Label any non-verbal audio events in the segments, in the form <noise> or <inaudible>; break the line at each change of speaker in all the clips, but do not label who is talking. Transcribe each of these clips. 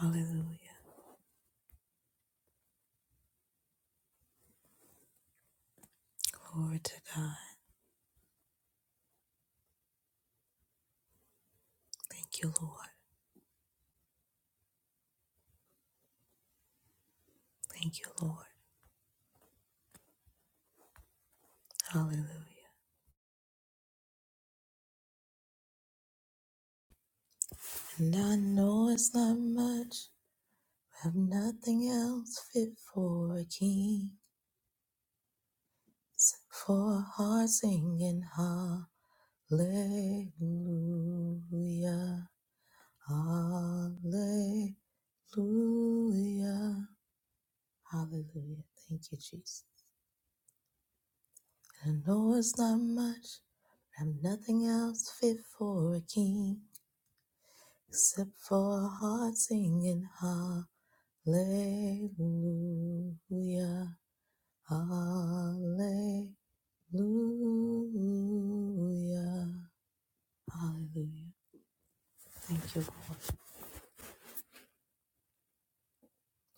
Hallelujah. Glory to God. Thank you, Lord. Thank you, Lord. Hallelujah. And I know it's not much. I've nothing else fit for a king. Except For a heart singing hallelujah. Hallelujah. Hallelujah. Thank you, Jesus. And I know it's not much. i have nothing else fit for a king except for a heart singing hallelujah, hallelujah, hallelujah. Thank you, Lord.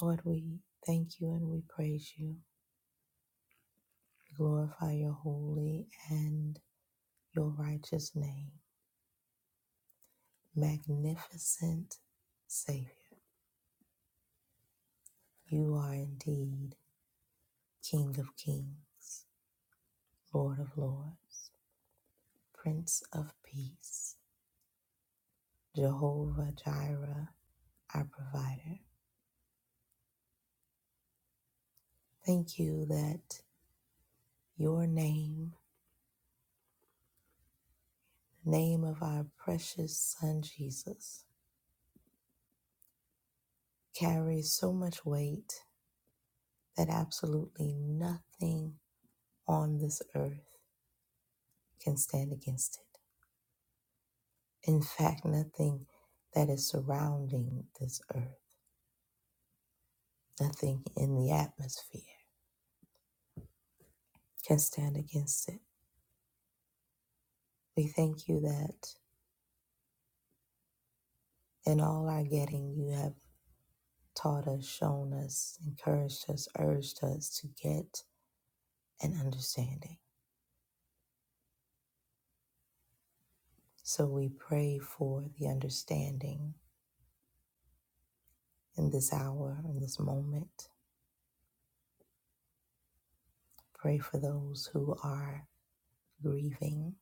Lord, we thank you and we praise you. Glorify your holy and your righteous name. Magnificent Savior, you are indeed King of kings, Lord of lords, Prince of peace. Jehovah Jireh, our provider. Thank you that your name, the name of our precious Son Jesus, carries so much weight that absolutely nothing on this earth can stand against it. In fact, nothing that is surrounding this earth, nothing in the atmosphere can stand against it. We thank you that in all our getting, you have taught us, shown us, encouraged us, urged us to get an understanding. So we pray for the understanding in this hour, in this moment. Pray for those who are grieving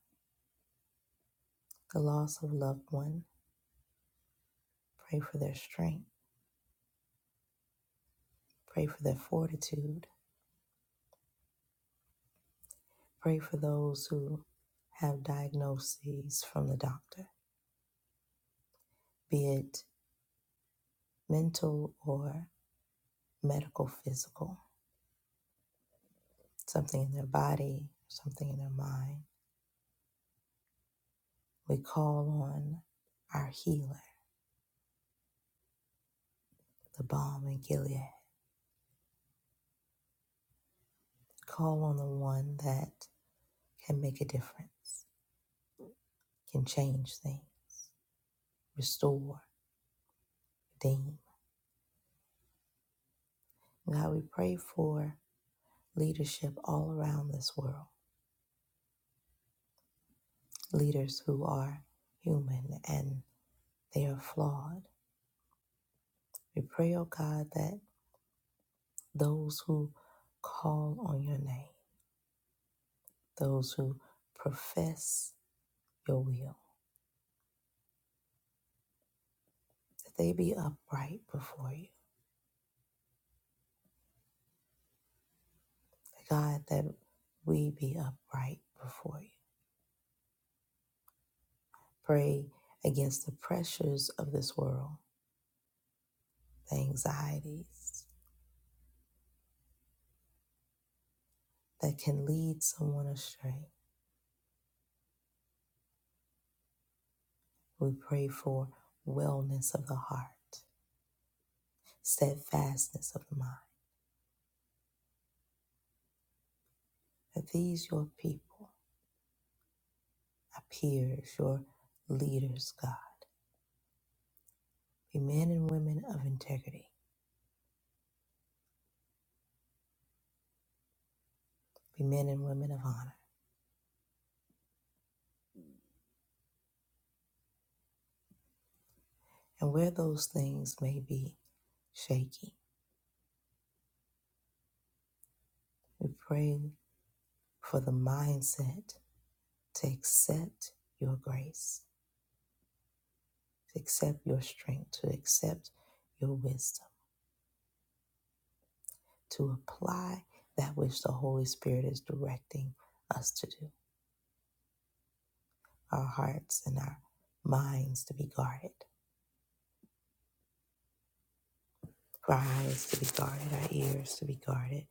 the loss of a loved one. Pray for their strength. Pray for their fortitude. Pray for those who have diagnoses from the doctor, be it mental or medical, physical, something in their body, something in their mind We call on our healer, the balm in Gilead. Call on the one that can make a difference, can change things, restore, redeem. God, we pray for leadership all around this world, leaders who are human and they are flawed. We pray, oh God, that those who call on your name, those who profess your will, that they be upright before you God, that we be upright before you. Pray against the pressures of this world, the anxieties that can lead someone astray. We pray for wellness of the heart, steadfastness of the mind, that these, your people, our peers, your leaders, God, be men and women of integrity, be men and women of honor. And where those things may be shaky, we pray for the mindset to accept your grace, to accept your strength, to accept your wisdom, to apply that which the Holy Spirit is directing us to do. Our hearts and our minds to be guarded, our eyes to be guarded, our ears to be guarded.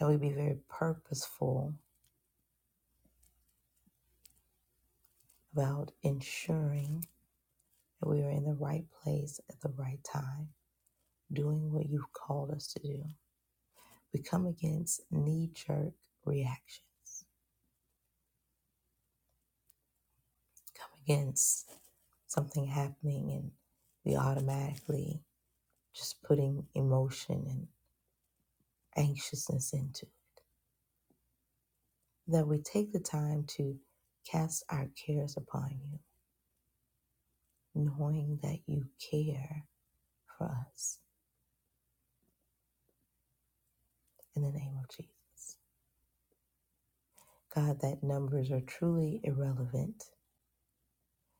That we be very purposeful about ensuring that we are in the right place at the right time, doing what you've called us to do. We come against knee jerk reactions against. something happening and we automatically just putting emotion and anxiousness into it. that we take the time to cast our cares upon you knowing that you care for us in the name of jesus god that numbers are truly irrelevant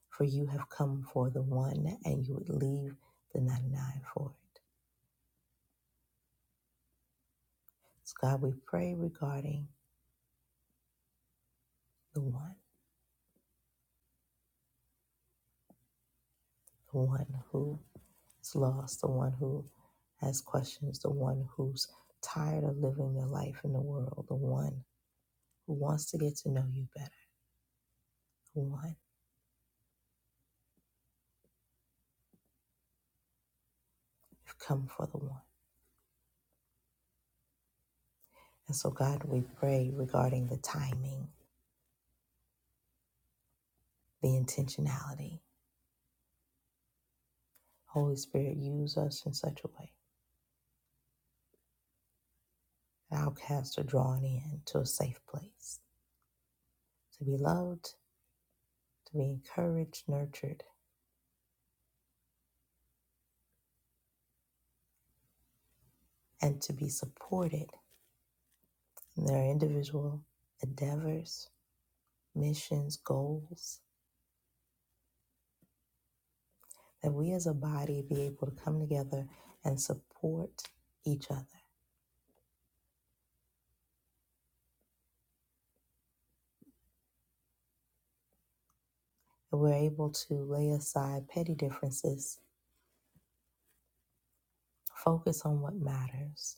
for you have come for the one and you would leave the 99 for it so god we pray regarding the one the one who is lost, the one who has questions, the one who's tired of living their life in the world, the one who wants to get to know you better, the one you've come for, the one. And so, God, we pray regarding the timing, the intentionality. Holy Spirit, use us in such a way that outcasts are drawn in to a safe place to be loved, to be encouraged, nurtured, and to be supported in their individual endeavors, missions, goals, that we as a body be able to come together and support each other, that we're able to lay aside petty differences, focus on what matters,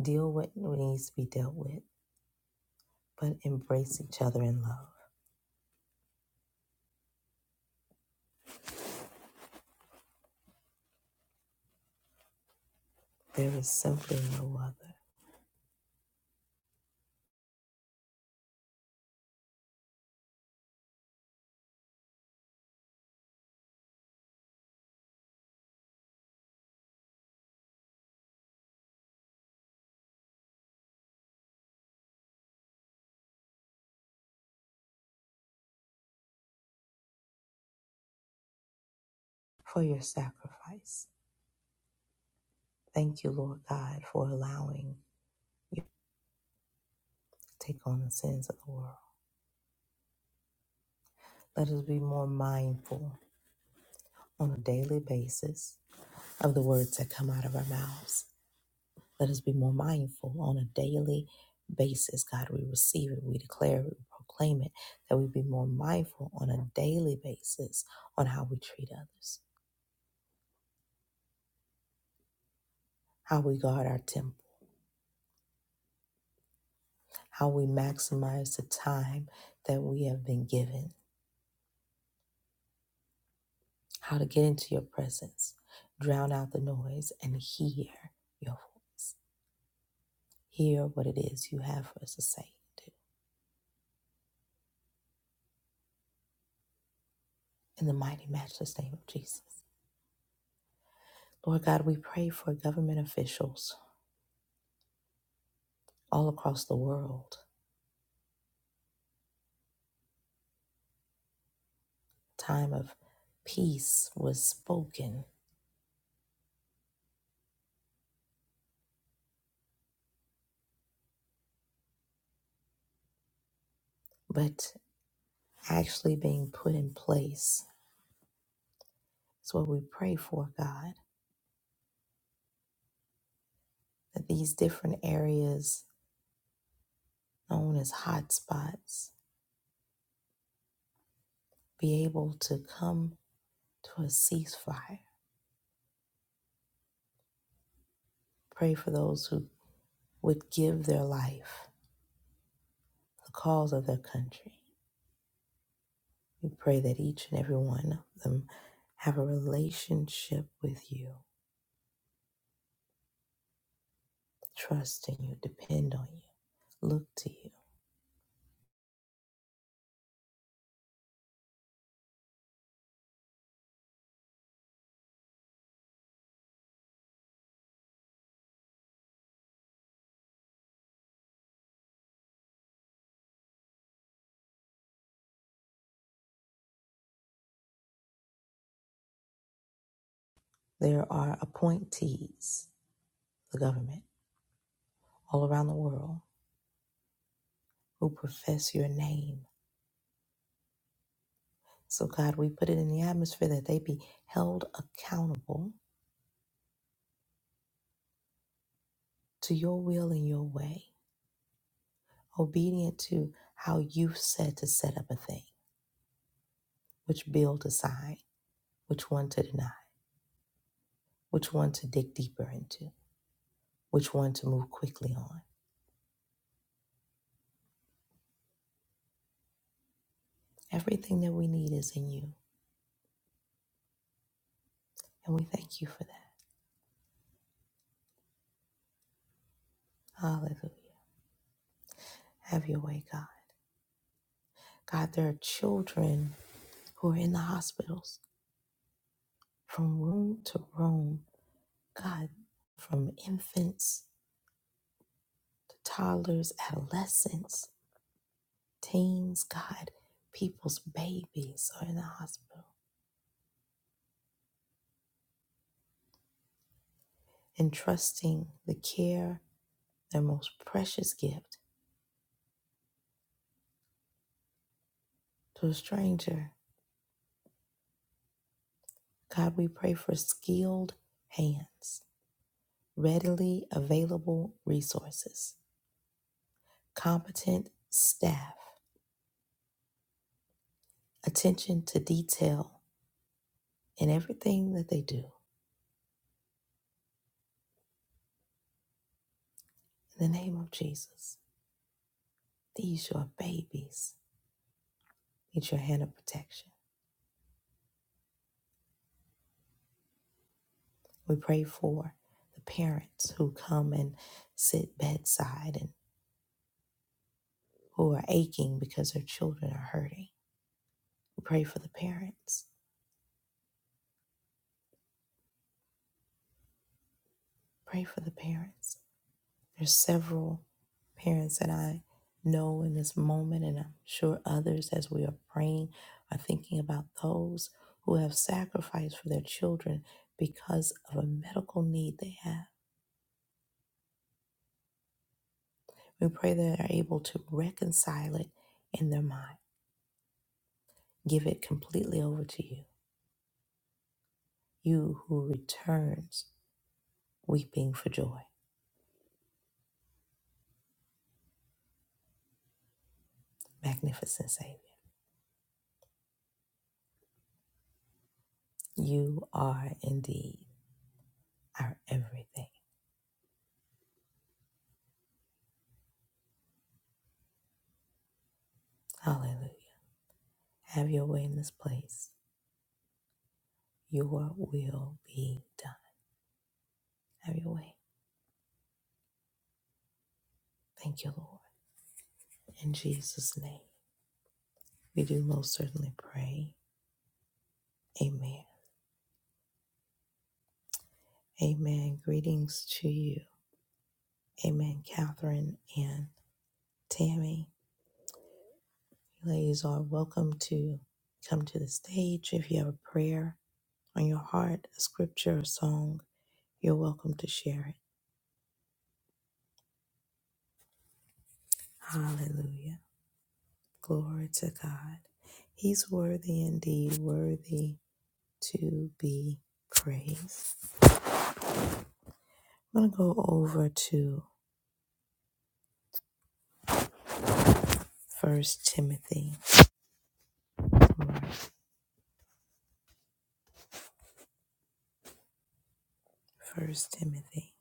deal with what needs to be dealt with, but embrace each other in love. There is simply no other. For your sacrifice, thank you, Lord God, for allowing you to take on the sins of the world. Let us be more mindful on a daily basis of the words that come out of our mouths Let us be more mindful on a daily basis. God, we receive it, we declare it, we proclaim it, that we be more mindful on a daily basis on how we treat others, how we guard our temple, how we maximize the time that we have been given, how to get into your presence, drown out the noise, and hear your voice. hear what it is you have for us to say and do. In the mighty, matchless name of Jesus. Lord God, we pray for government officials all across the world time of peace was spoken, but actually being put in place. It's what we pray for, God, that these different areas known as hot spots be able to come to a ceasefire. Pray for those who would give their life, the cause of their country. We pray that each and every one of them have a relationship with you, trust in you, depend on you, look to you There are appointees, the government, all around the world who profess your name. So, God, we put it in the atmosphere that they be held accountable to your will and your way, obedient to how you said to set up a thing, which bill to sign, which one to deny, which one to dig deeper into, which one to move quickly on. Everything that we need is in you, and we thank you for that. Hallelujah. Have your way, God. God, there are children who are in the hospitals from room to room. God, from infants to toddlers, adolescents, teens, God, people's babies are in the hospital, entrusting the care, their most precious gift, to a stranger. God, we pray for skilled hands, readily available resources, competent staff, attention to detail in everything that they do In the name of Jesus, these your babies need your hand of protection. We pray for the parents who come and sit bedside and who are aching because their children are hurting. We pray for the parents. Pray for the parents. There's several parents that I know in this moment, and I'm sure others as we are praying are thinking about those who have sacrificed for their children because of a medical need they have We pray that are able to reconcile it in their mind, give it completely over to you. You who returns weeping for joy, magnificent Savior. You are indeed our everything. Hallelujah. Have your way in this place. Your will be done. Have your way. Thank you, Lord. In Jesus' name, we do most certainly pray. Amen. Amen. Greetings to you. Amen, Catherine and Tammy. Ladies are welcome to come to the stage. If you have a prayer on your heart, a scripture, a song, you're welcome to share it. Hallelujah. Glory to God. He's worthy indeed, worthy to be praised. I'm going to go over to First Timothy. First Timothy.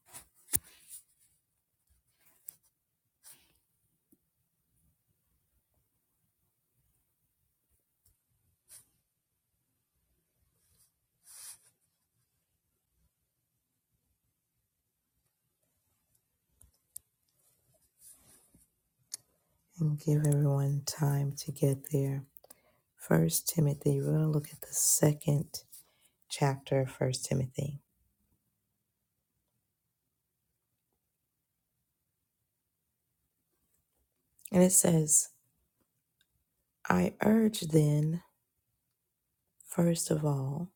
And give everyone time to get there. First Timothy, we're going to look at the second chapter of First Timothy. And it says, I urge then, first of all,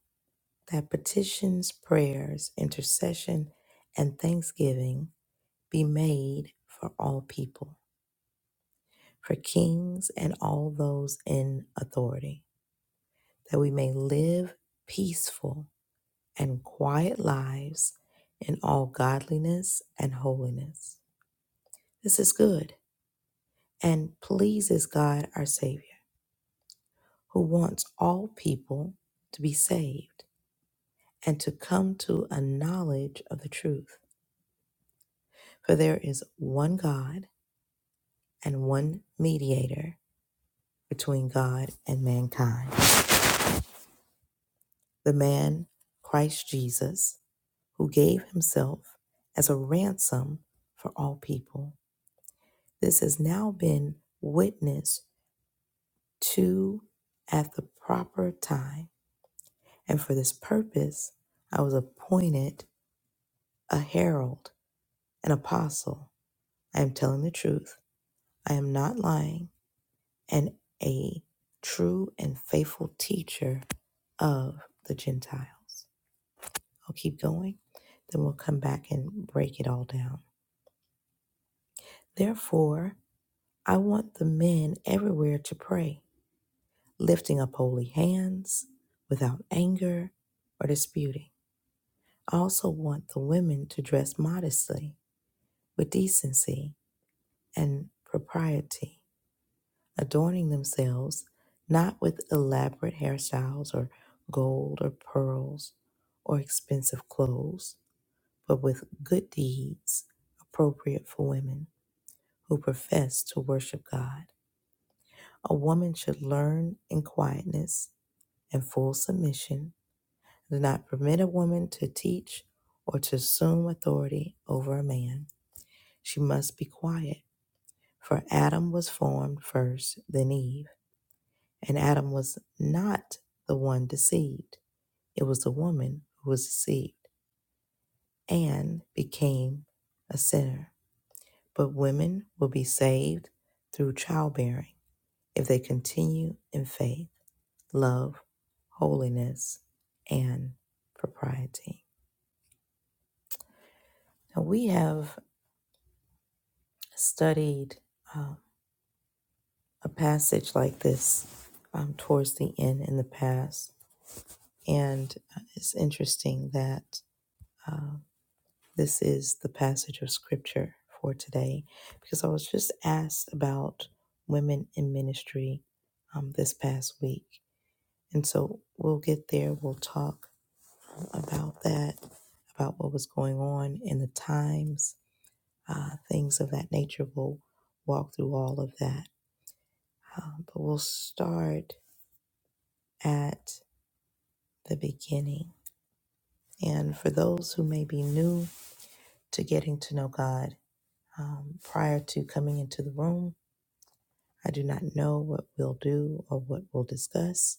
that petitions, prayers, intercession, and thanksgiving be made for all people, for kings and all those in authority, that we may live peaceful and quiet lives in all godliness and holiness. This is good and pleases God our Savior, who wants all people to be saved and to come to a knowledge of the truth. For there is one God and one mediator between God and mankind, the man Christ Jesus, who gave himself as a ransom for all people. This has now been witnessed to at the proper time, and for this purpose I was appointed a herald, an apostle. I am telling the truth. I am not lying. and a true and faithful teacher of the Gentiles. I'll keep going, then we'll come back and break it all down. Therefore, I want the men everywhere to pray, lifting up holy hands without anger or disputing. I also want the women to dress modestly, with decency and propriety adorning themselves not with elaborate hairstyles or gold or pearls or expensive clothes, but with good deeds appropriate for women who profess to worship God. A woman should learn in quietness and full submission. Do not permit a woman to teach or to assume authority over a man. She must be quiet, for Adam was formed first, then Eve. And Adam was not the one deceived. It was the woman who was deceived and became a sinner. But women will be saved through childbearing if they continue in faith, love, holiness, and propriety. Now, we have studied um, a passage like this um, towards the end in the past, and uh, it's interesting that. uh, This is the passage of scripture for today because I was just asked about women in ministry um, this past week. And so we'll get there. We'll talk about that, about what was going on in the times, uh, things of that nature. We'll walk through all of that. Um, but we'll start at the beginning. And for those who may be new to getting to know God um, prior to coming into the room, I do not know what we'll do or what we'll discuss,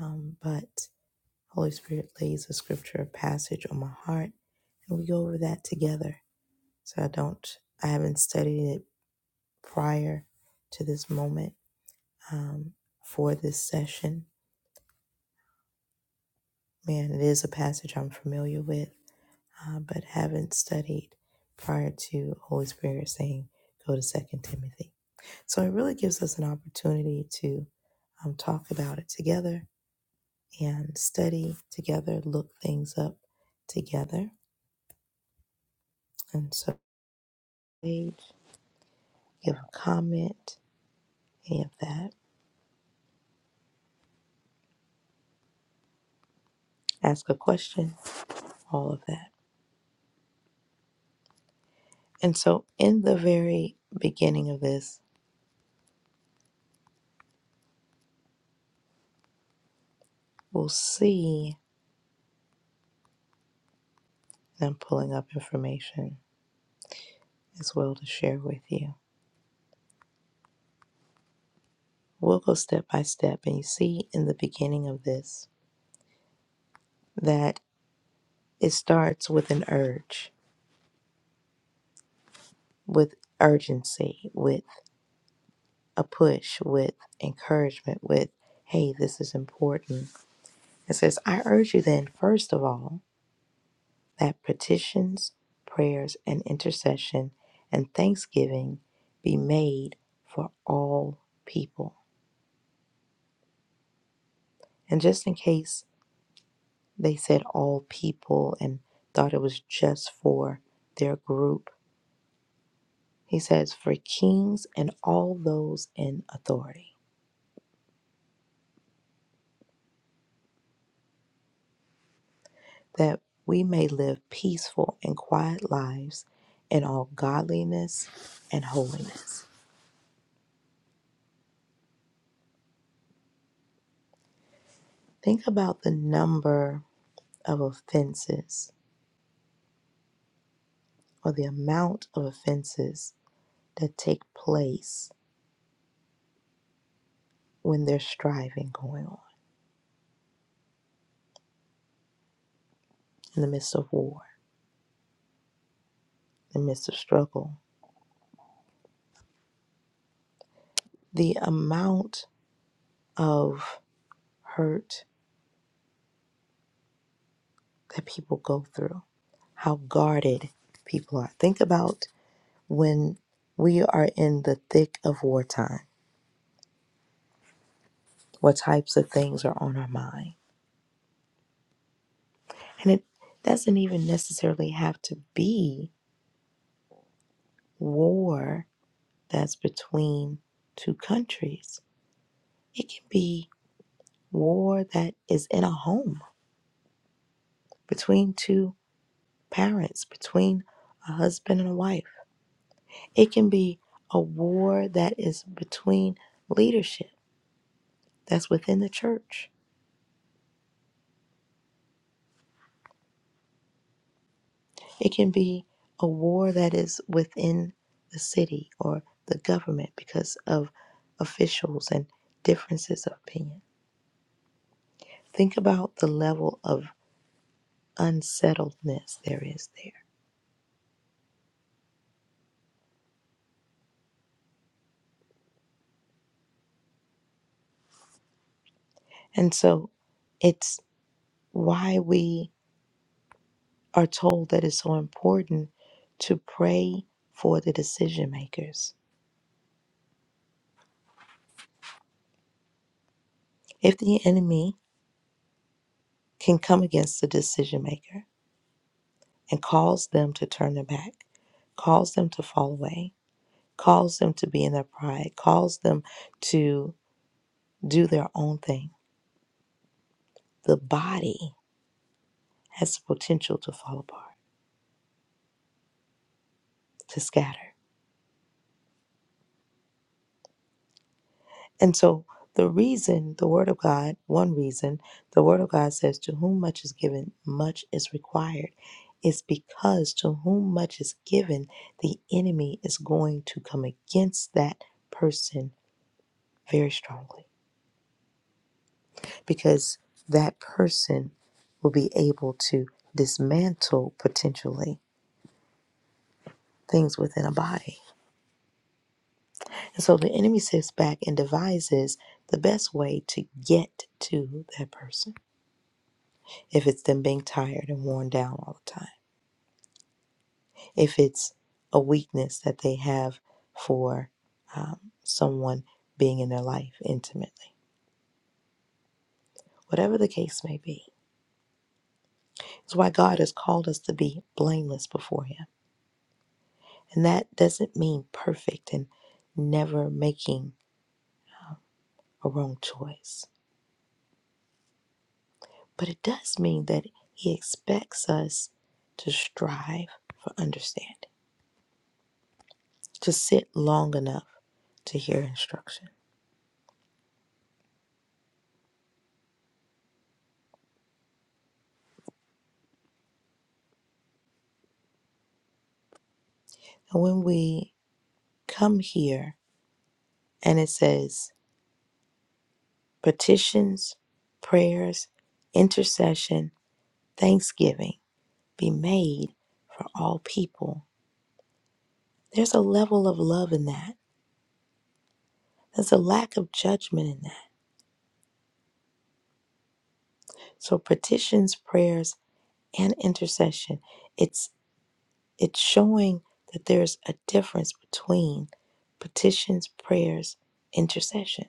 um, but Holy Spirit lays a scripture passage on my heart, and we go over that together. So I don't, I haven't studied it prior to this moment um, for this session. Man, it is a passage I'm familiar with, uh, but haven't studied prior to Holy Spirit saying, go to Second Timothy. So it really gives us an opportunity to um, talk about it together and study together, look things up together. And so, page, give a comment, any of that, ask a question, all of that. And so, in the very beginning of this, we'll see, and I'm pulling up information as well to share with you. We'll go step by step, and you see in the beginning of this that it starts with an urge, with urgency, with. a push, with encouragement, with, hey, this is important. It says, I urge you then, first of all, that petitions, prayers, and intercession and thanksgiving be made for all people. And just in case they said all people and thought it was just for their group, he says, for kings and all those in authority that we may live peaceful and quiet lives in all godliness and holiness. Think about the number of offenses or the amount of offenses that take place when there's striving going on in the midst of war, in the midst of struggle, the amount of hurt that people go through, how guarded people are. Think about when we are in the thick of wartime what types of things are on our mind. And it doesn't even necessarily have to be war that's between two countries, it can be war that is in a home between two parents, between a husband and a wife. It can be a war that is between leadership that's within the church It can be a war that is within the city or the government because of officials and differences of opinion. Think about the level of unsettledness there is there. And so it's why we are told that it's so important to pray for the decision makers. If the enemy can come against the decision maker and cause them to turn their back, cause them to fall away, calls them to be in their pride, calls them to do their own thing. The body has the potential to fall apart, to scatter. And so, the reason the Word of God, one reason the Word of God says, To whom much is given, much is required, is because to whom much is given, the enemy is going to come against that person very strongly because that person will be able to dismantle potentially things within a body. And so the enemy sits back and devises the best way to get to that person. If it's them being tired and worn down all the time, if it's a weakness that they have for um, someone being in their life intimately, whatever the case may be. It's why God has called us to be blameless before Him. And that doesn't mean perfect and never making a wrong choice. But it does mean that He expects us to strive for understanding, to sit long enough to hear instruction. And when we come here and it says petitions, prayers, intercession, thanksgiving be made for all people, there's a level of love in that. There's a lack of judgment in that. So petitions, prayers, and intercession, it's It's showing that there's a difference between petitions, prayers, intercession.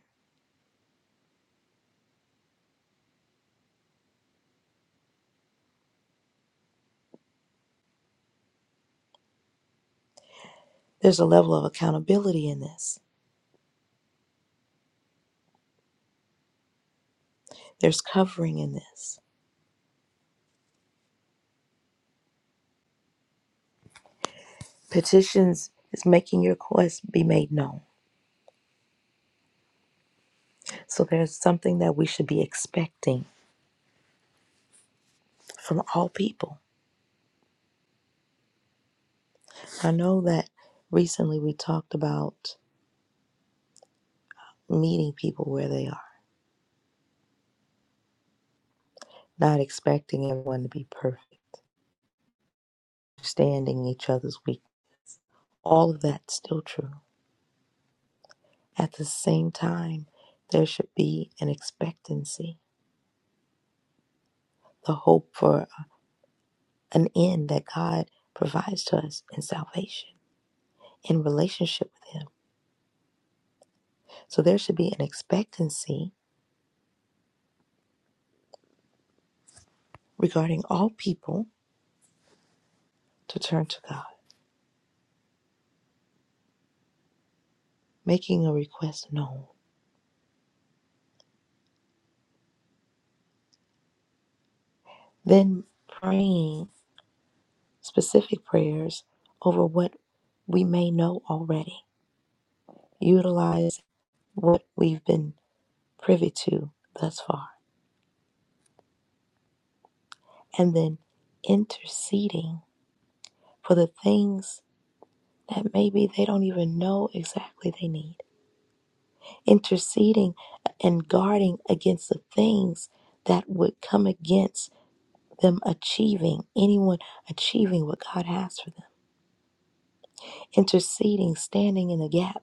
There's a level of accountability in this, there's covering in this. Petitions is making your quest be made known. So there's something that we should be expecting from all people. I know that recently we talked about meeting people where they are, not expecting everyone to be perfect, understanding each other's weak. All of that's still true. At the same time, there should be an expectancy, the hope for uh, an end that God provides to us in salvation, in relationship with Him. So there should be an expectancy regarding all people to turn to God, making a request known, then praying specific prayers over what we may know already, utilize what we've been privy to thus far, and then interceding for the things that maybe they don't even know exactly they need, interceding and guarding against the things that would come against them achieving, anyone achieving what God has for them, interceding, standing in the gap,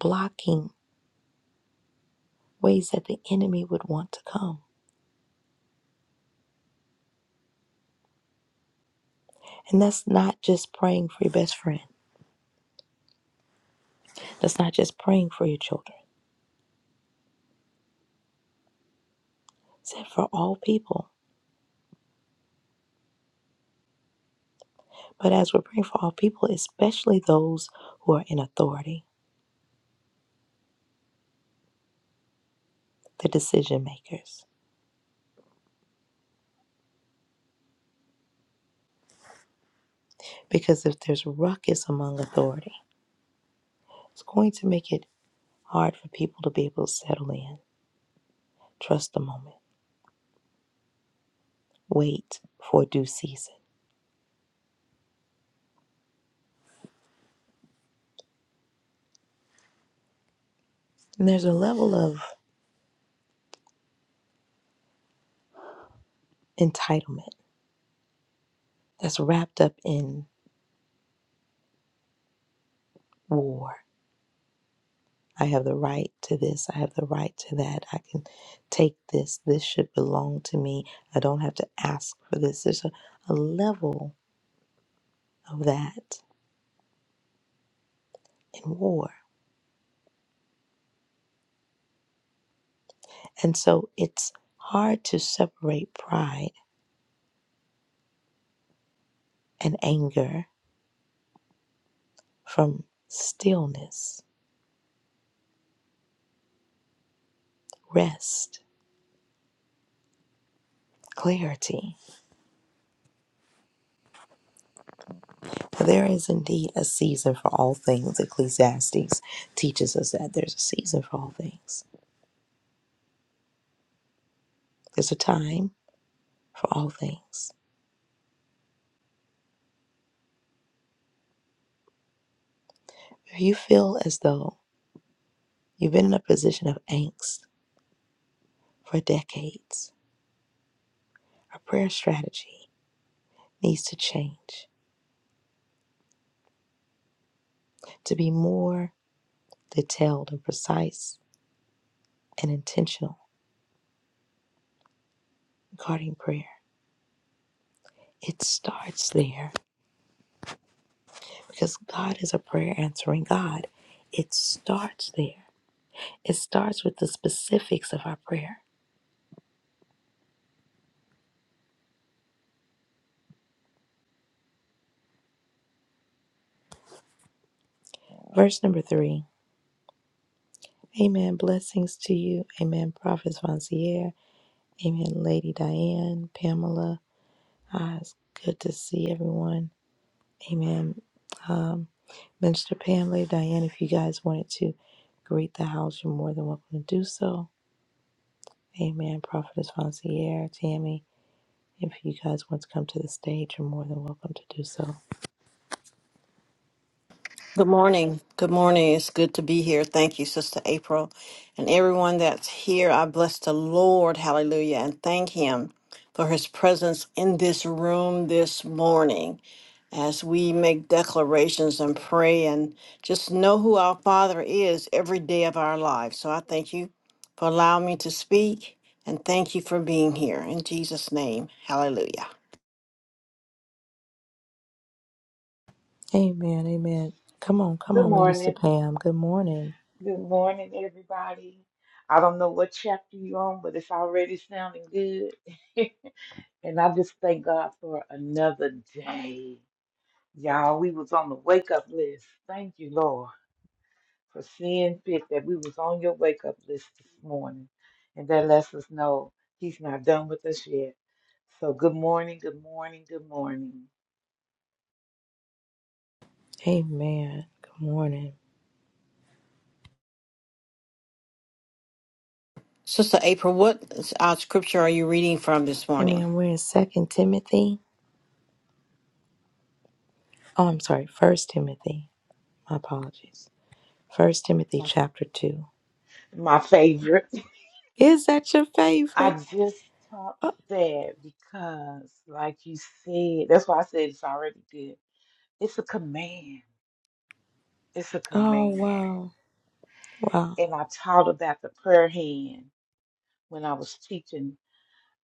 blocking ways that the enemy would want to come. And that's not just praying for your best friend, that's not just praying for your children, it's for all people. But as we're praying for all people, especially those who are in authority, the decision makers. Because if there's ruckus among authority, it's going to make it hard for people to be able to settle in, trust the moment, wait for due season. And there's a level of entitlement that's wrapped up in war. I have the right to this, I have the right to that, I can take this, this should belong to me, I don't have to ask for this. There's a, a level of that in war. And so it's hard to separate pride and anger from stillness, rest, clarity. There is indeed a season for all things. Ecclesiastes teaches us that there's a season for all things, there's a time for all things. If you feel as though you've been in a position of angst for decades, our prayer strategy needs to change to be more detailed and precise and intentional regarding prayer. It starts there because God is a prayer answering God. It starts there, it starts with the specifics of our prayer. Verse number three Amen. Blessings to you. Amen. Prophet Vancier. Amen. Lady Diane, Pamela. Ah, it's good to see everyone. Amen. Um, Minister Pam, Lady Diane, if you guys wanted to greet the house, you're more than welcome to do so. Amen. Prophetess Vancier, Tammy, if you guys want to come to the stage, you're more than welcome to do so.
Good morning. Good morning. It's good to be here. Thank you, Sister April. And everyone that's here, I bless the Lord. Hallelujah. And thank Him for His presence in this room this morning as we make declarations and pray and just know who our Father is every day of our lives. So I thank you for allowing me to speak and thank you for being here. In Jesus' name, hallelujah.
Amen. Amen. Come on, come
Good
on, Minister
morning.
Pam. Good morning.
Good morning, everybody. I don't know what chapter you're on, but it's already sounding good. <laughs> and I just thank God for another day. Y'all, we was on the wake up list. Thank you, Lord, for seeing fit that we was on your wake up list this morning. And that lets us know he's not done with us yet. So good morning, good morning, good morning.
Amen. Good morning.
Sister April, what uh, scripture are you reading from this morning?
Amen. We're in Second Timothy. Oh, I'm sorry, First Timothy. My apologies. First Timothy
My,
chapter two.
my favorite.
Is that your
I
favorite?
just stopped
Oh,
there because, like you said, that's why I said it's already good. It's a command. It's a
oh
command.
wow. Wow.
And I taught about the prayer hand when I was teaching.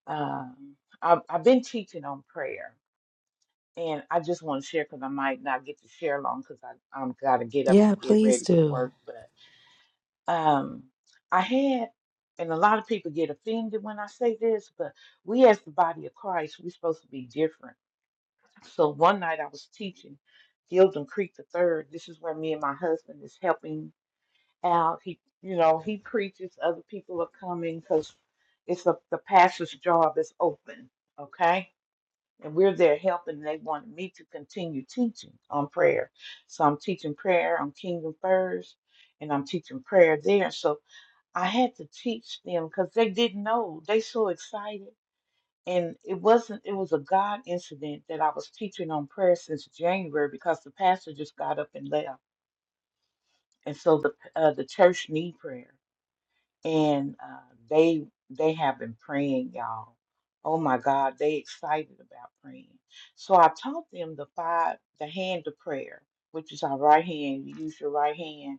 Um, i I've been teaching on prayer, and I just want to share because I might not get to share long because I I'm got to get up
Yeah,
and get
please
ready for
do.
work. But um, I had, and a lot of people get offended when I say this, but we as the body of Christ, we're supposed to be different So one night I was teaching Gildon Creek the Third. This is where me and my husband is helping out. He, you know, he preaches. Other people are coming because it's a, the pastor's job is open, okay? And we're there helping. and They wanted me to continue teaching on prayer, so I'm teaching prayer on Kingdom First, and I'm teaching prayer there. So I had to teach them because they didn't know. They so excited and it wasn't it was a God incident that I was teaching on prayer since January because the pastor just got up and left, and so the uh, the church need prayer, and uh, they they have been praying, y'all. Oh my God, they excited about praying. So I taught them the five the hand of prayer, which is our right hand. You use your right hand.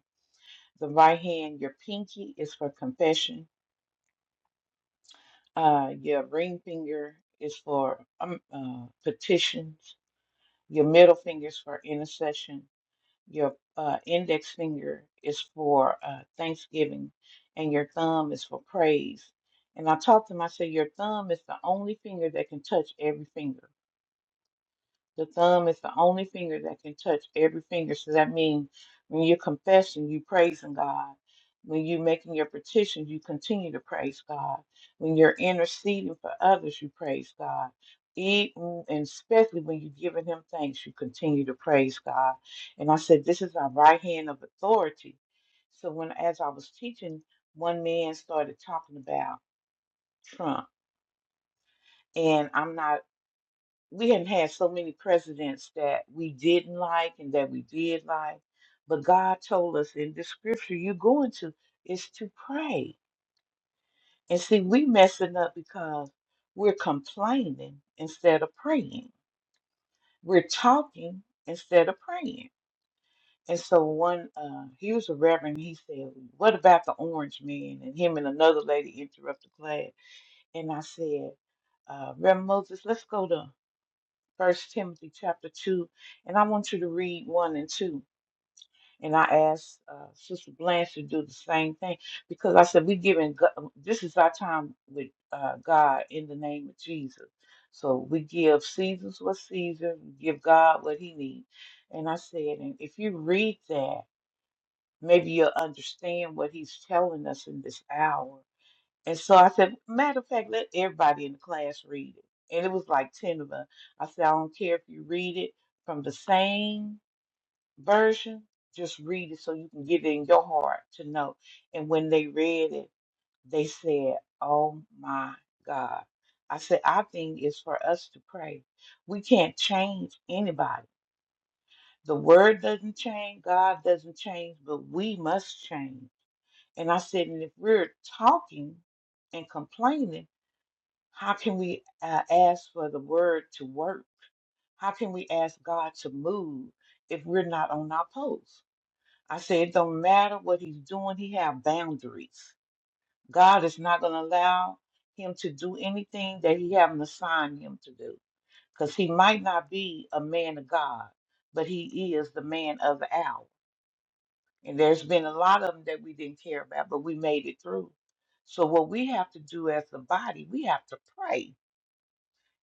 The right hand, your pinky is for confession. Uh, your ring finger is for um, uh, petitions Your middle finger is for intercession. Your uh, index finger is for uh, thanksgiving, and your thumb is for praise. And I talked to him. I said, Your thumb is the only finger that can touch every finger. The thumb is the only finger that can touch every finger. So that means when you're confessing, you praising God. When you're making your petition, you continue to praise God. When you're interceding for others, you praise God. Even and especially when you're giving Him thanks, you continue to praise God. And I said, this is our right hand of authority. So when, as I was teaching, one man started talking about Trump, and I'm not we had had so many presidents that we didn't like and that we did like, but God told us in the scripture you're going to is to pray. And see, we messing up because we're complaining instead of praying. We're talking instead of praying. And so one, uh, he was a reverend. He said, "What about the orange man?" And him and another lady interrupted class. And I said, uh, "Reverend Moses, let's go to." First Timothy chapter two, and I want you to read one and two. And I asked uh, Sister Blanche to do the same thing because I said we giving Go- um, this is our time with uh, God in the name of Jesus. So we give Caesar's what Caesar, we give God what He needs. And I said, and if you read that, maybe you'll understand what He's telling us in this hour and so I said, matter of fact, let everybody in the class read it. And it was like 10 of us. I said, I don't care if you read it from the same version, just read it so you can get it in your heart to know. And when they read it, they said, Oh my God. I said, I think it's for us to pray. We can't change anybody. The word doesn't change, God doesn't change, but we must change. And I said, And if we're talking and complaining, how can we uh, ask for the word to work? How can we ask God to move if we're not on our post? I say it don't matter what he's doing, he have boundaries. God is not going to allow him to do anything that he haven't assigned him to do because he might not be a man of God, but he is the man of the hour. And there's been a lot of them that we didn't care about, but we made it through. So what we have to do as the body, we have to pray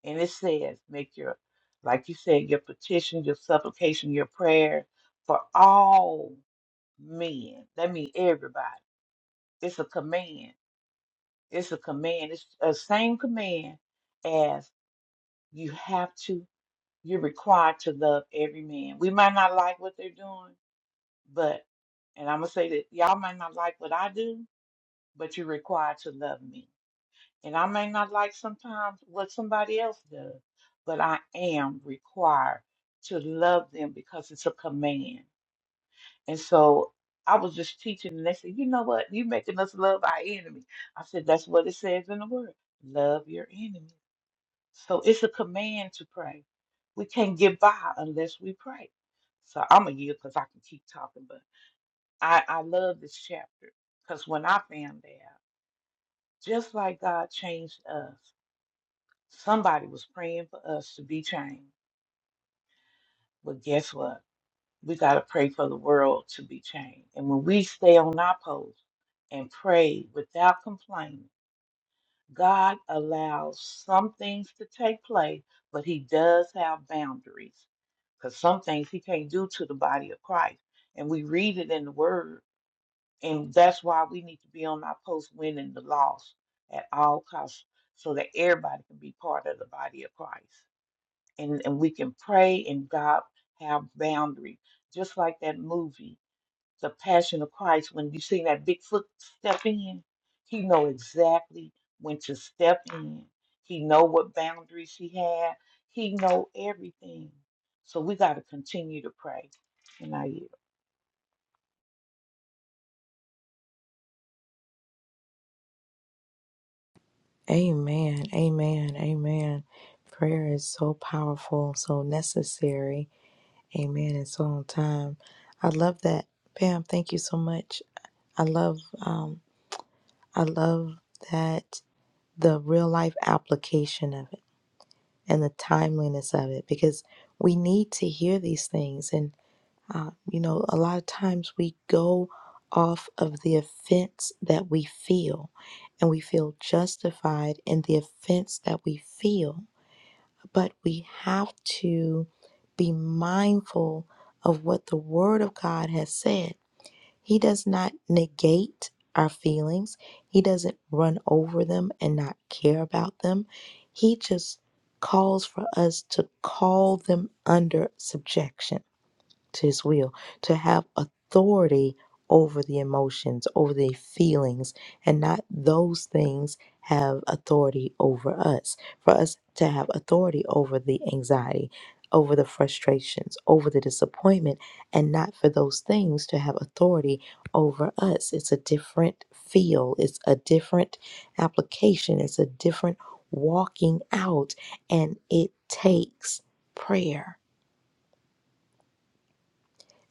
And it says, make your, like you said, your petition, your supplication, your prayer for all men. That means everybody. It's a command. It's a command. It's a same command as you have to, you're required to love every man. We might not like what they're doing, but, and I'm going to say that y'all might not like what I do, but you're required to love me. And I may not like sometimes what somebody else does, but I am required to love them because it's a command. And so I was just teaching, and they said, You know what? You're making us love our enemy. I said, That's what it says in the word love your enemy. So it's a command to pray. We can't get by unless we pray. So I'm going to yield because I can keep talking, but I, I love this chapter because when I found out, just like God changed us. Somebody was praying for us to be changed. But guess what? We got to pray for the world to be changed. And when we stay on our post and pray without complaining, God allows some things to take place, but He does have boundaries because some things He can't do to the body of Christ. And we read it in the Word. And that's why we need to be on our post winning the lost at all costs so that everybody can be part of the body of Christ. and, and we can pray and God have boundary. Just like that movie, The Passion of Christ, when you see that Bigfoot step in, he know exactly when to step in. He know what boundaries he had. He know everything. So we got to continue to pray. And I yield.
Amen. Amen. Amen. Prayer is so powerful, so necessary. Amen. And so on time. I love that. Pam, thank you so much. I love um I love that the real life application of it and the timeliness of it because we need to hear these things. And, uh, you know, a lot of times we go off of the offense that we feel and we feel justified in the offense that we feel. But we have to be mindful of what the Word of God has said he does not negate our feelings. He doesn't run over them and not care about them. He just calls for us to call them under subjection to his will, to have authority over the emotions, over the feelings, and not those things have authority over us. For us to have authority over the anxiety, over the frustrations, over the disappointment, and not for those things to have authority over us. It's a different feel, it's a different application, it's a different walking out, and it takes prayer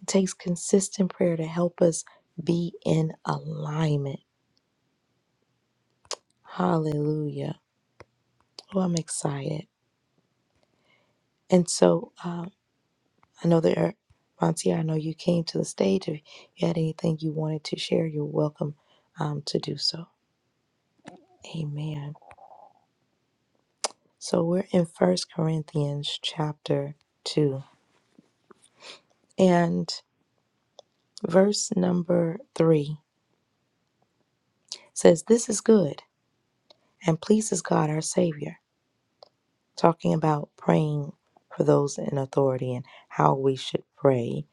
it takes consistent prayer to help us be in alignment. Hallelujah. Oh, I'm excited. And so um, I know there, Monty, I know you came to the stage. If you had anything you wanted to share, you're welcome um, to do so. Amen. So we're in First Corinthians chapter 2 and verse number 3 says, This is good and pleases God our Savior talking about praying for those in authority and how we should pray,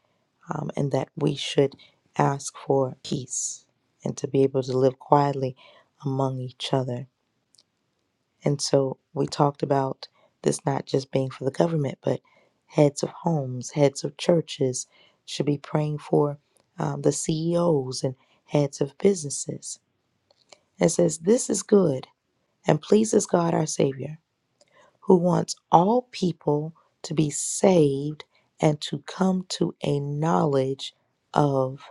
um, and that we should ask for peace and to be able to live quietly among each other. And so we talked about this not just being for the government, but heads of homes, heads of churches should be praying for um, the CEOs and heads of businesses. It says, This is good and pleases God our Savior who wants all people to be saved and to come to a knowledge of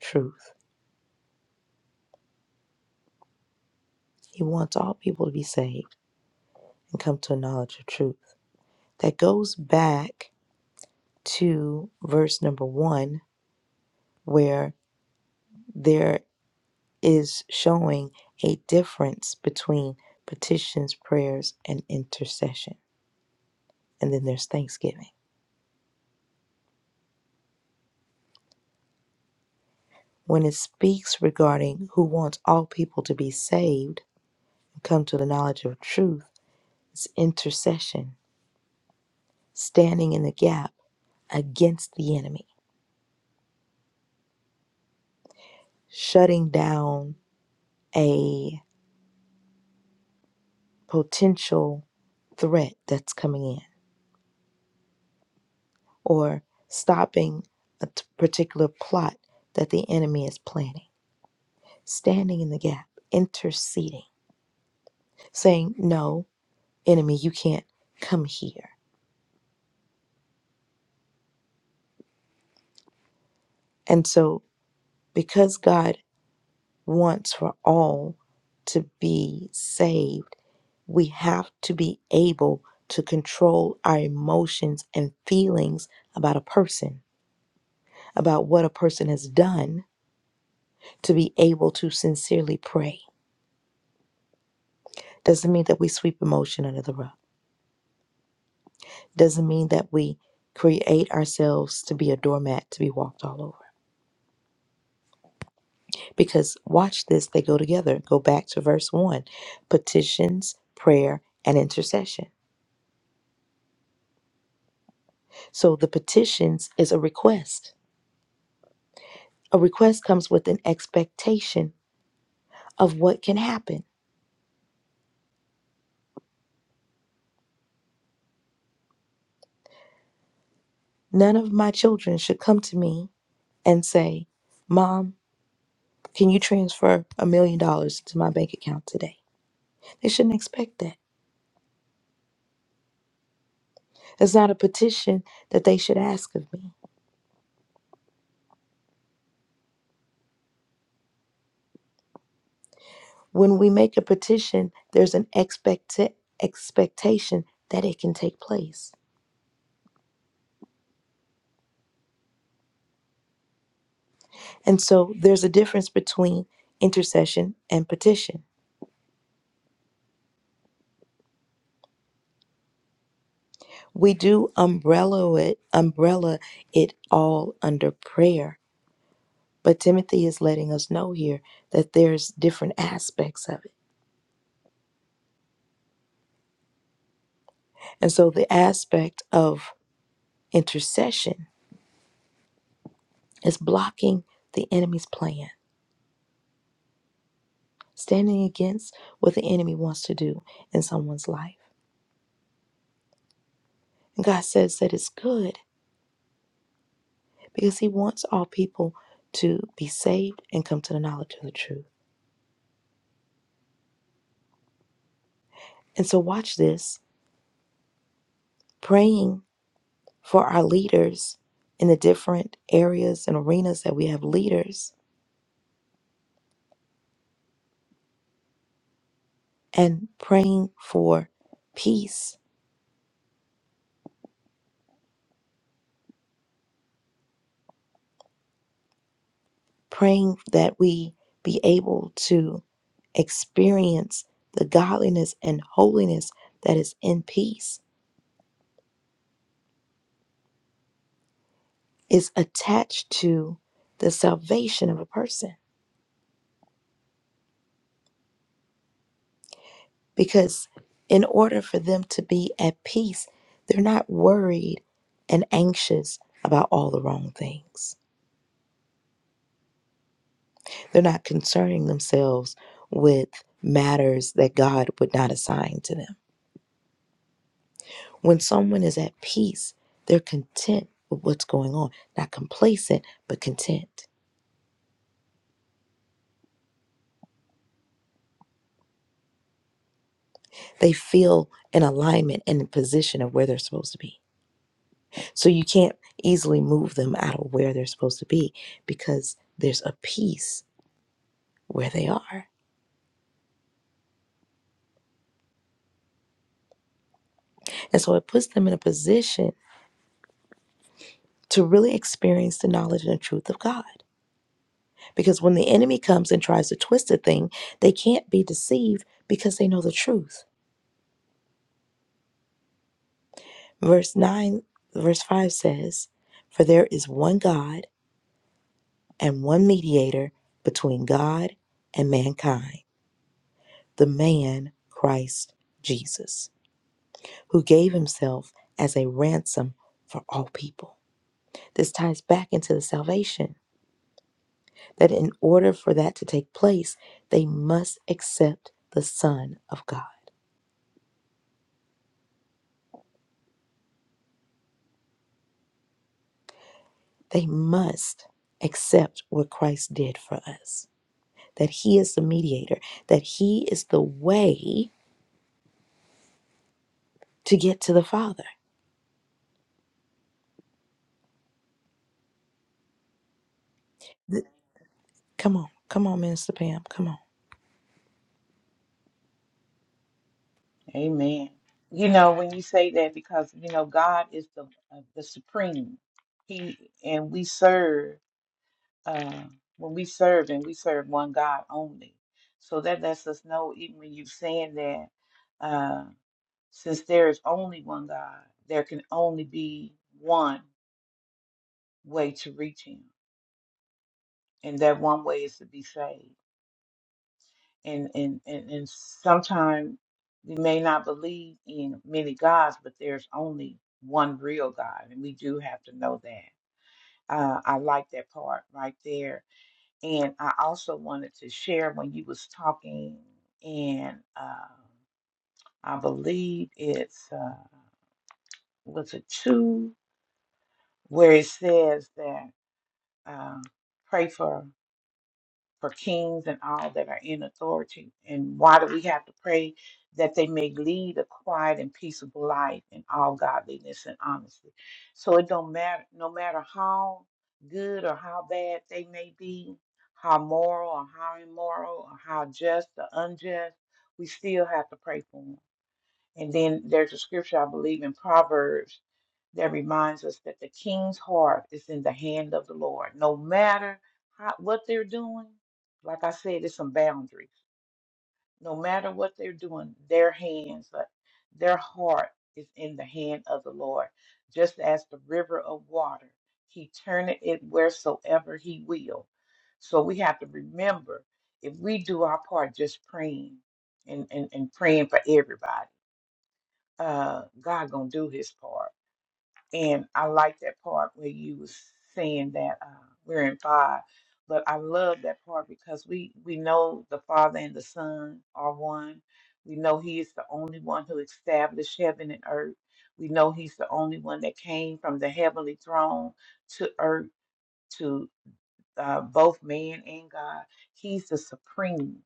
truth. He wants all people to be saved and come to a knowledge of truth. That goes back to verse number one, where there is showing a difference between petitions, prayers, and intercession. And then there's thanksgiving. When it speaks regarding who wants all people to be saved, come to the knowledge of truth is intercession, standing in the gap against the enemy, shutting down a potential threat that's coming in, or stopping a t- particular plot that the enemy is planning. Standing in the gap, interceding, saying, No, enemy, you can't come here. And so, because God wants for all to be saved, we have to be able to control our emotions and feelings about a person, about what a person has done, to be able to sincerely pray. Doesn't mean that we sweep emotion under the rug. Doesn't mean that we create ourselves to be a doormat to be walked all over. Because watch this, they go together. Go back to verse one petitions, prayer, and intercession. So the petitions is a request. A request comes with an expectation of what can happen. None of my children should come to me and say, Mom, can you transfer a million dollars to my bank account today? They shouldn't expect that. It's not a petition that they should ask of me. When we make a petition, there's an expect- expectation that it can take place. And so there's a difference between intercession and petition. We do umbrella it, umbrella it all under prayer But Timothy is letting us know here that there's different aspects of it. And so the aspect of intercession is blocking the enemy's plan, standing against what the enemy wants to do in someone's life. And God says that it's good because he wants all people to be saved and come to the knowledge of the truth. And so watch this, praying for our leaders in the different areas and arenas that we have leaders and praying for peace, praying that we be able to experience the godliness and holiness that is in peace is attached to the salvation of a person. Because in order for them to be at peace, they're not worried and anxious about all the wrong things. They're not concerning themselves with matters that God would not assign to them When someone is at peace, they're content with what's going on, not complacent, but content. They feel in alignment and in position of where they're supposed to be. So you can't easily move them out of where they're supposed to be because there's a peace where they are. And so it puts them in a position to really experience the knowledge and the truth of God. Because when the enemy comes and tries to twist a thing, they can't be deceived because they know the truth. Verse 9, verse 5 says, For there is one God and one mediator between God and mankind, the man Christ Jesus, who gave himself as a ransom for all people. This ties back into the salvation that in order for that to take place, they must accept the Son of God. They must accept what Christ did for us, that he is the mediator, that he is the way to get to the Father. Th- Come on. Come on, Minister Pam. Come on.
Amen. You know, when you say that, because you know, God is the uh, the supreme. He and we serve. uh, when we serve and we serve one God only. So that lets us know, even when you're saying that, uh, since there is only one God, there can only be one way to reach Him, and that one way is to be saved. And and and, and sometimes we may not believe in many gods, but there's only one real God, and we do have to know that. Uh, I like that part right there And I also wanted to share when you was talking and uh, I believe it's, uh, was it two, where it says that um, pray for. for kings and all that are in authority. And why do we have to pray that they may lead a quiet and peaceable life in all godliness and honesty? So it don't matter, no matter how good or how bad they may be, how moral or how immoral, or how just or unjust, we still have to pray for them. And then there's a scripture, I believe, in Proverbs that reminds us that the king's heart is in the hand of the Lord. No matter how, what they're doing, like I said, there's some boundaries. No matter what they're doing, their hands, uh, their heart is in the hand of the Lord. Just as the river of water, he turneth it wheresoever he will. So we have to remember if we do our part just praying and, and, and praying for everybody uh, God gonna do His part. And I like that part where you was saying that uh, we're in five, but I love that part because we we know the Father and the Son are one. We know He is the only one who established heaven and earth. We know He's the only one that came from the heavenly throne to earth uh, both man and God. He's the supreme.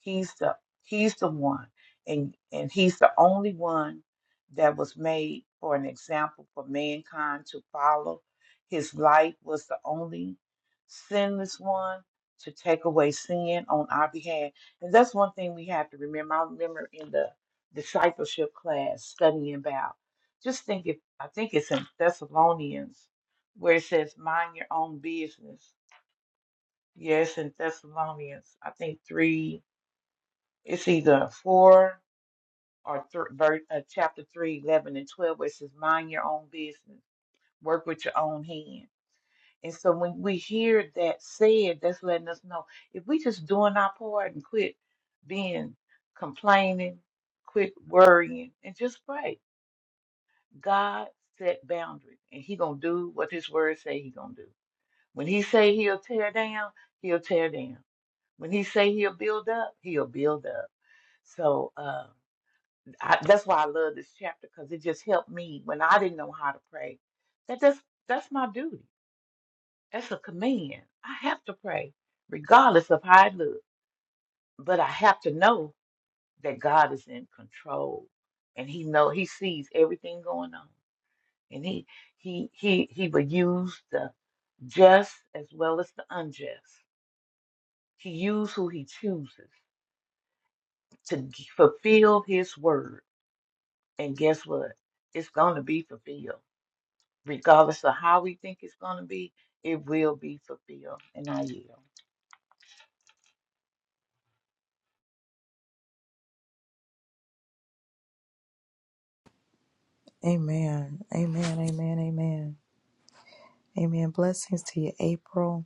He's the He's the one, and and He's the only one that was made for an example for mankind to follow. His life was the only sinless one to take away sin on our behalf, and that's one thing we have to remember. I remember in the discipleship class studying about. Just think if I think it's in Thessalonians where it says, "Mind your own business." Yes, in Thessalonians, I think three, it's either four or thr verse, uh, chapter three, eleven and 12, where it says, mind your own business, work with your own hand. And so when we hear that said, that's letting us know if we just doing our part and quit being complaining, quit worrying, and just pray. God set boundaries, and He gonna do what His word say He gonna do. When he say he'll tear down, he'll tear down. When he say he'll build up, he'll build up. So uh, I, that's why I love this chapter because it just helped me when I didn't know how to pray. That that's that's my duty. That's a command. I have to pray, regardless of how it looks. But I have to know that God is in control, and He know He sees everything going on, and He He He He will use the just as well as the unjust to use who he chooses to g- fulfill his word. And guess what? It's going to be fulfilled. Regardless of how we think it's going to be, it will be fulfilled. And I yield.
Amen. Amen. Amen. Amen. Amen. Blessings to you, April.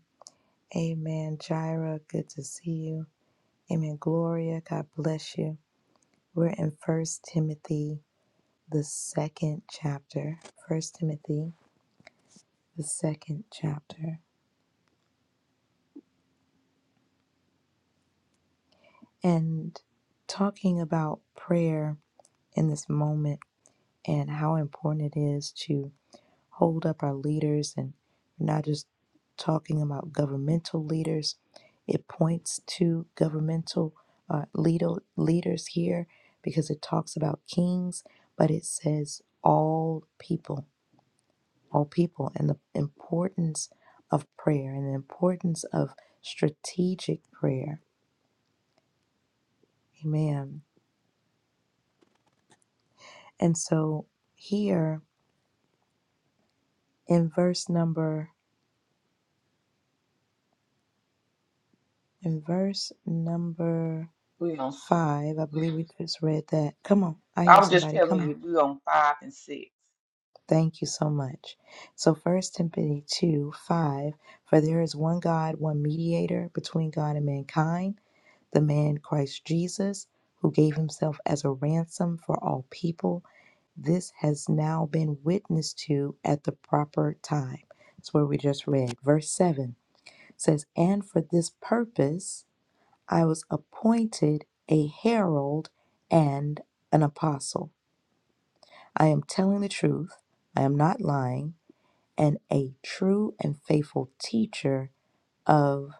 Amen. Jira, good to see you. Amen. Gloria, God bless you. We're in First Timothy, the second chapter. First Timothy, the second chapter. And talking about prayer in this moment and how important it is hold up our leaders and we're not just talking about governmental leaders it points to governmental uh, leader, leaders here because it talks about kings but it says all people all people and the importance of prayer and the importance of strategic prayer amen and so here in verse number in verse number
We on, s-
5. I believe we just read that. Come on. I
I
hear
was just
somebody. Come
telling
on.
you, we on five and six.
Thank you so much. So First Timothy 2 5. For there is one God, one mediator between God and mankind, the man Christ Jesus, who gave himself as a ransom for all people. This has now been witnessed to at the proper time. That's where we just read. Verse 7 says, And for this purpose I was appointed a herald and an apostle. I am telling the truth, I am not lying, and a true and faithful teacher of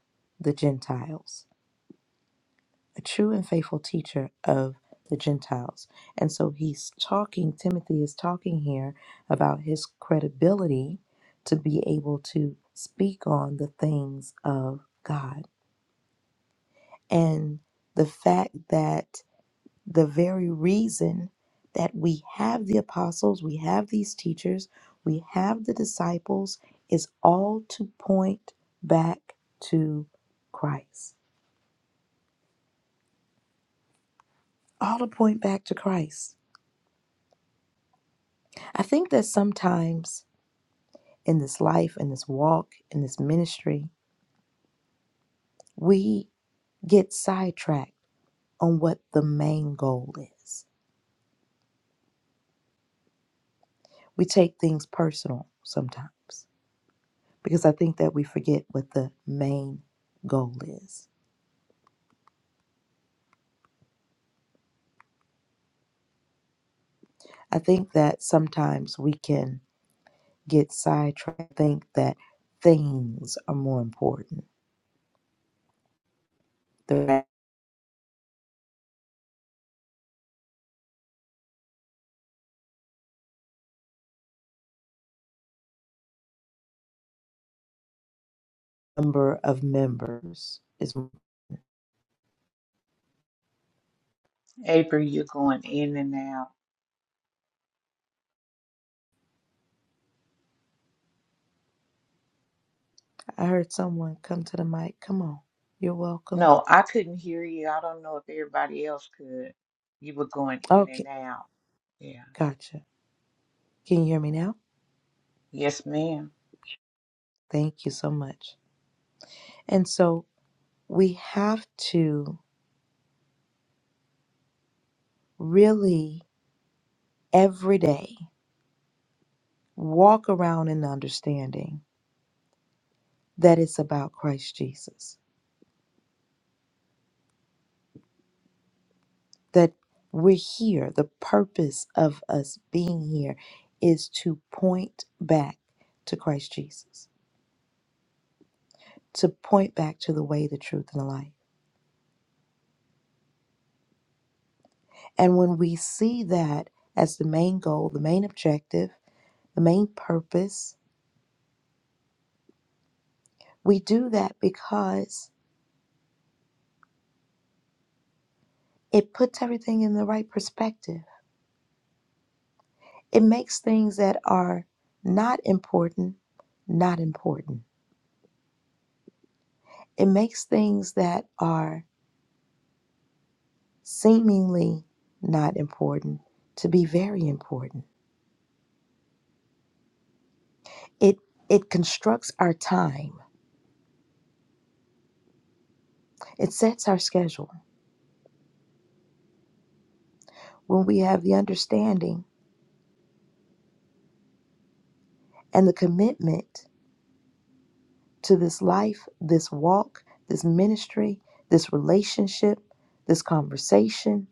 the Gentiles. A true and faithful teacher of the Gentiles. And so he's talking, Timothy is talking here about his credibility to be able to speak on the things of God. And the fact that the very reason that we have the apostles, we have these teachers, we have the disciples is all to point back to Christ. All to point back to Christ. I think that sometimes in this life, in this walk, in this ministry, we get sidetracked on what the main goal is. We take things personal sometimes because I think that we forget what the main goal is. I think that sometimes we can get sidetracked, think that things are more important. The number of members is.
April, you're going in and out.
I heard someone come to the mic. Come on. You're welcome.
No, I couldn't hear you. I don't know if everybody else could. You were going in and
Okay.
out. Yeah.
Gotcha. Can you hear me now?
Yes, ma'am.
Thank you so much. And so we have to really every day walk around in understanding that it's about Christ Jesus that we're here. The purpose of us being here is to point back to Christ Jesus, to point back to the way, the truth, and the life. And when we see that as the main goal, the main objective, the main purpose, we do that because it puts everything in the right perspective. It makes things that are not important not important. It makes things that are seemingly not important to be very important. It it constructs our time. It sets our schedule. When we have the understanding and the commitment to this life, this walk, this ministry, this relationship, this conversation,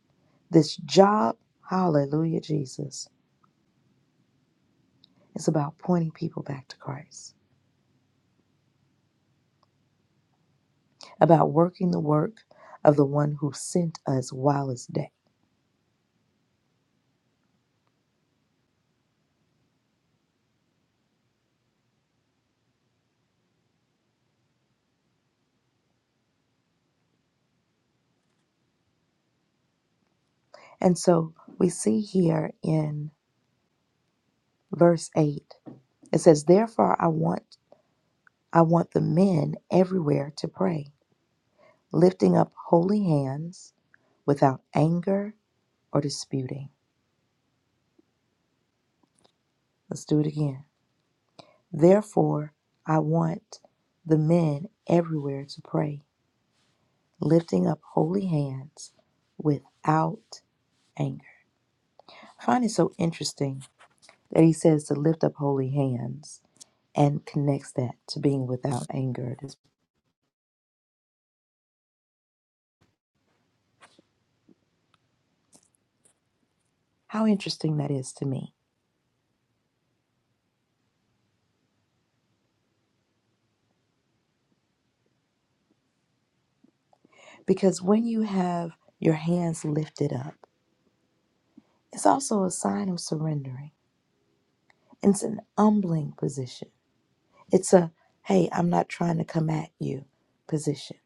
this job, hallelujah Jesus. It's about pointing people back to Christ, about working the work of the one who sent us while it's day. And so we see here in verse 8 it says therefore i want i want the men everywhere to pray lifting up holy hands without anger or disputing let's do it again therefore i want the men everywhere to pray lifting up holy hands without anger i find it so interesting that he says to lift up holy hands and connects that to being without anger how interesting that is to me Because when you have your hands lifted up, it's also a sign of surrendering. It's an humbling position. It's a, hey, I'm not trying to come at you position.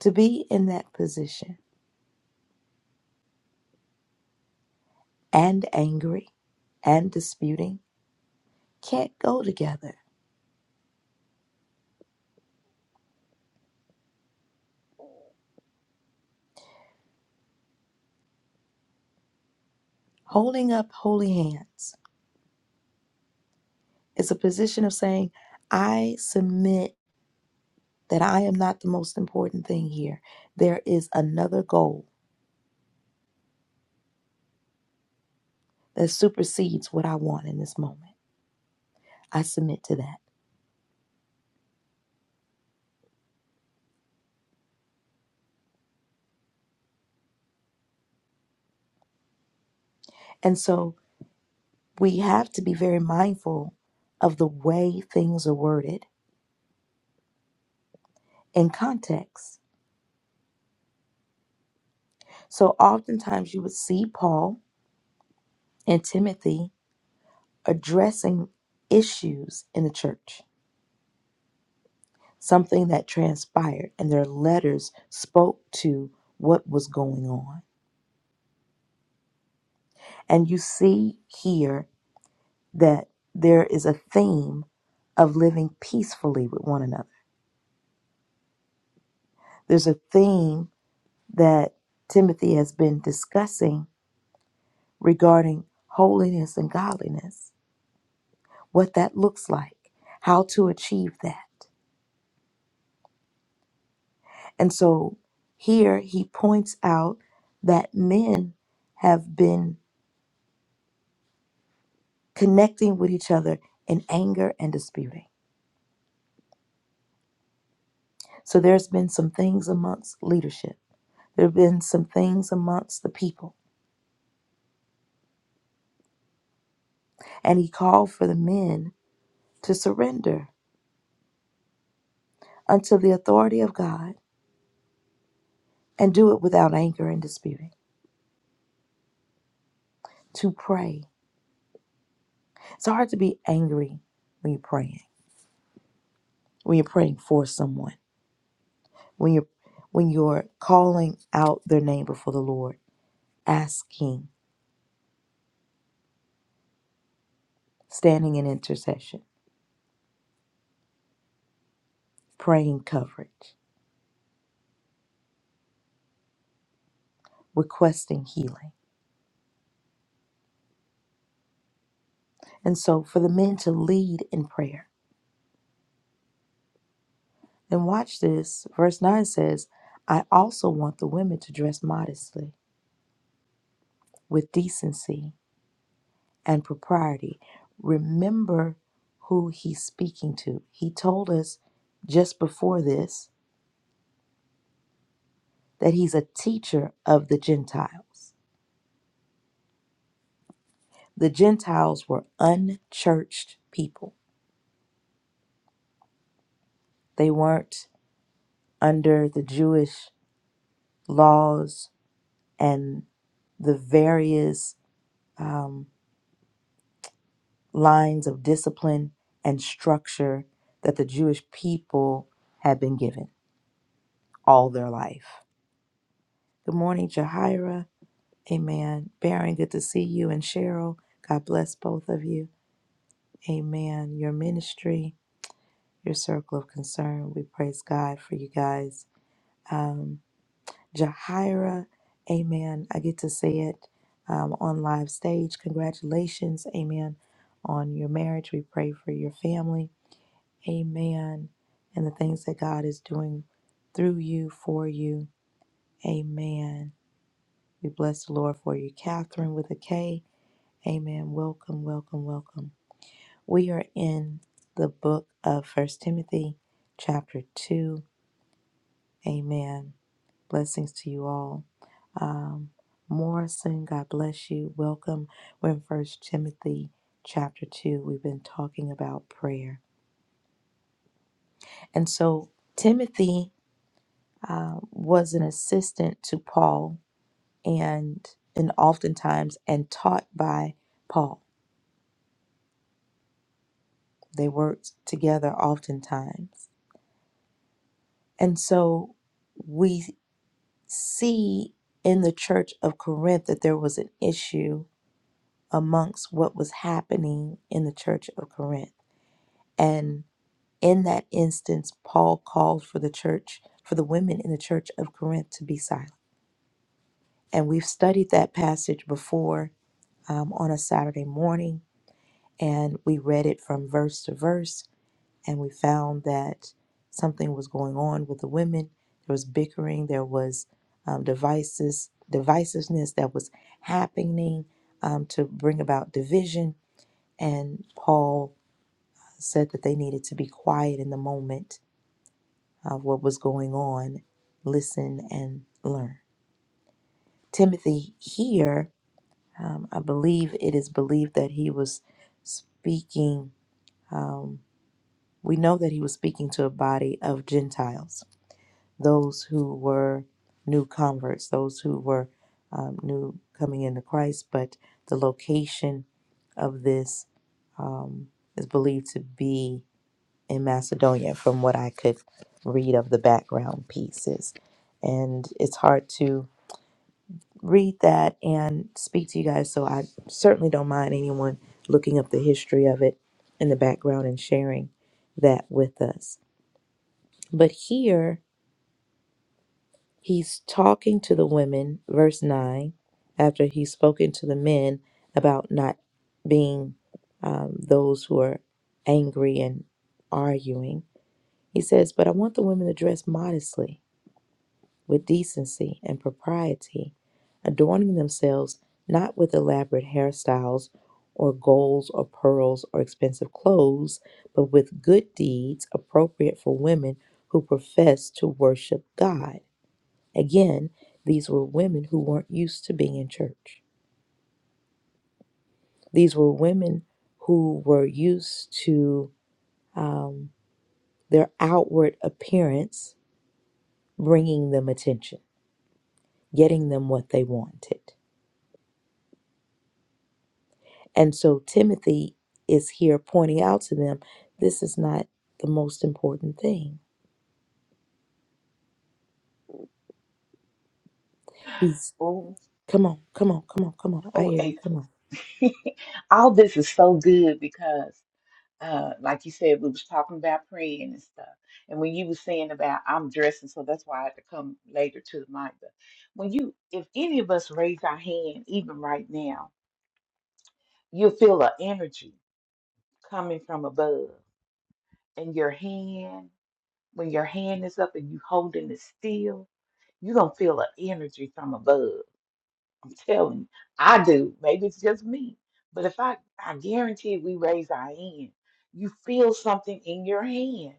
To be in that position and angry and disputing can't go together. Holding up holy hands is a position of saying, I submit that I am not the most important thing here. There is another goal that supersedes what I want in this moment. I submit to that. And so we have to be very mindful of the way things are worded in context. So oftentimes you would see Paul and Timothy addressing issues in the church, something that transpired, and their letters spoke to what was going on. And you see here that there is a theme of living peacefully with one another. There's a theme that Timothy has been discussing regarding holiness and godliness, what that looks like, how to achieve that. And so here he points out that men have been connecting with each other in anger and disputing. So there's been some things amongst leadership. There have been some things amongst the people. And he called for the men to surrender unto the authority of God and do it without anger and disputing. to pray. It's hard to be angry when you're praying, when you're praying for someone, when you're when you're calling out their name before the Lord, asking, standing in intercession, praying coverage, requesting healing. And so for the men to lead in prayer. And watch this. Verse 9 says, I also want the women to dress modestly, with decency and propriety. Remember who he's speaking to. He told us just before this that he's a teacher of the Gentiles. The Gentiles were unchurched people, they weren't under the Jewish laws and the various um, lines of discipline and structure that the Jewish people had been given all their life. Good morning, Jahira. Amen. Baron, good to see you. And Cheryl, God bless both of you. Amen. Your ministry, your circle of concern, we praise God for you guys. Um, Jahira, amen. I get to see it um, on live stage. Congratulations, amen, on your marriage. We pray for your family. Amen. And the things that God is doing through you, for you. Amen. We bless the Lord for you. Catherine with a K. Amen. Welcome, welcome, welcome. We are in the book of First Timothy, chapter two. Amen. Blessings to you all. Um, Morrison, God bless you. Welcome. We're in First Timothy, chapter two. We've been talking about prayer, and so Timothy uh, was an assistant to Paul, and and oftentimes and taught by Paul. They worked together oftentimes. And so we see in the church of Corinth that there was an issue amongst what was happening in the church of Corinth. And in that instance, Paul called for the church, for the women in the church of Corinth to be silent. And we've studied that passage before um, on a Saturday morning, and we read it from verse to verse. and we found that something was going on with the women. There was bickering, there was um, devices, divisiveness that was happening um, to bring about division. And Paul said that they needed to be quiet in the moment of what was going on, listen and learn. Timothy here, um, I believe it is believed that he was speaking. Um, we know that he was speaking to a body of Gentiles those who were new converts, those who were um, new coming into Christ, but the location of this um, is believed to be in Macedonia, from what I could read of the background pieces. And it's hard to read that and speak to you guys, so I certainly don't mind anyone looking up the history of it in the background and sharing that with us. But here, He's talking to the women, verse 9, after he's spoken to the men about not being um, those who are angry and arguing. He says, But I want the women to dress modestly, with decency and propriety, adorning themselves not with elaborate hairstyles or golds or pearls or expensive clothes, but with good deeds appropriate for women who profess to worship God. Again, these were women who weren't used to being in church. These were women who were used to um, their outward appearance bringing them attention, getting them what they wanted. And so Timothy is here pointing out to them this is not the most important thing. He's,
Oh,
come on, come on, come on, come on. I
oh,
hear you, come
April.
on.
<laughs> All this is so good because uh, like you said, we was talking about praying and stuff. And when you was saying about I'm dressing, so that's why I had to come later to the mic. But when you, if any of us raise our hand, even right now, you'll feel an energy coming from above. And your hand, when your hand is up and you holding it still, you're gonna feel an energy from above. I'm telling you, I do. Maybe it's just me, but if I, I guarantee, if we raise our hand, you feel something in your hand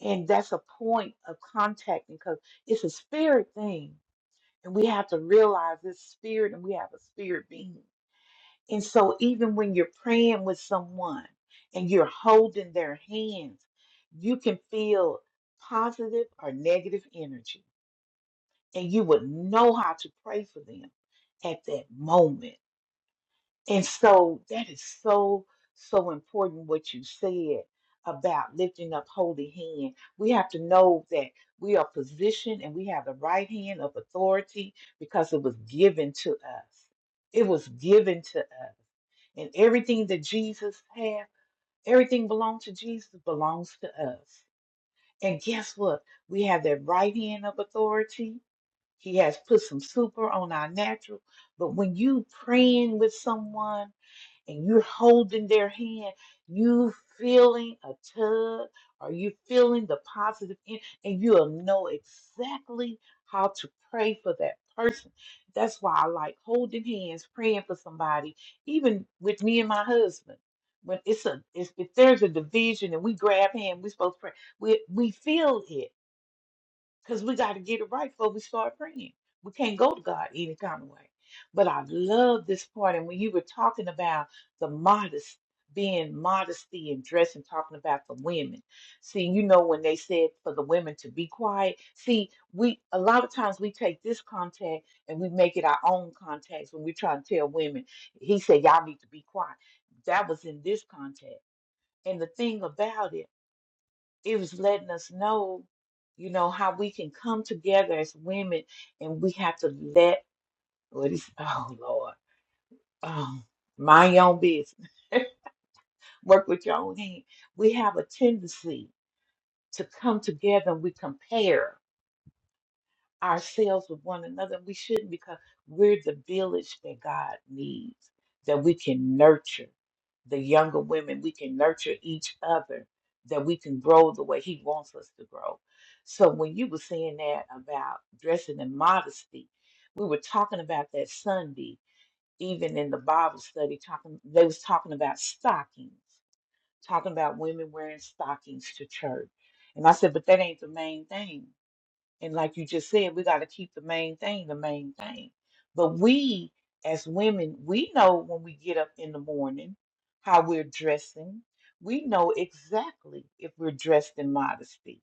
And that's a point of contact because it's a spirit thing. And we have to realize it's spirit and we have a spirit being. And so even when you're praying with someone and you're holding their hands, you can feel positive or negative energy. And you would know how to pray for them at that moment. And so that is so, so important what you said about lifting up holy hand. We have to know that we are positioned and we have the right hand of authority because it was given to us. It was given to us. And everything that Jesus had, everything belonged to Jesus, belongs to us. And guess what? We have that right hand of authority he has put some super on our natural. But when you praying with someone and you're holding their hand, you feeling a tug or you feeling the positive en- and you'll know exactly how to pray for that person. That's why I like holding hands, praying for somebody, even with me and my husband. When it's a it's, if there's a division and we grab hand, we're supposed to pray. We we feel it because we got to get it right before we start praying. We can't go to God any kind of way. But I love this part. And when you were talking about the modest, being modesty and dressing, talking about the women. See, you know, when they said for the women to be quiet, see, we a lot of times we take this context and we make it our own context when we are trying to tell women, he said, y'all need to be quiet. That was in this context. And the thing about it, it was letting us know, you know, how we can come together as women and we have to let what is <laughs> oh Lord, oh mind your own business. <laughs> Work with your own hand. We have a tendency to come together and we compare. ourselves with one another. We shouldn't because we're the village that God needs, that we can nurture the younger women, we can nurture each other, that we can grow the way He wants us to grow. So when you were saying that about dressing in modesty, we were talking about that Sunday, even in the Bible study, talking they was talking about stockings, talking about women wearing stockings to church. And I said, but that ain't the main thing and like you just said, we got to keep the main thing the main thing. But we, as women, we know when we get up in the morning how we're dressing. We know exactly if we're dressed in modesty.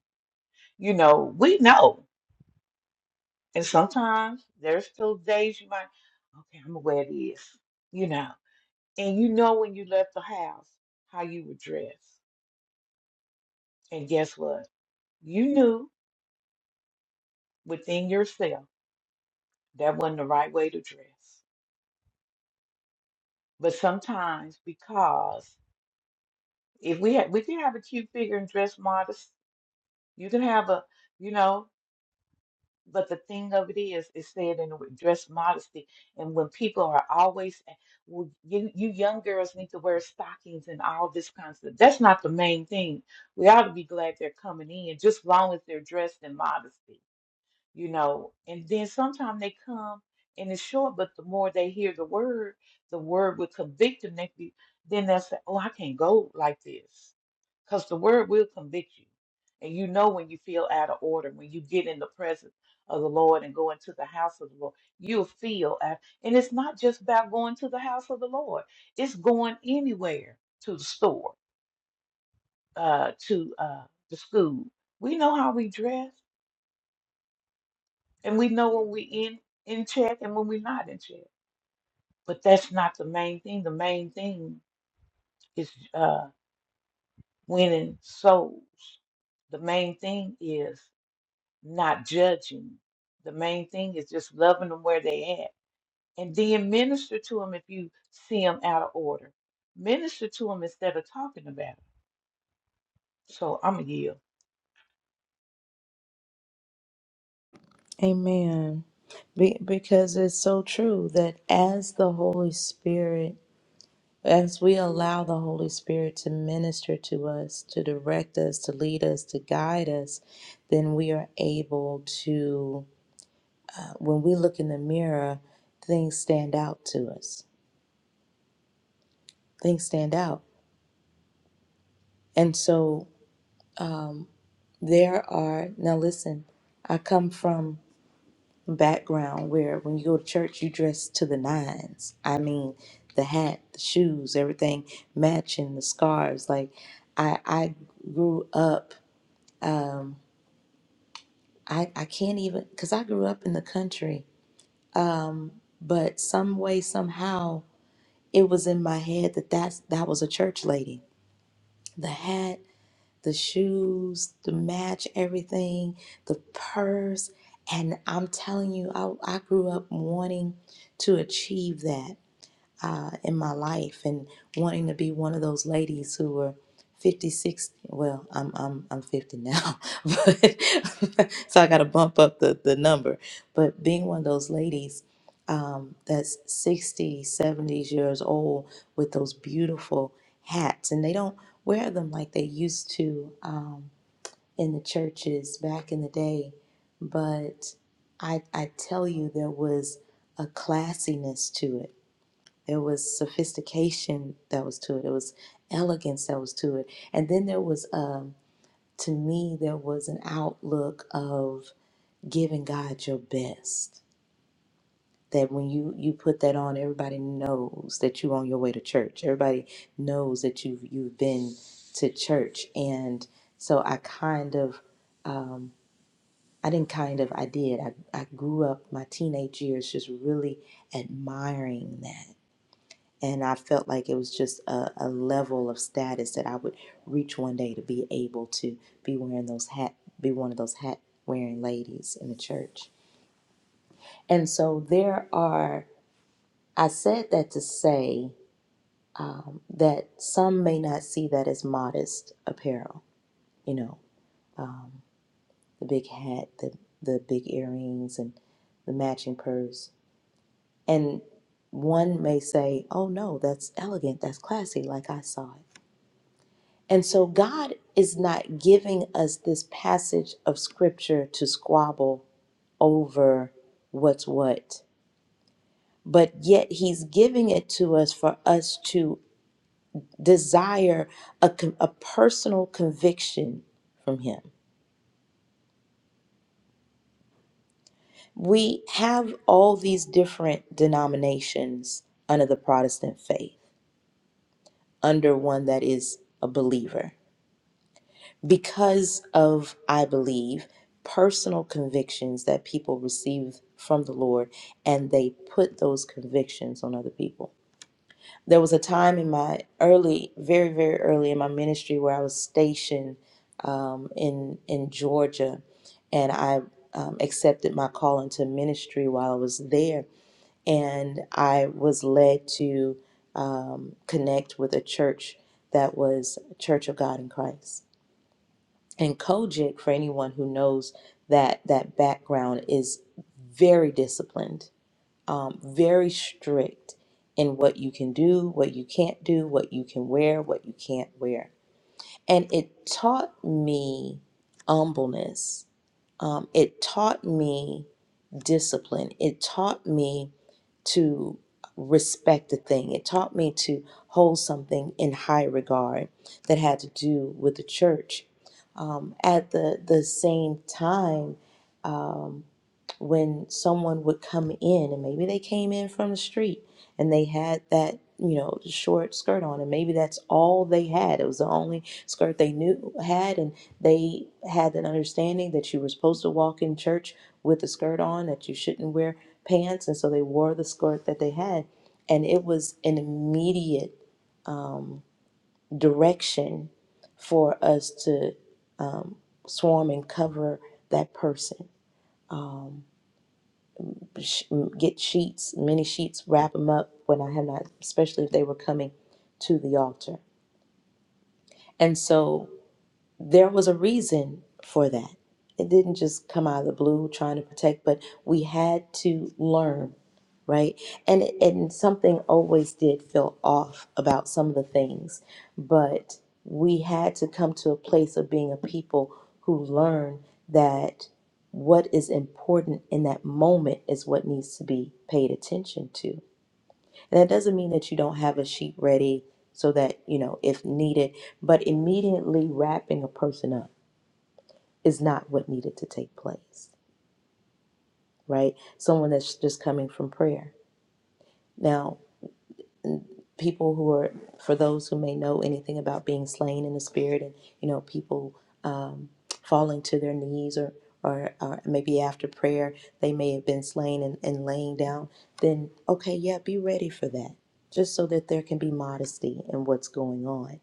You know, we know. And sometimes there's still days you might, okay, I'm gonna wear this, you know. And you know when you left the house how you were dressed. And guess what? You knew within yourself that wasn't the right way to dress. But sometimes because if we ha we can have a cute figure and dress modest, you can have a, you know, but the thing of it is, it's said in the word, dress modesty. And when people are always, a- well, you, you young girls need to wear stockings and all this kind of stuff. That's not the main thing. We ought to be glad they're coming in, just long as they're dressed in modesty you know. And then sometimes they come and it's short, but the more they hear the word, the word will convict them. They, be- then they'll say, "Oh, I can't go like this," because the word will convict you, and you know when you feel out of order, when you get in the presence of the Lord and go into the house of the Lord, you'll feel. Out, and it's not just about going to the house of the Lord; it's going anywhere to the store, uh, to uh, the school. We know how we dress And we know when we in in check and when we're not in check. But that's not the main thing. The main thing is uh, winning souls. The main thing is not judging. The main thing is just loving them where they at, and then minister to them if you see them out of order. Minister to them instead of talking about them. So I'm a yield.
Amen. Be- because it's so true that as the Holy Spirit As we allow the Holy Spirit to minister to us, to direct us, to lead us, to guide us, then we are able to, when we look in the mirror, things stand out to us. Things stand out. And so um, there are, now listen, I come from a background where when you go to church, you dress to the nines. I mean, the hat, the shoes, everything matching, the scarves. Like, I, I grew up. Um, I, I can't even because I grew up in the country, but some way somehow it was in my head that that's that was a church lady. The hat, the shoes, the match, everything, the purse, and I'm telling you, I I grew up wanting to achieve that. uh, in my life and wanting to be one of those ladies who were 56 well i'm i'm i'm 50 now <laughs> but <laughs> so i got to bump up the the number but being one of those ladies um, that's 60 seventy years old with those beautiful hats and they don't wear them like they used to um, in the churches back in the day but i i tell you there was a classiness to it there was sophistication that was to it. There was elegance that was to it. And then there was, um, to me, there was an outlook of giving God your best. That when you you put that on, everybody knows that you're on your way to church. Everybody knows that you've you've been to church. And so I kind of, um, I didn't kind of, I did. I I grew up my teenage years just really admiring that And I felt like it was just a, a level of status that I would reach one day to be able to be wearing those hat, be one of those hat wearing ladies in the church. And so there are, I said that to say um, that some may not see that as modest apparel, you know, um, the big hat, the, the big earrings, and the matching purse. And one may say, oh no, that's elegant, that's classy, like I saw it. And so God is not giving us this passage of scripture to squabble over what's what, but yet He's giving it to us for us to desire a, con- a personal conviction from Him. We have all these different denominations under the Protestant faith, under one that is a believer. because of, I believe, personal convictions that people receive from the Lord and they put those convictions on other people. There was a time in my early, very, very early in my ministry where I was stationed um, in, in Georgia and I um, accepted my call into ministry while I was there. And I was led to um, connect with a church that was Church of God in Christ and Kojic, for anyone who knows that that background, is very disciplined, um, very strict in what you can do, what you can't do, what you can wear, what you can't wear. And it taught me humbleness. Um, it taught me discipline. It taught me to respect a thing. It taught me to hold something in high regard that had to do with the church. Um, at the, the same time, um, when someone would come in and maybe they came in from the street and they had that you know short skirt on and maybe that's all they had it was the only skirt they knew had and they had an understanding that you were supposed to walk in church with a skirt on that you shouldn't wear pants and so they wore the skirt that they had and it was an immediate um, direction for us to um, swarm and cover that person um, sh- get sheets many sheets wrap them up when i have not especially if they were coming to the altar and so there was a reason for that. It didn't just come out of the blue trying to protect, but we had to learn, right? And and something always did feel off about some of the things, but we had to come to a place of being a people who learn that what is important in that moment is what needs to be paid attention to. And that doesn't mean that you don't have a sheet ready so that, you know, if needed, but immediately wrapping a person up is not what needed to take place, right? Someone that's just coming from prayer. Now, people who are, for those who may know anything about being slain in the spirit and, you know, people um, falling to their knees or, or, or maybe after prayer, they may have been slain and, and laying down, then okay, yeah, be ready for that, just so that there can be modesty in what's going on.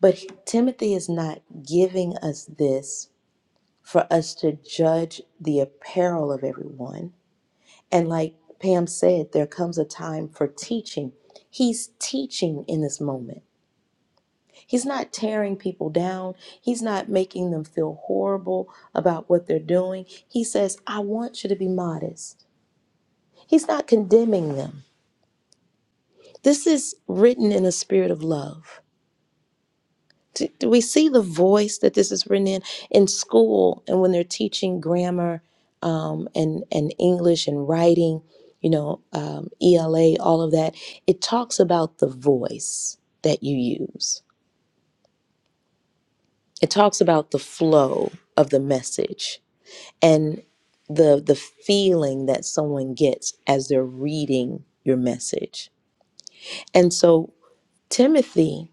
But Timothy is not giving us this for us to judge the apparel of everyone And like Pam said, there comes a time for teaching. He's teaching in this moment. He's not tearing people down. He's not making them feel horrible about what they're doing. He says, I want you to be modest. He's not condemning them. This is written in a spirit of love. Do, do we see the voice that this is written in in school and when they're teaching grammar um, and and English and writing, you know, um, ELA, all of that? It talks about the voice that you use. It talks about the flow of the message and the the feeling that someone gets as they're reading your message. And so Timothy,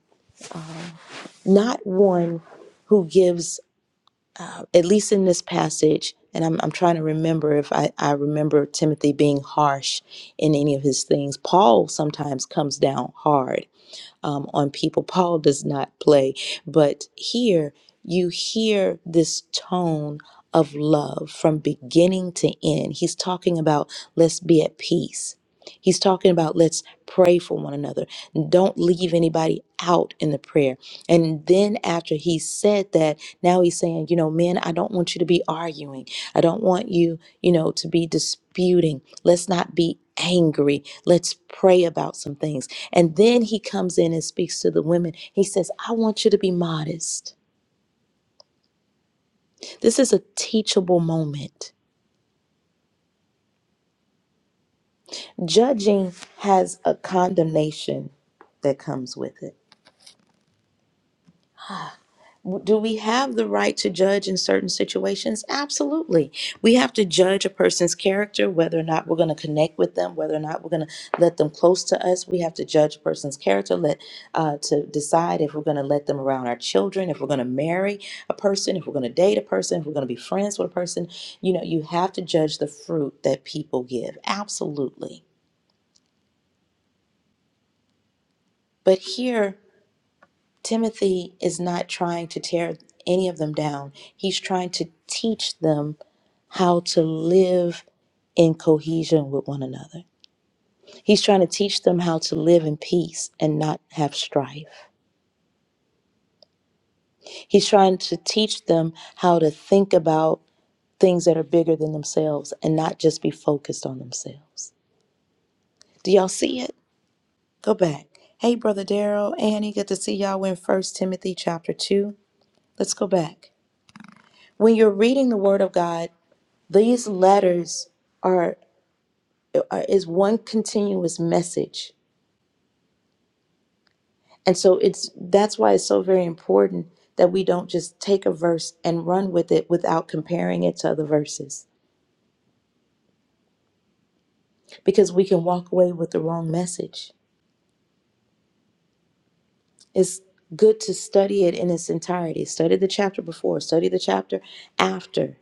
not one who gives at least in this passage, and I'm, I'm trying to remember if I, I remember Timothy being harsh in any of his things. Paul sometimes comes down hard um, on people. Paul does not play, but here you hear this tone of love from beginning to end. He's talking about let's be at peace. He's talking about let's pray for one another. Don't leave anybody out in the prayer and then after he said that, now he's saying, you know, men, I don't want you to be arguing. I don't want you, you know, to be disputing. Let's not be angry. Let's pray about some things. And then he comes in and speaks to the women. He says, I want you to be modest. This is a teachable moment. Judging has a condemnation that comes with it. Do we have the right to judge in certain situations? Absolutely. We have to judge a person's character, whether or not we're going to connect with them, whether or not we're going to let them close to us. We have to judge a person's character let, uh, to decide if we're going to let them around our children, if we're going to marry a person, if we're going to date a person, if we're going to be friends with a person. You know, you have to judge the fruit that people give. Absolutely. But here, Timothy is not trying to tear any of them down. He's trying to teach them how to live in cohesion with one another. He's trying to teach them how to live in peace and not have strife. He's trying to teach them how to think about things that are bigger than themselves and not just be focused on themselves. Do y'all see it? Go back. Hey, Brother Daryl, Annie, good to see y'all We're in First Timothy chapter 2. Let's go back. When you're reading the Word of God, These letters are, are is one continuous message. And so it's that's why it's so very important that we don't just take a verse and run with it without comparing it to other verses because we can walk away with the wrong message. It's good to study it in its entirety. Study the chapter before, study the chapter after.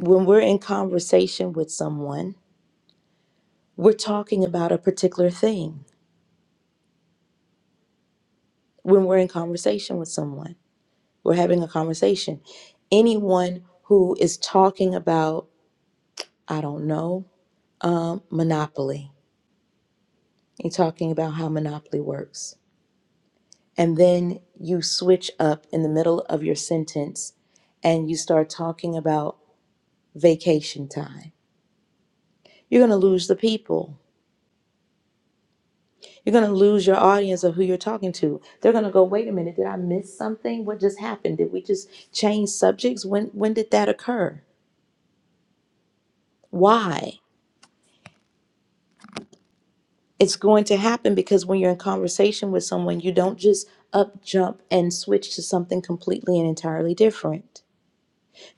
When we're in conversation with someone, we're talking about a particular thing when we're in conversation with someone. We're having a conversation. Anyone who is talking about, I don't know, um, Monopoly, you're talking about how Monopoly works. And then you switch up in the middle of your sentence and you start talking about vacation time. You're going to lose the people. You're going to lose your audience of who you're talking to. They're going to go, wait a minute, did I miss something? What just happened? Did we just change subjects? When, when did that occur? Why? it's going to happen because when you're in conversation with someone, you don't just up jump and switch to something completely and entirely different.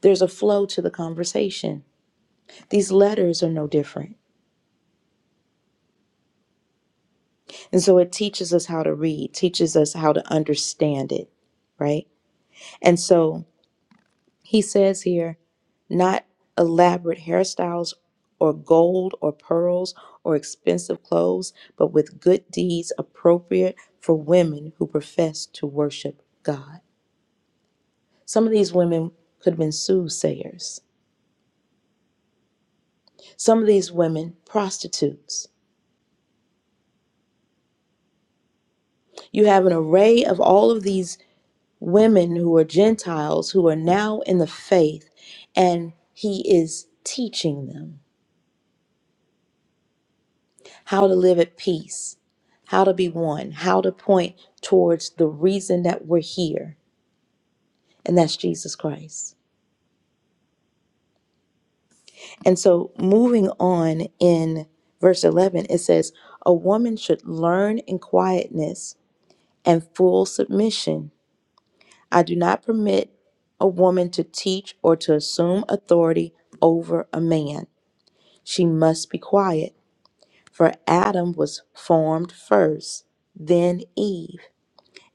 There's a flow to the conversation. These letters are no different. And so it teaches us how to read, teaches us how to understand it, right? And so he says here, not elaborate hairstyles or gold or pearls or expensive clothes, but with good deeds appropriate for women who profess to worship God. Some of these women could have been soothsayers. Some of these women, prostitutes. You have an array of all of these women who are Gentiles who are now in the faith, and he is teaching them how to live at peace, how to be one, how to point towards the reason that we're here, and that's Jesus Christ. And so, moving on in verse 11, it says, A woman should learn in quietness and full submission. I do not permit a woman to teach or to assume authority over a man. She must be quiet, for Adam was formed first, then Eve.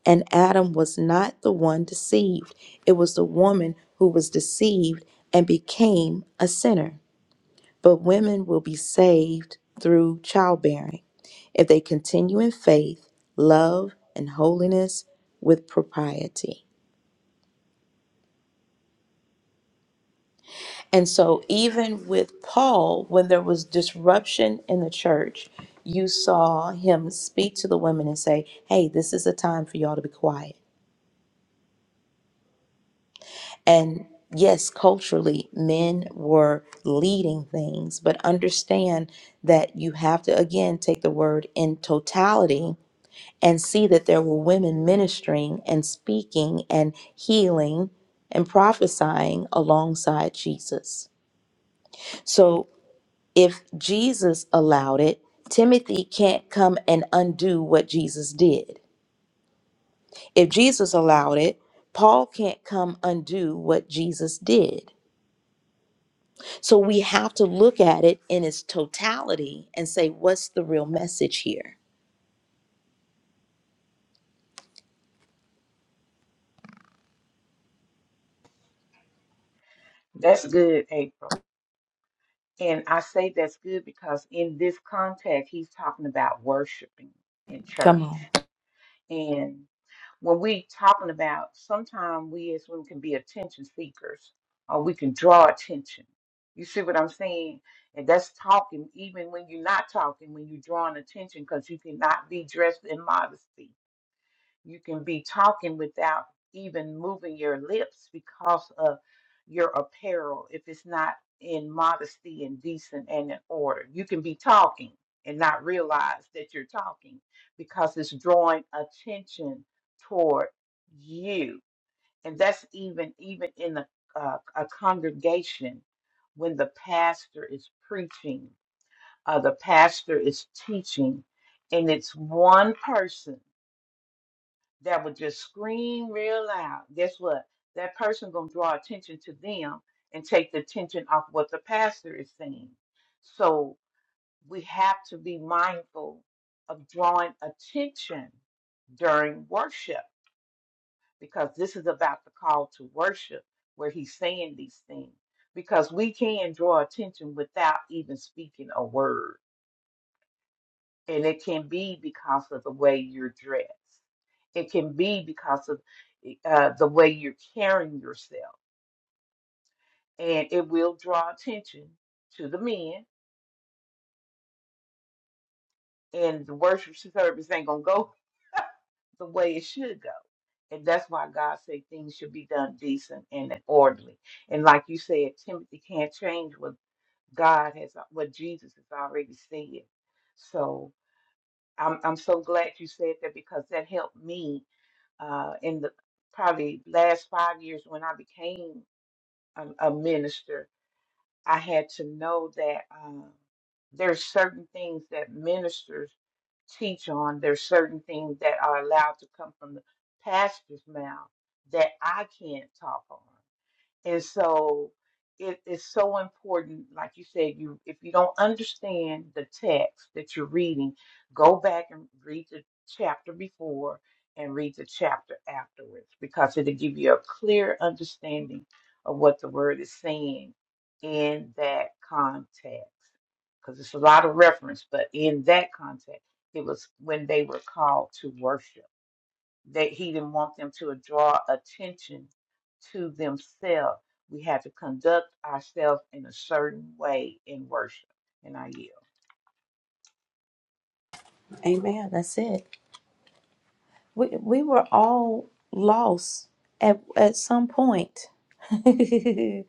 And Adam was not the one deceived, it was the woman who was deceived and became a sinner. But women will be saved through childbearing if they continue in faith, love, and holiness with propriety. And so, even with Paul, when there was disruption in the church, you saw him speak to the women and say, Hey, this is a time for y'all to be quiet. And yes, culturally, men were leading things, but understand that you have to, again, take the word in totality and see that there were women ministering and speaking and healing and prophesying alongside Jesus. So, If Jesus allowed it, Timothy can't come and undo what Jesus did. If Jesus allowed it, Paul can't come undo what Jesus did. So we have to look at it in its totality and say, what's the real message here?
That's good, April. And I say that's good because in this context, he's talking about worshiping in
Come
church.
on.
And when we talking about sometimes we as women can be attention seekers or we can draw attention you see what i'm saying and that's talking even when you're not talking when you're drawing attention because you cannot be dressed in modesty you can be talking without even moving your lips because of your apparel if it's not in modesty and decent and in order. You can be talking and not realize that you're talking because it's drawing attention toward you. And that's even even in a, uh, a congregation when the pastor is preaching, uh, the pastor is teaching, and it's one person that would just scream real loud, guess what? That person gonna draw attention to them and take the attention off what the pastor is saying. So we have to be mindful of drawing attention during worship because this is about the call to worship where he's saying these things because we can draw attention without even speaking a word and it can be because of the way you're dressed. It can be because of e, uh, the way you're carrying yourself. And it will draw attention to the men. And the worship service ain't going to go <laughs> the way it should go. And that's why God said things should be done decent and orderly. And like you said, Timothy can't change what God has, what Jesus has already said. So I'm, I'm so glad you said that because that helped me uh, in the probably last five years when I became a, a minister, I had to know that um, there's certain things that ministers teach on. There's certain things that are allowed to come from the pastor's mouth that I can't talk on. And so it is so important, like you said, you if you don't understand the text that you're reading, go back and read the chapter before and read the chapter afterwards because it'll give you a clear understanding of what the word is saying in that context. Because it's a lot of reference, but in that context, it was when they were called to worship that he didn't want them to draw attention to themselves. We had to conduct ourselves in a certain way in worship. And I yield.
Amen. That's it. We we were all lost at at some point. <laughs> we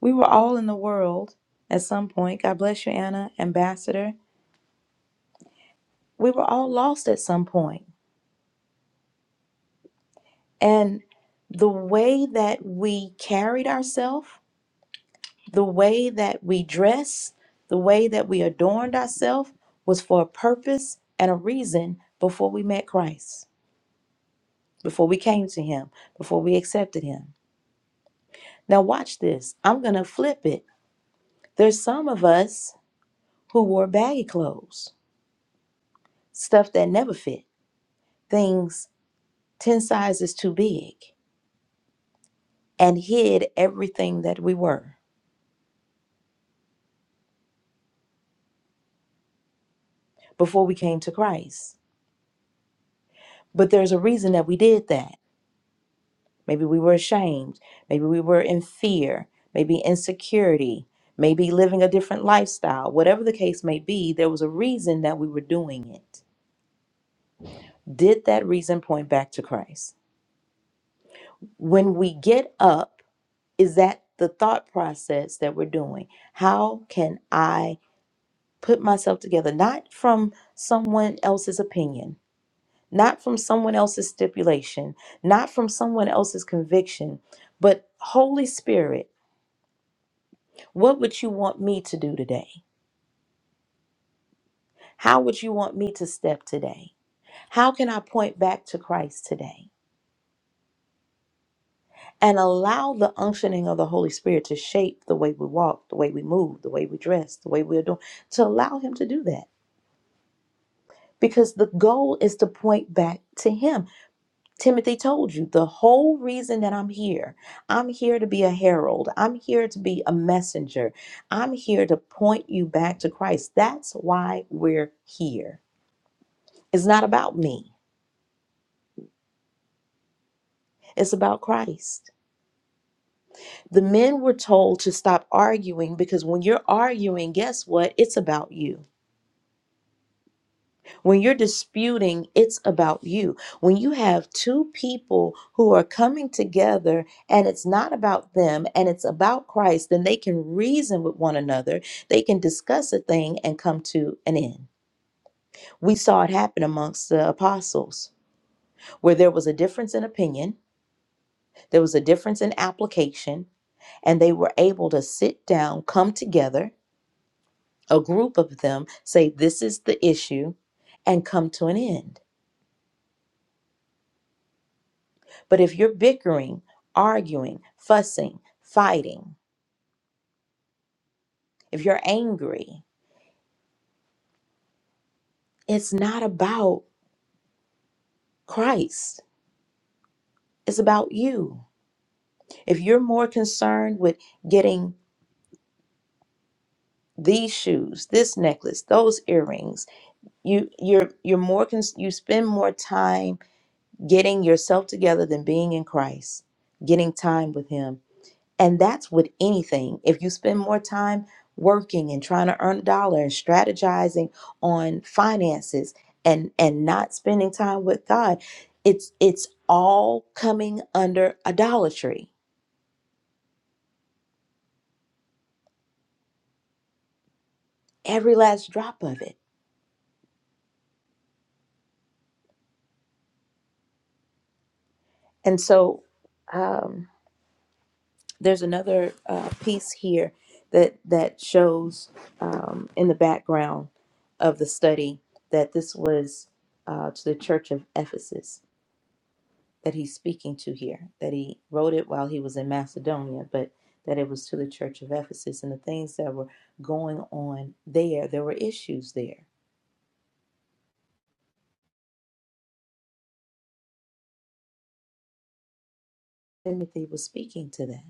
were all in the world at some point. God bless you, Anna, Ambassador. We were all lost at some point. And the way that we carried ourselves, the way that we dressed, the way that we adorned ourselves was for a purpose and a reason before we met Christ, before we came to Him, before we accepted Him. Now, watch this. I'm going to flip it. There's some of us who wore baggy clothes, stuff that never fit, things 10 sizes too big, and hid everything that we were. before we came to Christ. But there's a reason that we did that. Maybe we were ashamed. Maybe we were in fear. Maybe insecurity. Maybe living a different lifestyle. Whatever the case may be, there was a reason that we were doing it. Did that reason point back to Christ? When we get up, is that the thought process that we're doing? How can I put myself together? Not from someone else's opinion, not from someone else's stipulation, not from someone else's conviction, but Holy Spirit, what would you want me to do today? How would you want me to step today? How can I point back to Christ today? And allow the unctioning of the Holy Spirit to shape the way we walk, the way we move, the way we dress, the way we're doing, to allow Him to do that. Because the goal is to point back to Him. Timothy told you the whole reason that I'm here. I'm here to be a herald. I'm here to be a messenger. I'm here to point you back to Christ. That's why we're here. It's not about me, it's about Christ. The men were told to stop arguing because when you're arguing, guess what? It's about you. When you're disputing, it's about you. When you have two people who are coming together and it's not about them and it's about Christ, then they can reason with one another. They can discuss a thing and come to an end. We saw it happen amongst the apostles where there was a difference in opinion, there was a difference in application, and they were able to sit down, come together, a group of them say, This is the issue, and come to an end. But if you're bickering, arguing, fussing, fighting, if you're angry, it's not about Christ. It's about you. If you're more concerned with getting these shoes, this necklace, those earrings, you you're you're more con- you spend more time getting yourself together than being in Christ, getting time with him And that's with anything. If you spend more time working and trying to earn a dollar and strategizing on finances and and not spending time with God, it's it's all coming under idolatry, every last drop of it. And so um, there's another uh, piece here that that shows um, in the background of the study that this was uh, to the church of Ephesus that he's speaking to here, that he wrote it while he was in Macedonia, but that it was to the church of Ephesus and the things that were going on there. There were issues there. Timothy was speaking to that.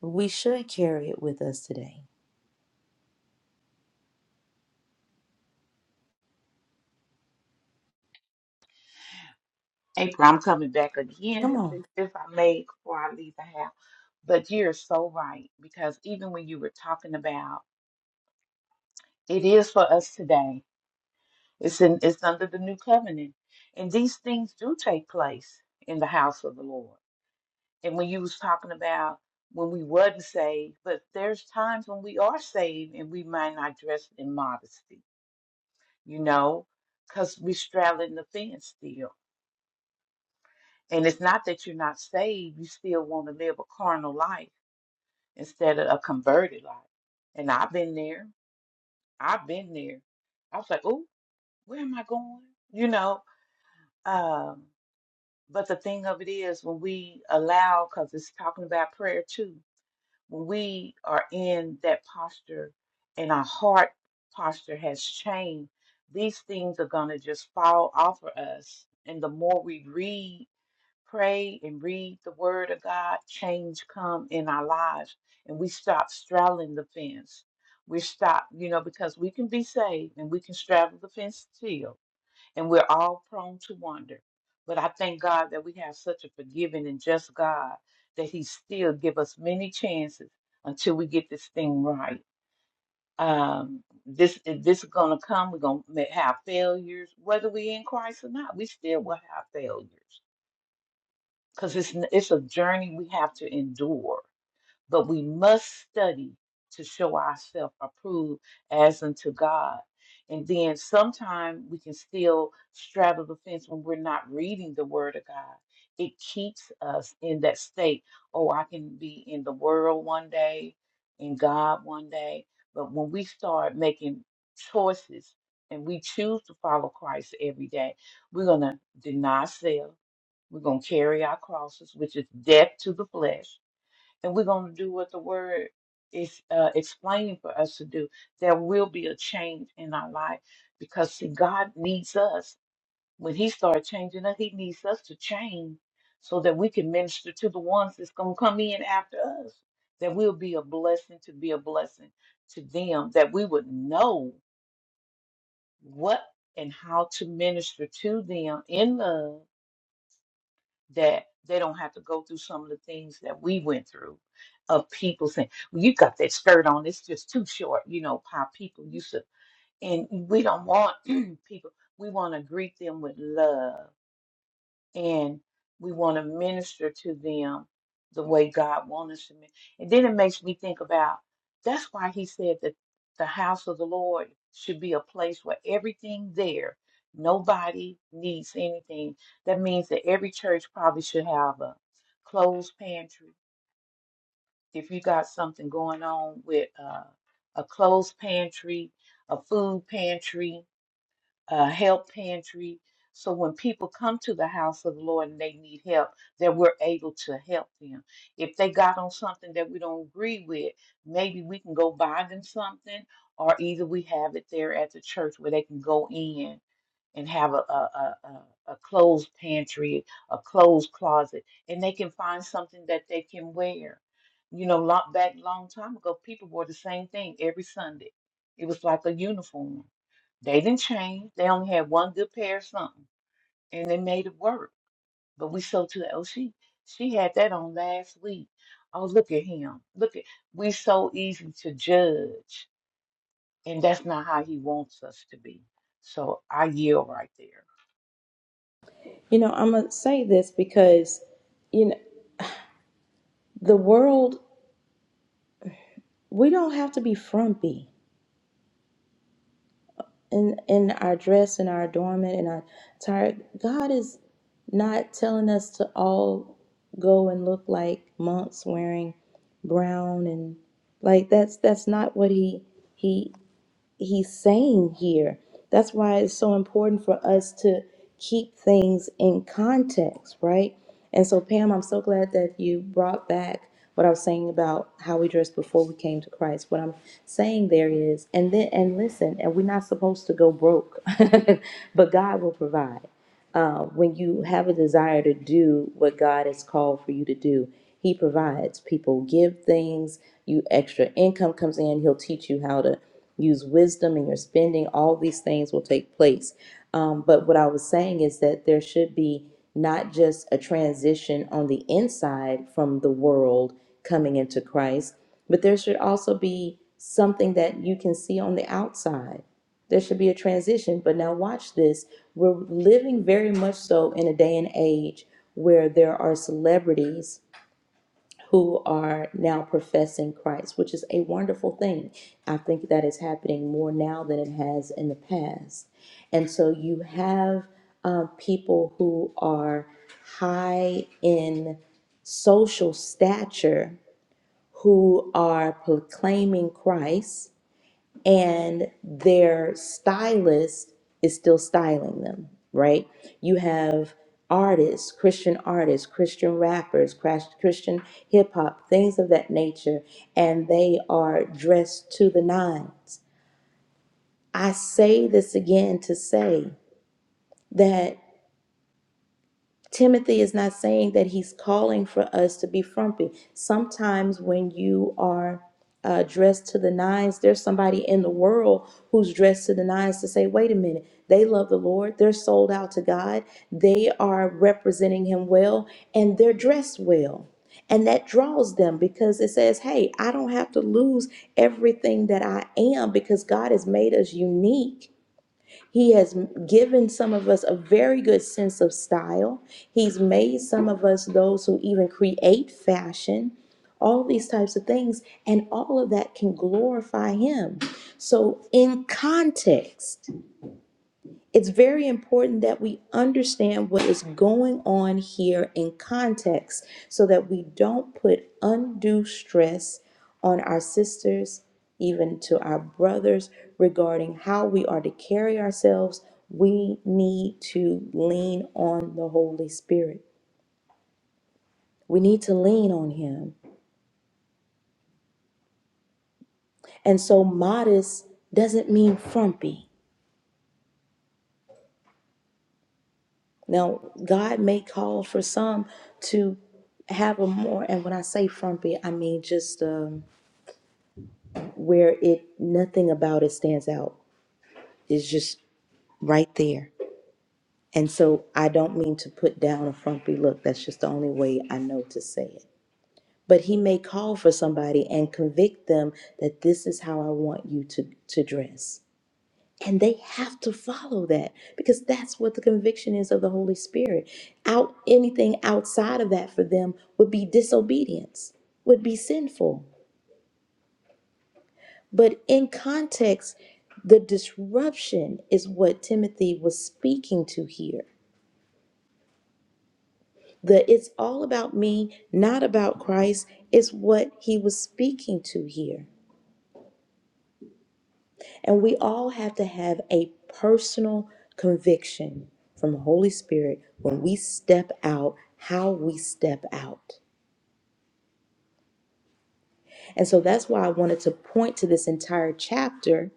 We should carry it with us today.
April, I'm coming back again
Come
if,
on.
if if I may before I leave the house. But you're so right because even when you were talking about it is for us today. It's in it's under the new covenant. And these things do take place in the house of the Lord. and when you was talking about when we wasn't saved, but there's times when we are saved and we might not dress in modesty, you know, because we straddling the fence still. And it's not that you're not saved, you still want to live a carnal life instead of a converted life. And I've been there. I've been there. I was like, oh, where am I going? You know, um, but the thing of it is when we allow, because it's talking about prayer too when we are in that posture and our heart posture has changed, these things are going to just fall off of us. And the more we read, pray, and read the word of God, change come in our lives. And we stop straddling the fence. We stop, you know, because we can be saved and we can straddle the fence still and we're all prone to wander. But I thank God that we have such a forgiving and just God that He still give us many chances until we get this thing right. Um, this this is gonna come. We're gonna ma- have failures, whether we in Christ or not. We still will have failures because it's n- it's a journey we have to endure but we must study to show ourselves approved as unto God. And then sometimes we can still straddle the fence when we're not reading the Word of God. It keeps us in that state. Oh, I can be in the world one day, in God one day. But when we start making choices and we choose to follow Christ every day, we're going to deny self. We're going to carry our crosses, which is death to the flesh and we're going to do what the word is uh, explaining for us to do. There will be a change in our life because, see, God needs us. When He starts changing us, He needs us to change so that we can minister to the ones that's going to come in after us. That we'll be a blessing to be a blessing to them, that we would know what and how to minister to them in love that they don't have to go through some of the things that we went through of people saying, well, you got that skirt on, it's just too short, you know, how people used to. And we don't want <clears throat> people, we want to greet them with love and we want to minister to them the way God wants us to. min- And then it makes me think about that's why He said that the house of the Lord should be a place where everything there, nobody needs anything. That means that every church probably should have a closed pantry. If you got something going on with uh, a closed pantry, a food pantry, uh, help pantry. So when people come to the house of the Lord and they need help, that we're able to help them. If they got on something that we don't agree with, maybe we can go buy them something, or either we have it there at the church where they can go in and have a a a, a a clothes pantry, a clothes closet, and they can find something that they can wear. You know, long, back long time ago, people wore the same thing every Sunday. It was like a uniform they didn't change. They only had one good pair of something, and they made it work. But we sold to the oh she she had that on last week. Oh look at him. Look at we so easy to judge, and that's not how he wants us to be. So I yield right there.
You know, I'm going to say this because, you know, the world, we don't have to be frumpy. in in our dress and our adornment and our attire god is not telling us to all go and look like monks wearing brown and like that's that's not what he he he's saying here. That's why it's so important for us to keep things in context, right? And so, Pam, I'm so glad that you brought back what I was saying about how we dressed before we came to Christ. What I'm saying there is, and then, and listen, and we're not supposed to go broke, <laughs> but God will provide uh, when you have a desire to do what God has called for you to do, He provides. People give things, you extra income comes in, He'll teach you how to use wisdom in your spending. All these things will take place. Um, but what I was saying is that there should be not just a transition on the inside from the world coming into Christ, but there should also be something that you can see on the outside there should be a transition. But now, watch this. We're living very much so in a day and age where there are celebrities who are now professing Christ, which is a wonderful thing. I think that is happening more now than it has in the past. And so you have uh, people who are high in social stature who are proclaiming Christ and their stylist is still styling them, right? You have artists, Christian artists, Christian rappers, crash- Christian hip hop, things of that nature, and they are dressed to the nines. I say this again to say that. Timothy is not saying that he's calling for us to be frumpy. Sometimes when you are uh, dressed to the nines, there's somebody in the world who's dressed to the nines to say, wait a minute, they love the Lord, they're sold out to God, they are representing Him well, and they're dressed well. And that draws them because it says, hey, I don't have to lose everything that I am because God has made us unique he has given some of us a very good sense of style. He's made some of us those who even create fashion, all these types of things, and all of that can glorify Him. So, in context, it's very important that we understand what is going on here in context so that we don't put undue stress on our sisters, even to our brothers, regarding how we are to carry ourselves. We need to lean on the Holy Spirit. We need to lean on Him. And so, modest doesn't mean frumpy. Now, God may call for some to have a more, and when I say frumpy, I mean just um, where it nothing about it stands out. It's just right there. And so I don't mean to put down a frumpy look. That's just the only way I know to say it. But he may call for somebody and convict them that this is how I want you to, to dress. And they have to follow that because that's what the conviction is of the Holy Spirit. Out anything outside of that for them would be disobedience, would be sinful. But in context, the disruption is what Timothy was speaking to here. The it's all about me, not about Christ, is what he was speaking to here. And we all have to have a personal conviction from the Holy Spirit when we step out, how we step out. And so that's why I wanted to point to this entire chapter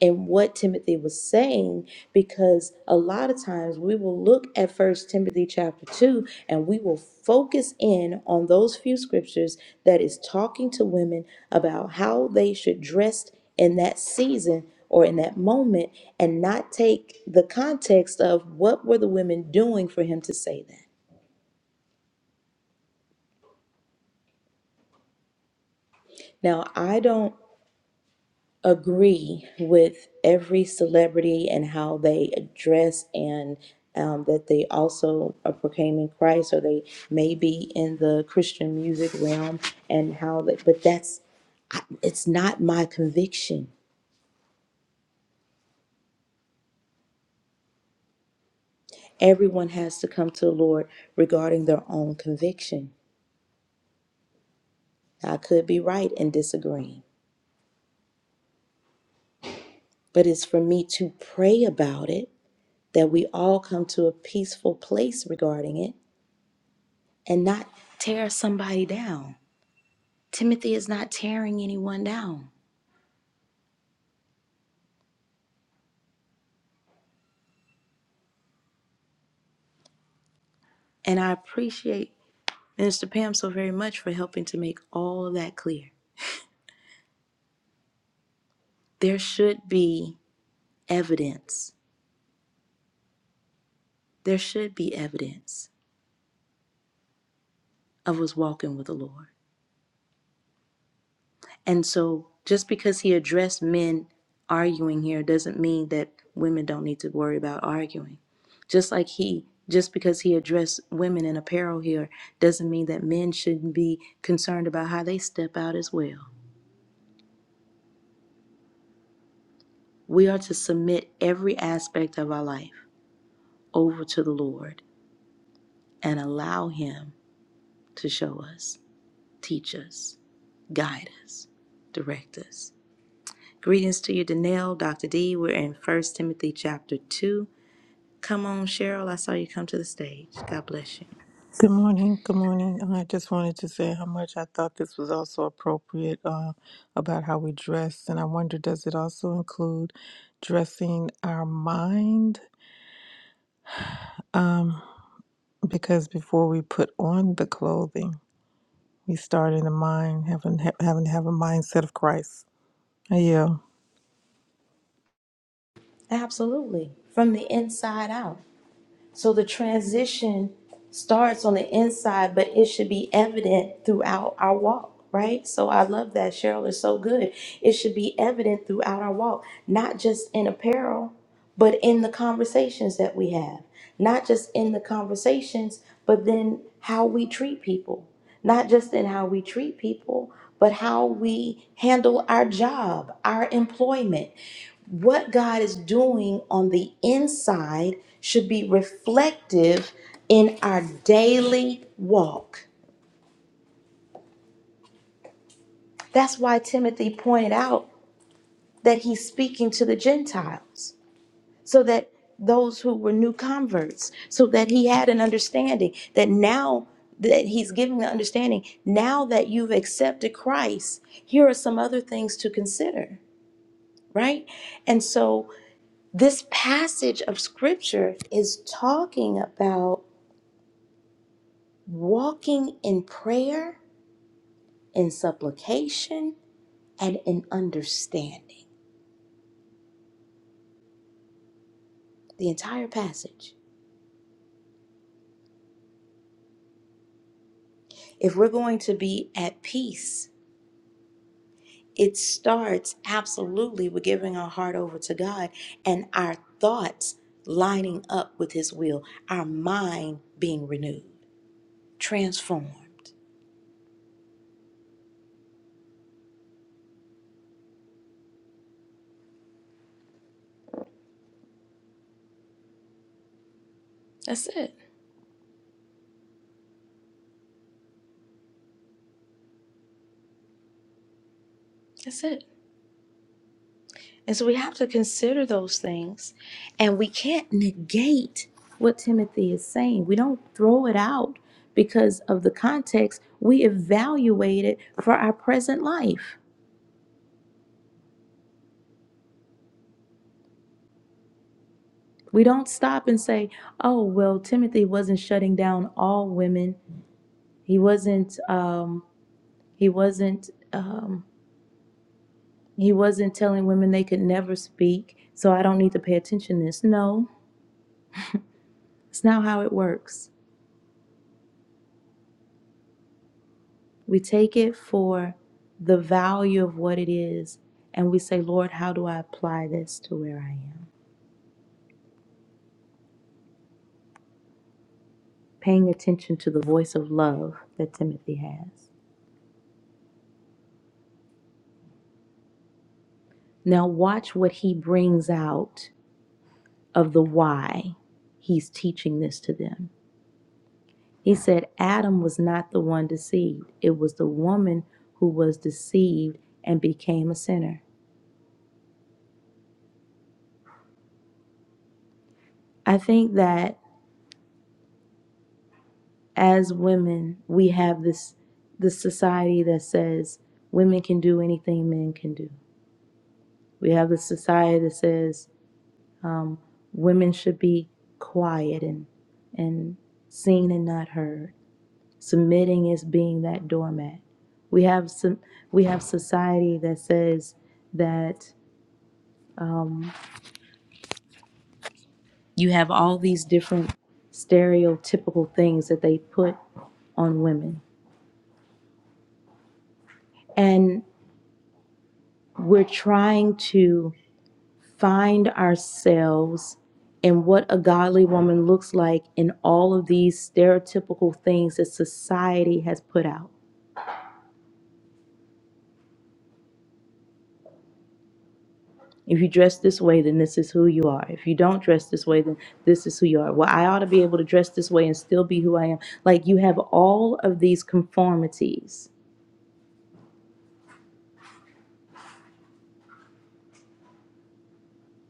and what Timothy was saying, because a lot of times we will look at First Timothy chapter 2 and we will focus in on those few scriptures that is talking to women about how they should dress in that season or in that moment and not take the context of what were the women doing for him to say that. Now, I don't agree with every celebrity and how they dress, and um, that they also are proclaiming Christ or they may be in the Christian music realm and how they, but that's, I- it's not my conviction. Everyone has to come to the Lord regarding their own conviction. I could be right in disagreeing, but it's for me to pray about it, that we all come to a peaceful place regarding it and not tear somebody down Timothy is not tearing anyone down. And I appreciate Minister Pam so very much for helping to make all of that clear. There should be evidence. There should be evidence of us walking with the Lord. And so just because he addressed men arguing here doesn't mean that women don't need to worry about arguing. Just like he just because he addressed women in apparel here doesn't mean that men shouldn't be concerned about how they step out as well. We are to submit every aspect of our life over to the Lord and allow Him to show us, teach us, guide us, direct us. Greetings to you, Danelle, Dr. D. We're in First Timothy chapter 2. Come on, Cheryl. I saw you come to the stage. God bless you.
Good morning. Good morning. I just wanted to say how much I thought this was also appropriate uh, about how we dress. And I wonder, does it also include dressing our mind? Because before we put on the clothing, we start in the mind, having, ha- having to have a mindset of Christ. Yeah.
Absolutely. From the inside out. So the transition starts on the inside, but it should be evident throughout our walk, right? So I love that. Cheryl is so good. It should be evident throughout our walk, not just in apparel, but in the conversations that we have, not just in the conversations, but then how we treat people not just in how we treat people, but how we handle our job, our employment. What God is doing on the inside should be reflective in our daily walk. That's why Timothy pointed out that he's speaking to the Gentiles. so that those who were new converts, so that he had an understanding that now that he's giving the understanding, now that you've accepted Christ, here are some other things to consider, right? And so this passage of scripture is talking about walking in prayer, in supplication, and in understanding. The entire passage. If we're going to be at peace, it starts absolutely with giving our heart over to God and our thoughts lining up with His will, our mind being renewed, transformed. That's it. That's it. And so we have to consider those things, and we can't negate what Timothy is saying. We don't throw it out because of the context. We evaluate it for our present life. We don't stop and say, oh, well, Timothy wasn't shutting down all women He wasn't um he wasn't um he wasn't telling women they could never speak, so I don't need to pay attention to this. No, it's not how it works. We take it for the value of what it is and we say, Lord, how do I apply this to where I am? Paying attention to the voice of love that Timothy has. Now watch what he brings out of the why he's teaching this to them. He said Adam was not the one deceived, it was the woman who was deceived and became a sinner. I think that as women, we have this this society that says women can do anything men can do. We have this society that says um, women should be quiet and and seen and not heard. Submitting is being that doormat. We have some. We have society that says that. Um, You have all these different stereotypical things that they put on women. And we're trying to find ourselves in what a godly woman looks like in all of these stereotypical things that society has put out. If you dress this way, then this is who you are. If you don't dress this way, then this is who you are. Well, I ought to be able to dress this way and still be who I am. Like you have all of these conformities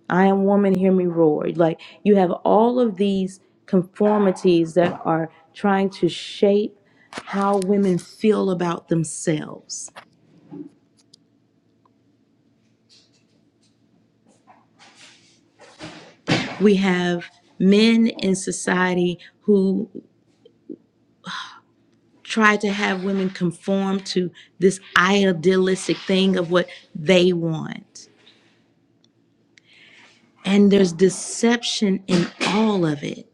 I am woman, hear me roar. Like you have all of these conformities that are trying to shape how women feel about themselves. We have men in society who try to have women conform to this idealistic thing of what they want. And there's deception in all of it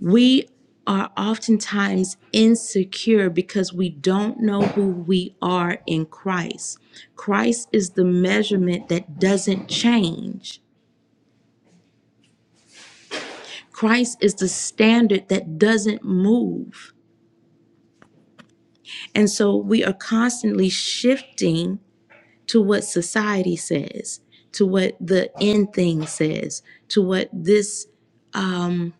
We are oftentimes insecure because we don't know who we are in Christ. Christ is the measurement that doesn't change, Christ is the standard that doesn't move. And so we are constantly shifting to what society says, to what the end thing says, to what this um,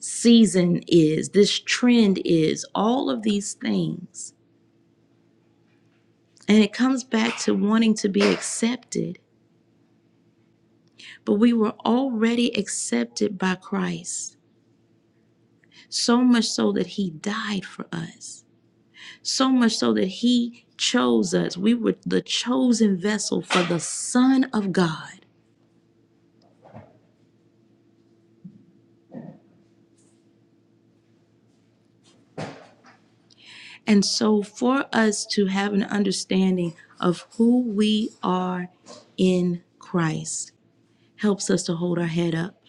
season is, this trend is, all of these things. And it comes back to wanting to be accepted. But we were already accepted by Christ, so much so that He died for us, so much so that He chose us. We were the chosen vessel for the Son of God. And so, for us to have an understanding of who we are in Christ helps us to hold our head up,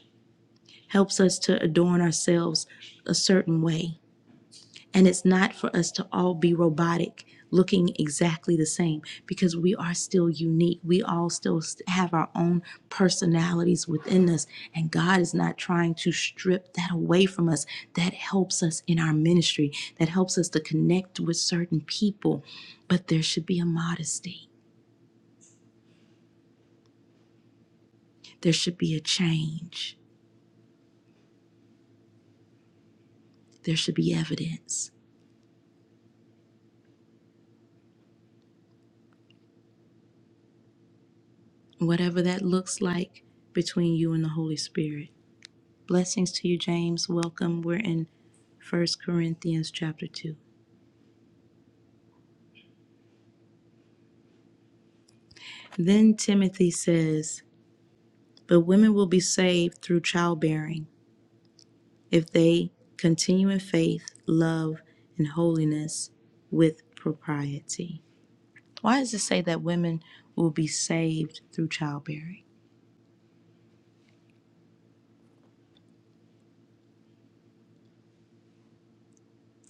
helps us to adorn ourselves a certain way And it's not for us to all be robotic, looking exactly the same, because we are still unique. We all still st- have our own personalities within us. And God is not trying to strip that away from us. That helps us in our ministry, that helps us to connect with certain people. But there should be a modesty, there should be a change, there should be evidence. Whatever that looks like between you and the Holy Spirit. Blessings to you, James. Welcome. We're in First Corinthians chapter 2. Then Timothy says, But women will be saved through childbearing if they continue in faith, love, and holiness with propriety. Why does it say that women will be saved through childbearing?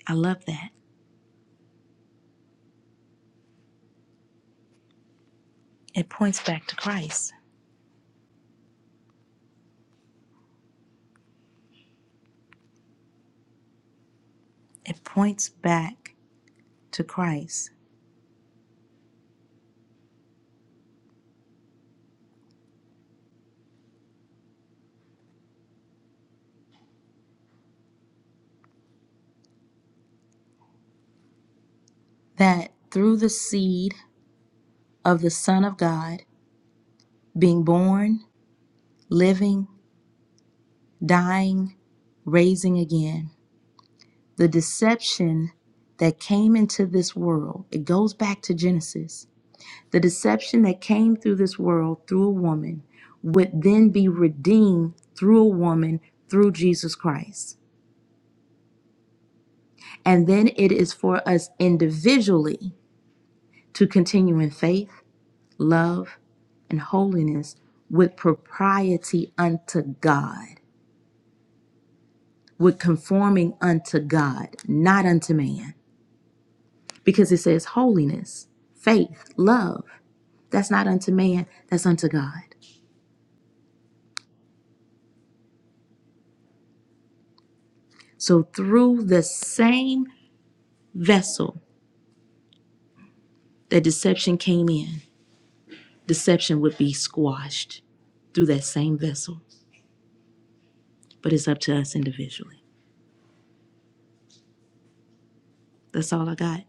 I love that. It points back to Christ. It points back to Christ that through the seed of the Son of God being born living, dying, raising again. The deception that came into this world, it goes back to Genesis. The deception that came through this world through a woman would then be redeemed through a woman through Jesus Christ. And then it is for us individually to continue in faith, love, and holiness with propriety unto God. with conforming unto God, not unto man. Because it says holiness, faith, love. That's not unto man, that's unto God. So through the same vessel that deception came in, deception would be squashed through that same vessel. But it's up to us individually. That's all I got.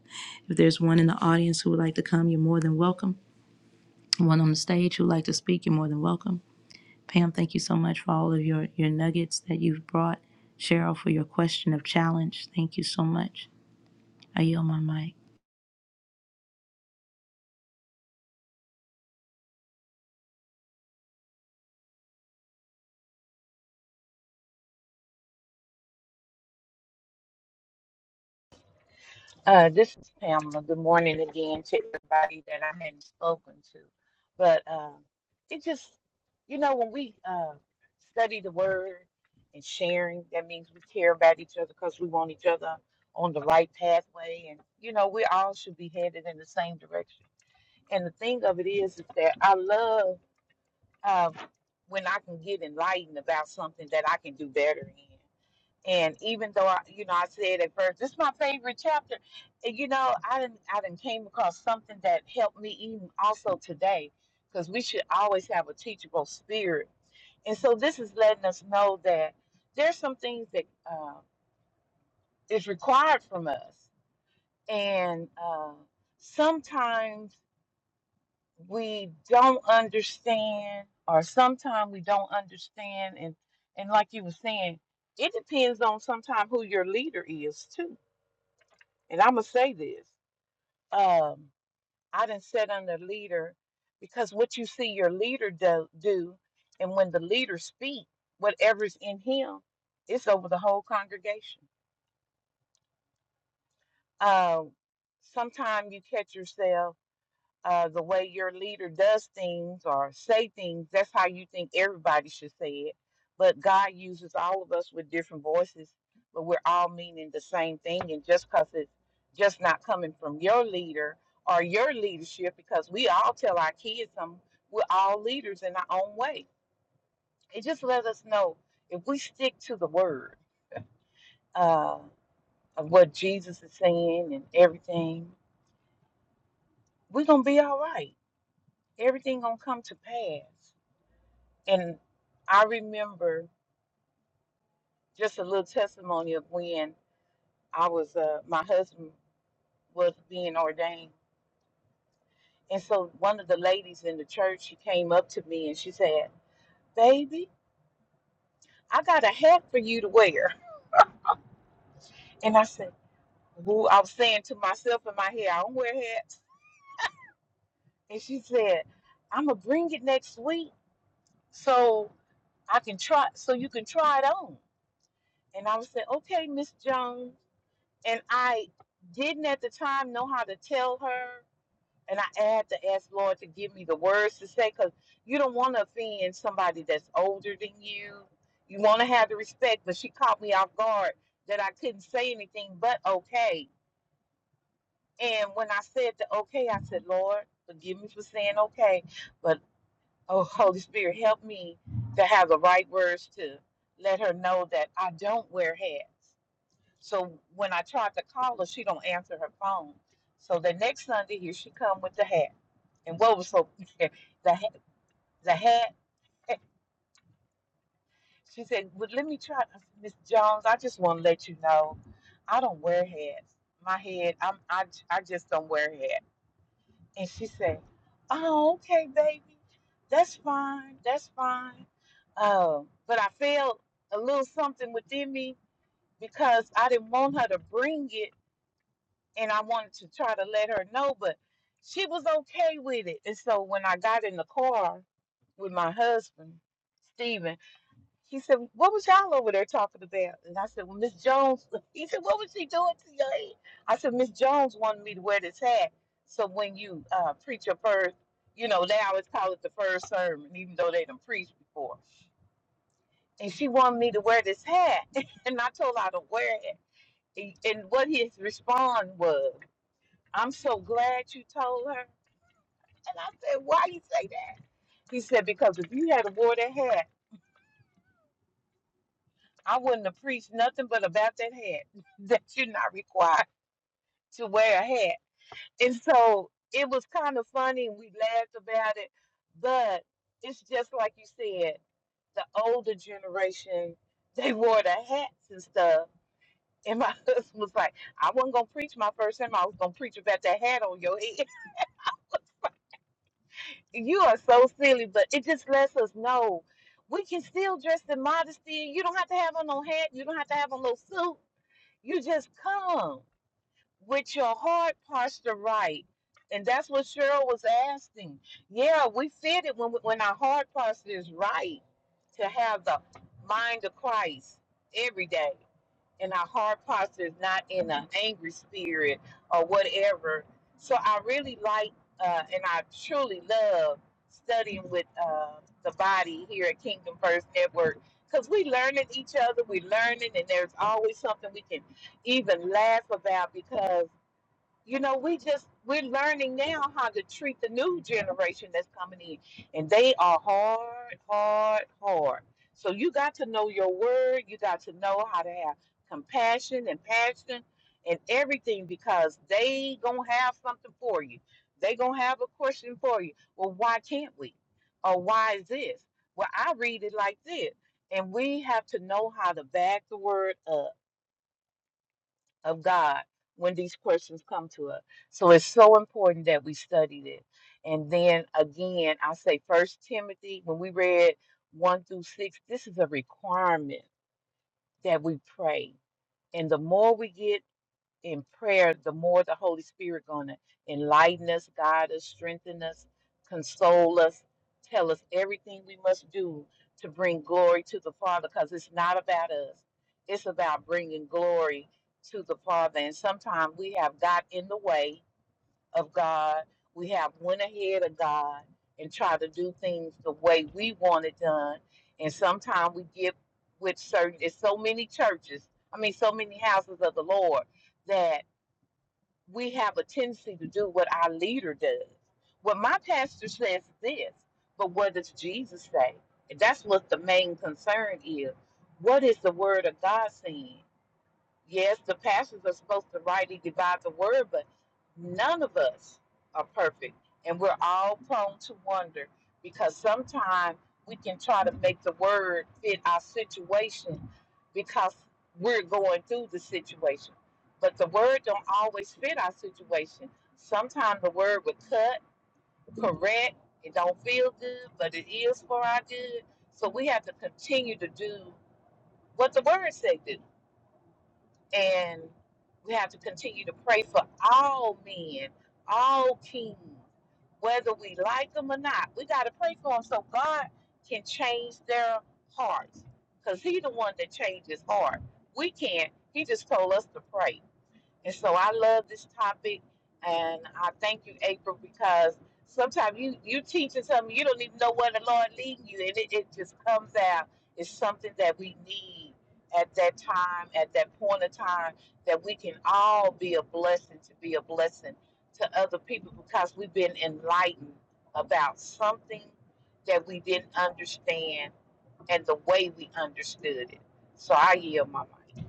If there's one in the audience who would like to come, you're more than welcome. One on the stage who'd like to speak, you're more than welcome. Pam, thank you so much for all of your, your nuggets that you've brought. Cheryl, for your question of challenge. Thank you so much. I yield my mic.
Uh, this is Pamela. Good morning again to everybody that I hadn't spoken to. But um, it just, you know, when we uh, study the word and sharing, that means we care about each other because we want each other on the right pathway. And, you know, we all should be headed in the same direction. And the thing of it is, is that I love uh, when I can get enlightened about something that I can do better in. And even though I, you know, I said at first, this is my favorite chapter. And, you know, I didn't, I didn't came across something that helped me even also today, because we should always have a teachable spirit. And so this is letting us know that there's some things that uh, is required from us, and uh, sometimes we don't understand, or sometimes we don't understand, and and like you were saying, it depends on sometimes who your leader is too And I'm gonna say this. Um, I didn't set under leader because what you see your leader do, do and when the leader speak, whatever's in him, it's over the whole congregation. Um, sometimes you catch yourself. uh, the way your leader does things or say things, that's how you think everybody should say it. But God uses all of us with different voices, but we're all meaning the same thing. And just because it's just not coming from your leader or your leadership, because we all tell our kids, um, we're all leaders in our own way. It just let us know if we stick to the word uh, of what Jesus is saying and everything, we're going to be all right. Everything going to come to pass And I remember just a little testimony of when I was, uh, my husband was being ordained. And so one of the ladies in the church, she came up to me and she said, Baby, I got a hat for you to wear. And I said, Who? I was saying to myself in my head, I don't wear hats. And she said, I'm going to bring it next week so I can try, so you can try it on. And I was saying, Okay, Miss Jones. And I didn't at the time know how to tell her And I had to ask Lord to give me the words to say because you don't want to offend somebody that's older than you. You want to have the respect, but she caught me off guard that I couldn't say anything but okay. And when I said the okay, I said, Lord, forgive me for saying okay, but oh, Holy Spirit, help me to have the right words to let her know that I don't wear hats. So when I tried to call her, she don't answer her phone. So the next Sunday, here she come with the hat. And what was so <laughs> the ha- the hat? She said, "Well, let me try, I said, Miss Jones. I just want to let you know, I don't wear hats. My head, I'm I j- I just don't wear hat." And she said, "Oh, okay, baby, that's fine. That's fine." Um, but I felt a little something within me because I didn't want her to bring it, and I wanted to try to let her know, but she was okay with it. And so when I got in the car with my husband, Stephen. He said, What was y'all over there talking about? And I said, Well, Miss Jones. <laughs> He said, What was she doing to your head? I said, Miss Jones wanted me to wear this hat. So when you uh, preach your first, you know, they always call it the first sermon, even though they done preached before. And she wanted me to wear this hat. <laughs> and I told her to wear it. And and what his response was, I'm so glad you told her. And I said, Why you say that? He said, Because if you had wore that hat, I wouldn't have preached nothing but about that hat <laughs> that you're not required to wear a hat. And so it was kind of funny. We laughed about it, but it's just like you said, the older generation, they wore the hats and stuff. And my <laughs> husband was like, I wasn't going to preach my first time. I was going to preach about that hat on your head. <laughs> you are so silly, but it just lets us know we can still dress in modesty. You don't have to have on no hat. You don't have to have on no suit You just come with your heart posture right. And that's what Cheryl was asking. Yeah, we fit it when, we- when our heart posture is right to have the mind of Christ every day and our heart posture is not in an angry spirit or whatever. So I really like uh, and I truly love studying with uh, the body here at Kingdom First Network because we learning each other, we learning, and there's always something we can even laugh about because you know, we just we're learning now how to treat the new generation that's coming in, and they are hard, hard, hard. So you got to know your word. You got to know how to have compassion and passion and everything because they gonna have something for you. They gonna have a question for you. Well, why can't we? Or why is this? Well, I read it like this, and we have to know how to back the word up of God when these questions come to us. So it's so important that we study this. And then again, I say First Timothy, when we read one through six, this is a requirement that we pray. And the more we get in prayer, the more the Holy Spirit gonna enlighten us, guide us, strengthen us, console us, tell us everything we must do to bring glory to the Father. Because it's not about us; it's about bringing glory to the Father. And sometimes we have got in the way of God. We have went ahead of God and tried to do things the way we want it done. And sometimes we get with certain. It's so many churches. I mean, so many houses of the Lord that we have a tendency to do what our leader does. What my pastor says is this, but what does Jesus say? And that's what the main concern is. What is the word of God saying? yes, the pastors are supposed to rightly divide the word, but none of us are perfect. And we're all prone to wonder because sometimes we can try to make the word fit our situation because we're going through the situation. But the word don't always fit our situation. Sometimes the word would cut, correct, it don't feel good, but it is for our good. So we have to continue to do what the word say do and we have to continue to pray for all men, all kings, whether we like them or not. We got to pray for them so God can change their hearts because He the one that changes heart. We can't. He just told us to pray. And so I love this topic and I thank you, April, because sometimes you, you teaching something you don't even know where the Lord leading you and it, it just comes out. It's something that we need at that time, at that point of time, that we can all be a blessing to be a blessing to other people because we've been enlightened about something that we didn't understand and the way we understood it. So I yield my mind.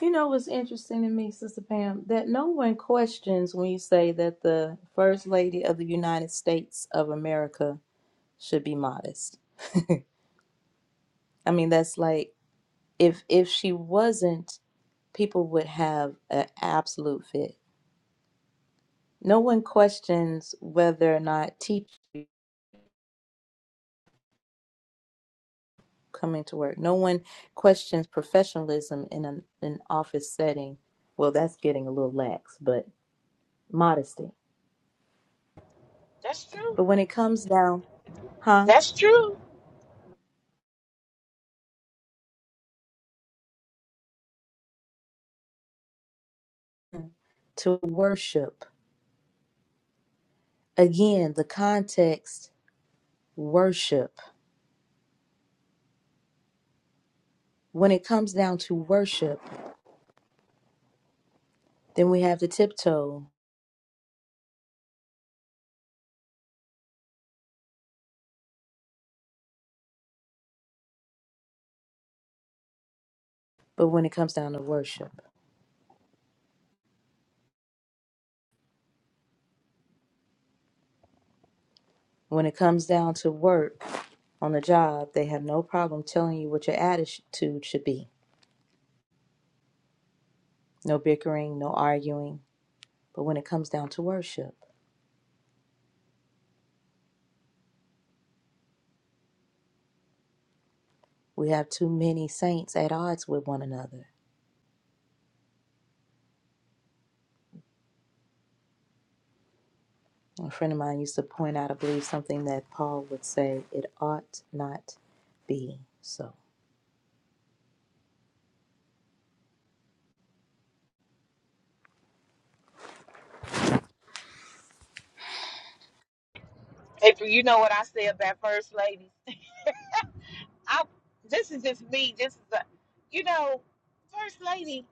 You know what's interesting to me, Sister Pam, that no one questions when you say that the First Lady of the United States of America should be modest. I mean, that's like if if she wasn't, people would have an absolute fit. No one questions whether or not teachers coming to work. No one questions professionalism in an, an office setting. Well, that's getting a little lax, but modesty.
That's true.
But when it comes down, huh,
That's true.
to worship, again, the context, worship. When it comes down to worship, then we have the tiptoe. But when it comes down to worship, when it comes down to work on the job, they have no problem telling you what your attitude should be. No bickering, no arguing But when it comes down to worship, we have too many saints at odds with one another. A friend of mine used to point out, I believe, something that Paul would say it ought not be so.
April, you know what I said about first lady. I this is just me. This is a, you know, first lady.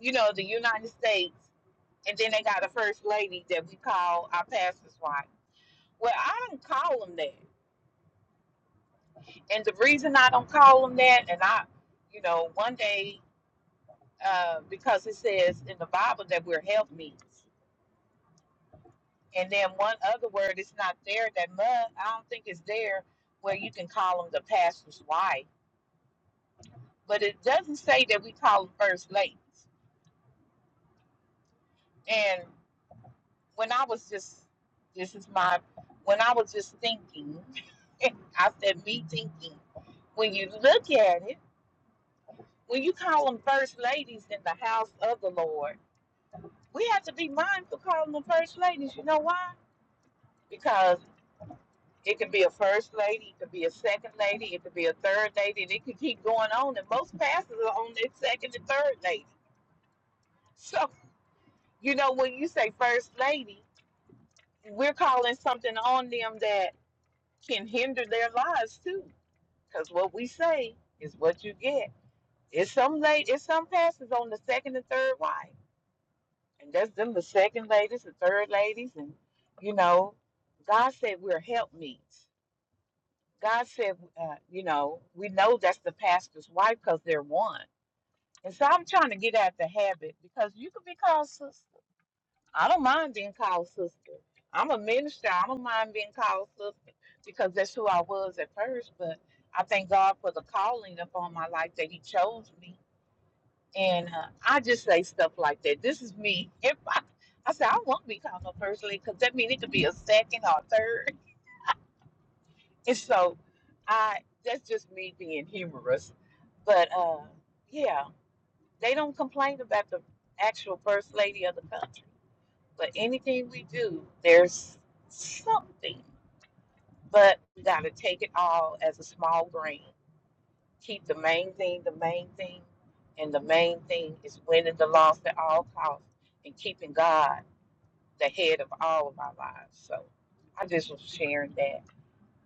You know, the United States, and then they got a first lady that we call our pastor's wife. Well, I don't call them that, and the reason I don't call them that, and I, you know, one day uh, because it says in the Bible that we're helpmeets, and then one other word is not there that mud. I don't think it's there where you can call them the pastor's wife but it doesn't say that we call them first ladies. And when I was just, this is my, when I was just thinking, <laughs> I said me thinking, when you look at it, when you call them first ladies in the house of the Lord, we have to be mindful calling them first ladies. You know why? Because it could be a first lady, it could be a second lady, it could be a third lady, and it could keep going on. And most pastors are on their second and third lady. <laughs> So, you know, when you say first lady, we're calling something on them that can hinder their lives too. Because what we say is what you get. It's some late, it's some pastors on the second and third wife, and that's them the second ladies, the third ladies, and you know, God said we're helpmeets. God said, uh, you know, we know that's the pastor's wife because they're one. And so I'm trying to get out the habit because you could be called sis- I don't mind being called sister. I'm a minister. I don't mind being called sister because that's who I was at first. But I thank God for the calling upon my life that He chose me. And uh, I just say stuff like that. This is me. If I, I say I won't be called no first lady because that means it could be a second or a third. <laughs> And so I that's just me being humorous. But uh, yeah, they don't complain about the actual first lady of the country. But anything we do, there's something. But we got to take it all as a small grain. Keep the main thing the main thing. And the main thing is winning the loss at all costs and keeping God the head of all of our lives. So I just was sharing that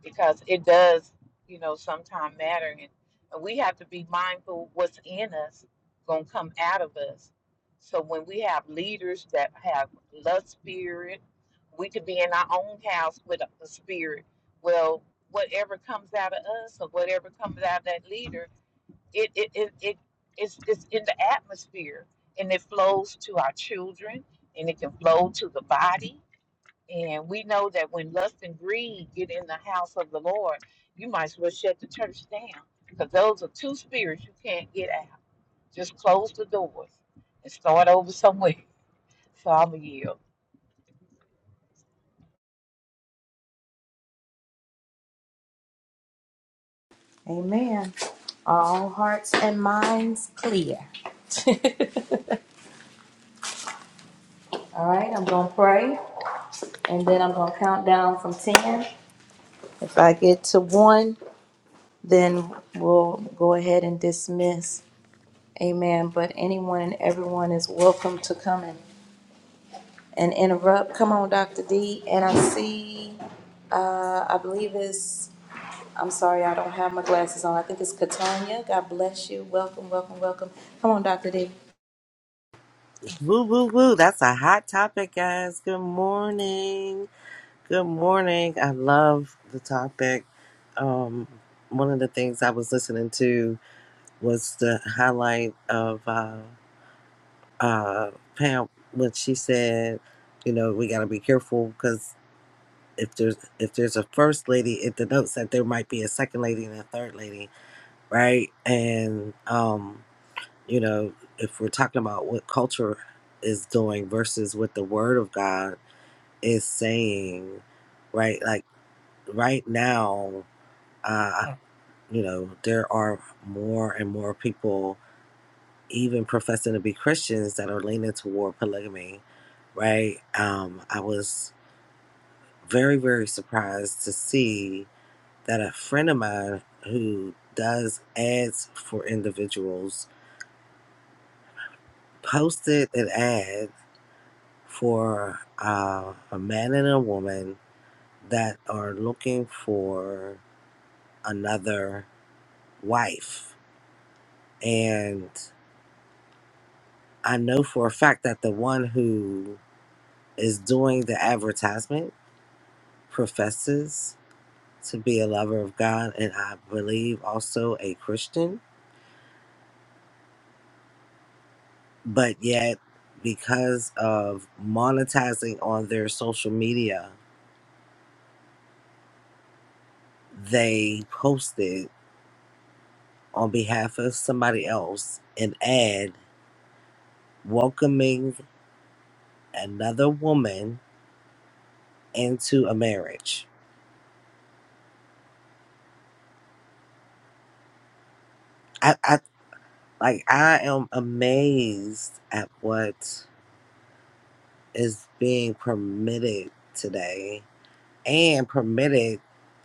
because it does, you know, sometimes matter. And, and we have to be mindful what's in us going to come out of us. So when we have leaders that have love spirit, we could be in our own house with a, a spirit. Well, whatever comes out of us or whatever comes out of that leader, it, it, it, it it's, it's in the atmosphere and it flows to our children and it can flow to the body and we know that when lust and greed get in the house of the Lord, you might as well shut the church down because those are two spirits you can't get out. Just close the doors and start over somewhere. <laughs> So I'm a yield.
Amen. Are All hearts and minds clear. <laughs> All right, I'm going to pray and then I'm going to count down from 10. If I get to one, then we'll go ahead and dismiss. Amen. But anyone and everyone is welcome to come and and interrupt. Come on, Dr. D. And I see, uh, I believe it's, I'm sorry, I don't have my glasses on. I think it's Katanya. God bless you. Welcome, welcome, welcome. Come on, Dr. D.
Woo, woo, woo. That's a hot topic, guys. Good morning. Good morning. I love the topic. Um, one of the things I was listening to was the highlight of uh, uh, Pam when she said, you know, we got to be careful because if there's if there's a first lady, it denotes that there might be a second lady and a third lady, right? And um, you know, if we're talking about what culture is doing versus what the Word of God is saying, right? Like right now, uh, you know, there are more and more people, even professing to be Christians, that are leaning toward polygamy, right? Um, I was very, very surprised to see that a friend of mine who does ads for individuals posted an ad for uh, a man and a woman that are looking for another wife. And I know for a fact that the one who is doing the advertisement professes to be a lover of God and I believe also a Christian, but yet because of monetizing on their social media, they posted on behalf of somebody else an ad welcoming another woman into a marriage. I I. Like, I am amazed at what is being permitted today and permitted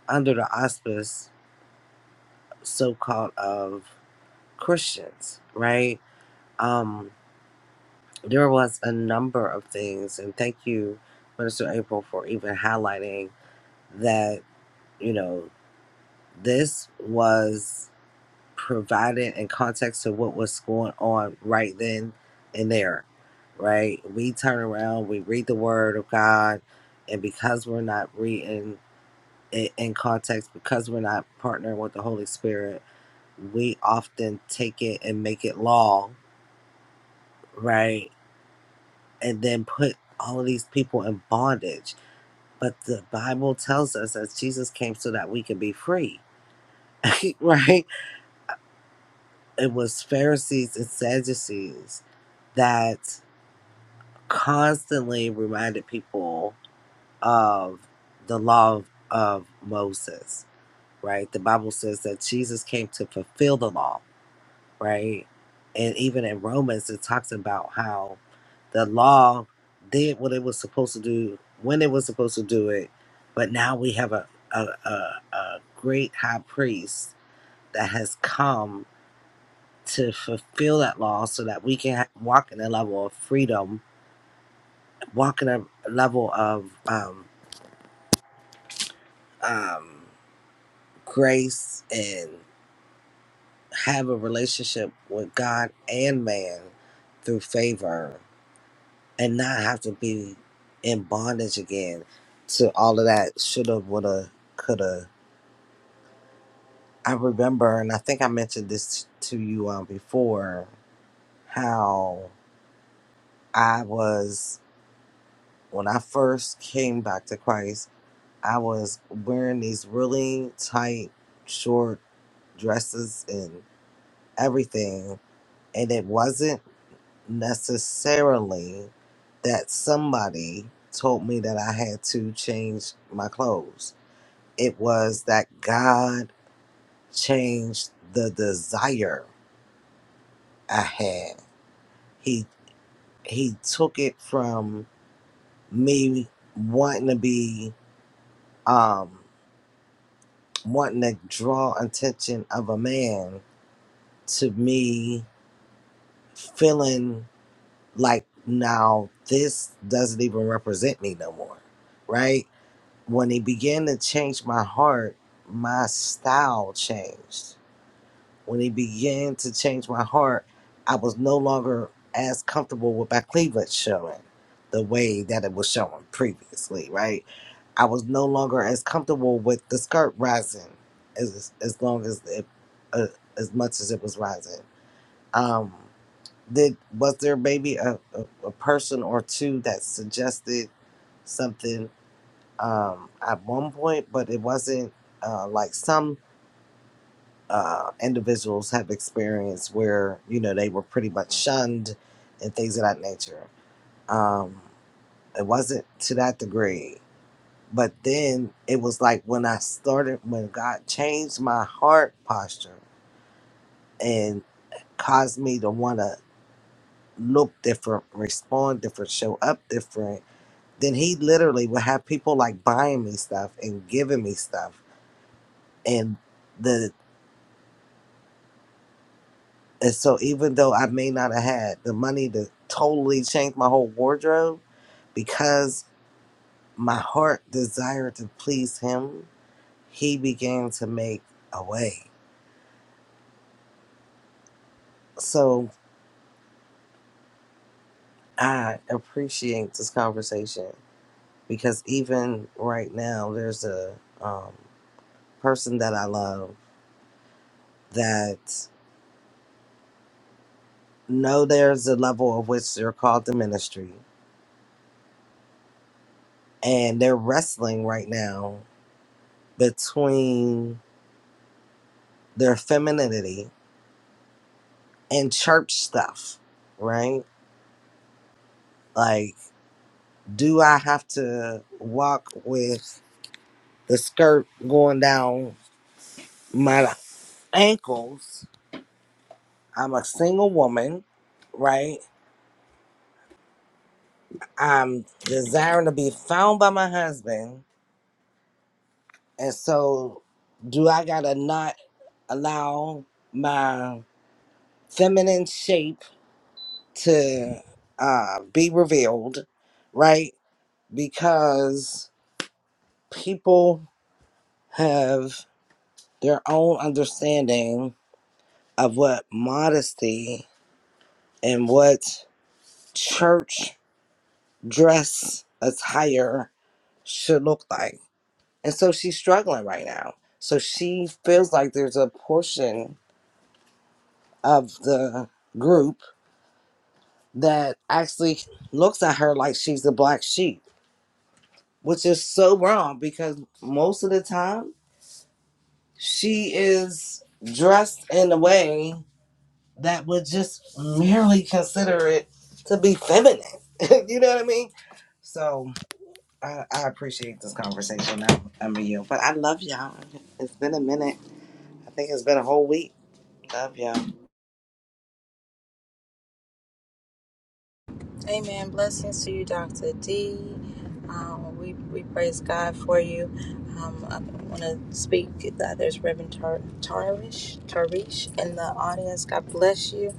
under the auspice, so called, of Christians, right? Um, there was a number of things, and thank you, Minister April, for even highlighting that, you know, this was. provided in context to what was going on right then and there, right? We turn around, we read the word of God, and because we're not reading it in context, because we're not partnering with the Holy Spirit, we often take it and make it law, right? And then put all of these people in bondage. But the Bible tells us that Jesus came so that we can be free, <laughs> right? It was Pharisees and Sadducees that constantly reminded people of the law of, of Moses, right? The Bible says that Jesus came to fulfill the law, right? And even in Romans, it talks about how the law did what it was supposed to do when it was supposed to do it, but now we have a, a, a, a great high priest that has come to fulfill that law so that we can ha- walk in a level of freedom, walk in a level of um, um, grace and have a relationship with God and man through favor and not have to be in bondage again to all of that shoulda, woulda, coulda. I remember, and I think I mentioned this to you um, before, how I was, when I first came back to Christ, I was wearing these really tight, short dresses and everything And it wasn't necessarily that somebody told me that I had to change my clothes. It was that God changed the desire I had. He he took it from me wanting to be um wanting to draw attention of a man to me feeling like now this doesn't even represent me no more. Right? When he began to change my heart, my style changed. When he began to change my heart, I was no longer as comfortable with my cleavage showing the way that it was showing previously, right? I was no longer as comfortable with the skirt rising as as long as it uh, as much as it was rising. Um, did was there maybe a, a, a person or two that suggested something um, at one point, but it wasn't uh, like some uh, individuals have experienced where you know they were pretty much shunned and things of that nature. Um, it wasn't to that degree, but then it was like when I started when God changed my heart posture and caused me to want to look different, respond different, show up different. Then he literally would have people like buying me stuff and giving me stuff and the And so even though I may not have had the money to totally change my whole wardrobe, because my heart desired to please him, he began to make a way. So I appreciate this conversation because even right now, there's a um, person that I love that know there's a level of which they're called to ministry, and they're wrestling right now between their femininity and church stuff, right? Like, do I have to walk with the skirt going down my ankles? I'm a single woman, right? I'm desiring to be found by my husband. And so, do I gotta not allow my feminine shape to uh, be revealed, right? Because people have their own understanding of what modesty and what church dress attire should look like. And so she's struggling right now. So she feels like there's a portion of the group that actually looks at her like she's the black sheep, which is so wrong because most of the time she is dressed in a way that would just merely consider it to be feminine. <laughs> you know what I mean? So I, I appreciate this conversation. I'm, I'm with you, but I love y'all. It's been a minute. I think it's been a whole week. Love y'all.
Amen. Blessings to you, Dr. D. Um, we, we praise God for you. Um, I want to speak. Uh, there's Reverend Tar- Tarish, Tarish in the audience. God bless you.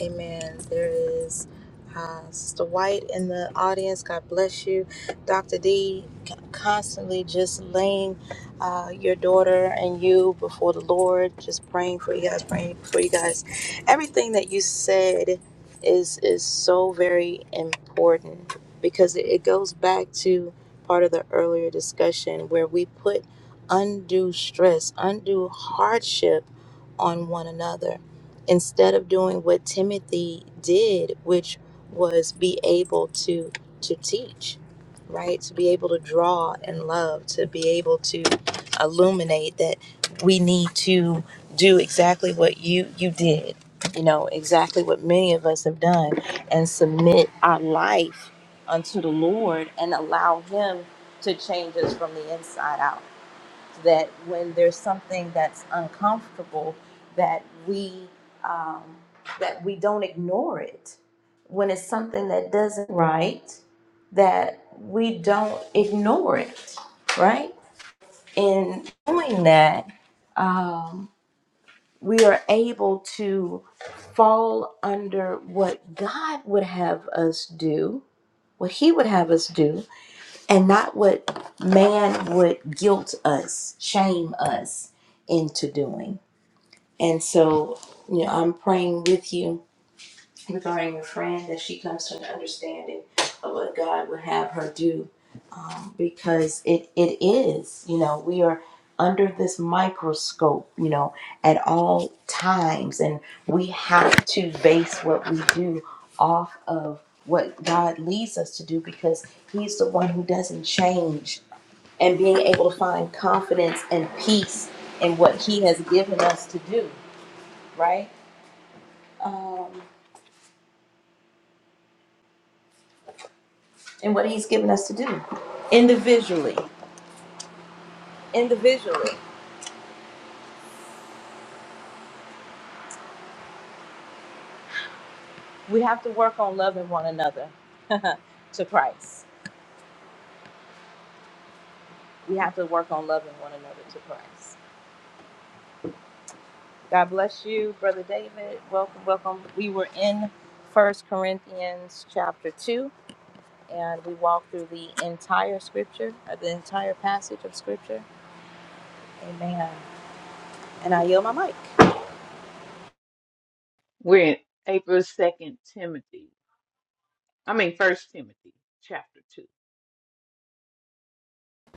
Amen. There is uh, Sister White in the audience. God bless you. Dr. D, c- constantly just laying uh, your daughter and you before the Lord, just praying for you guys, praying for you guys. Everything that you said is is so very important because it it goes back to part of the earlier discussion where we put undue stress, undue hardship on one another instead of doing what Timothy did, which was be able to to teach, right? To be able to draw and love, to be able to illuminate that we need to do exactly what you you did you know, exactly what many of us have done and submit our life unto the Lord and allow Him to change us from the inside out. That when there's something that's uncomfortable, that we um, that we don't ignore it. When it's something that doesn't right, that we don't ignore it, right? In doing that, um, we are able to fall under what God would have us do, what He would have us do, and not what man would guilt us, shame us into doing. And so, you know, I'm praying with you regarding your friend that she comes to an understanding of what God would have her do um, because it it is you know we are under this microscope you know at all times and we have to base what we do off of what God leads us to do because he's the one who doesn't change and being able to find confidence and peace in what he has given us to do right um, and what he's given us to do And we have to work on loving one another <laughs> to Christ. We have to work on loving one another to Christ. God bless you, Brother David. Welcome, welcome. We were in First Corinthians chapter 2, and we walked through the entire scripture, uh, the entire passage of scripture. Amen. And I yield my mic.
We're in April 2nd, Timothy. I mean, First Timothy, chapter 2.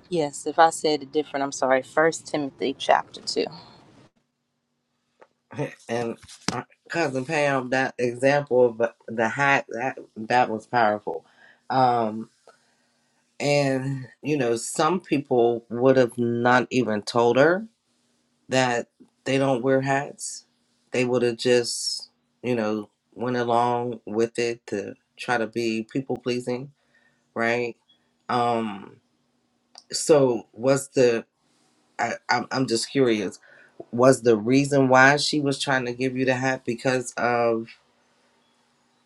Yes, if I said it different, I'm sorry. First Timothy chapter 2.
<laughs> And uh, cousin Pam, that example of the hat that that was powerful. Um, and you know, some people would have not even told her that they don't wear hats. They would have just, you know, went along with it to try to be people pleasing, right? Um, so was the I, I'm I'm just curious. Was the reason why she was trying to give you the hat because of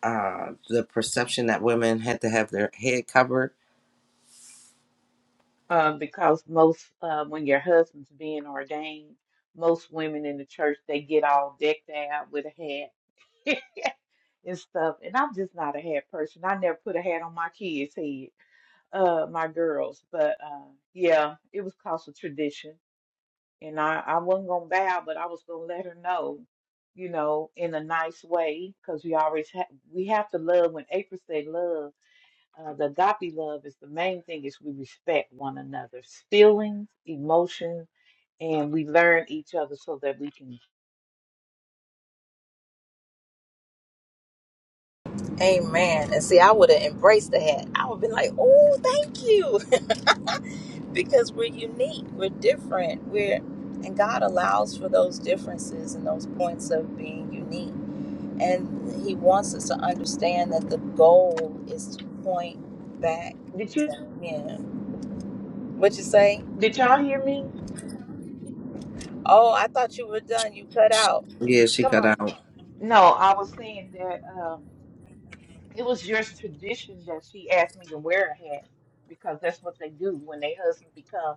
uh the perception that women had to have their head covered?
Um, because most, uh, when your husband's being ordained, most women in the church, they get all decked out with a hat <laughs> and stuff. And I'm just not a hat person. I never put a hat on my kids' head. uh my girls. But uh yeah, it was cause of tradition. And I, I wasn't gonna bow, but I was gonna let her know, you know, in a nice way, because we always have we have to love when April say love, uh the agape love is the main thing is we respect one another's feelings, emotions, and we learn each other so that we can
Amen. And see, I would have embraced the hat. I would have been like, oh, thank you. because we're unique, we're different, we're and God allows for those differences and those points of being unique. And he wants us to understand that the goal is to point back
did you
to him. What you say?
did y'all hear me?
Oh, I thought you were done. You cut
She-
out.
Yeah, she
Come
cut
on.
out.
No, I was saying that um It was just tradition that she asked me to wear a hat because that's what they do when they husband become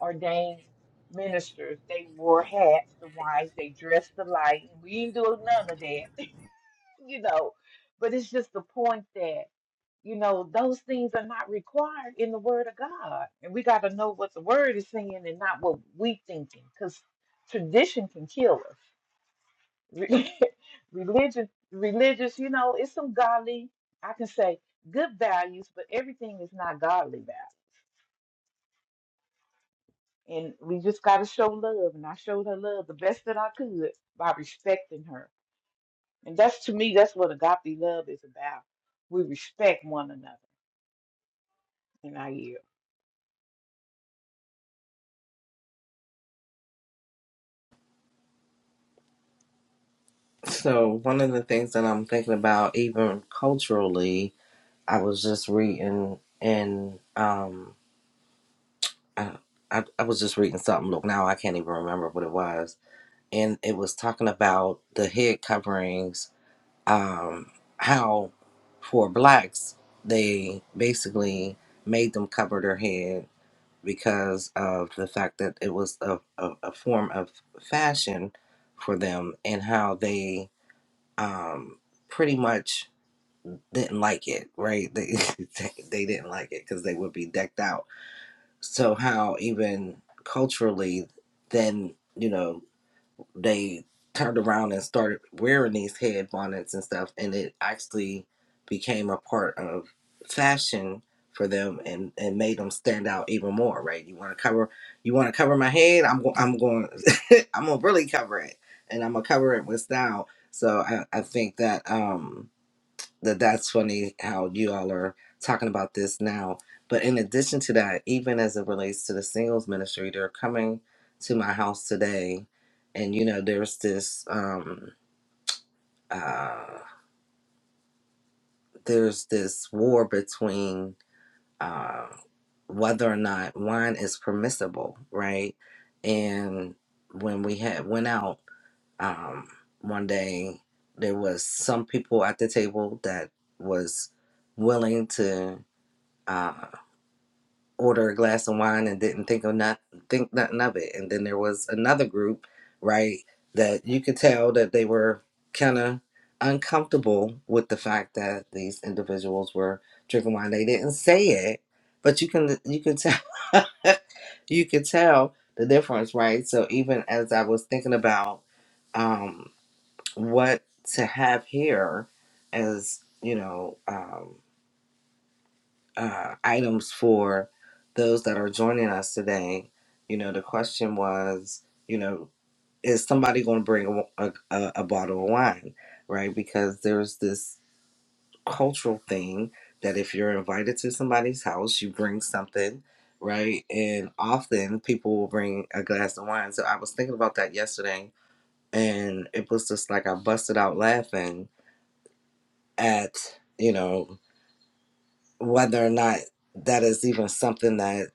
ordained ministers. They wore hats, the wives, they dressed alike. And we didn't do none of that, <laughs> you know. But it's just the point that, you know, those things are not required in the Word of God. And we got to know what the Word is saying and not what we thinking because tradition can kill us re- <laughs> religion religious you know it's some godly i can say good values but everything is not godly values and we just got to show love and i showed her love the best that i could by respecting her and that's to me that's what agape love is about we respect one another and i yield
So one of the things that I'm thinking about, even culturally, I was just reading and um I, I I was just reading something. Look now I can't even remember what it was. And it was talking about the head coverings, um, how for blacks they basically made them cover their head because of the fact that it was a, a, a form of fashion for them and how they um pretty much didn't like it, right? They <laughs> they didn't like it because they would be decked out. So how even culturally, then you know they turned around and started wearing these head bonnets and stuff, and it actually became a part of fashion for them and and made them stand out even more, right? You want to cover, you want to cover my head. I'm go, I'm going, <laughs> I'm gonna really cover it, and I'm gonna cover it with style. So I I think that um that that's funny how you all are talking about this now. But in addition to that, even as it relates to the singles ministry, they're coming to my house today, and you know, there's this um, uh, there's this war between uh, whether or not wine is permissible, right? And when we had went out um, one day, there was some people at the table that was willing to. uh, order a glass of wine and didn't think of not think nothing of it. And then there was another group, right, that you could tell that they were kind of uncomfortable with the fact that these individuals were drinking wine. They didn't say it, but you can you can tell <laughs> you could tell the difference, right? So even as I was thinking about um, what to have here, as you know. Um, uh, items for those that are joining us today. You know, the question was, you know, is somebody going to bring a, a, a bottle of wine, right? Because there's this cultural thing that if you're invited to somebody's house, you bring something, right? And often people will bring a glass of wine. So I was thinking about that yesterday, and it was just like I busted out laughing at, you know, whether or not that is even something that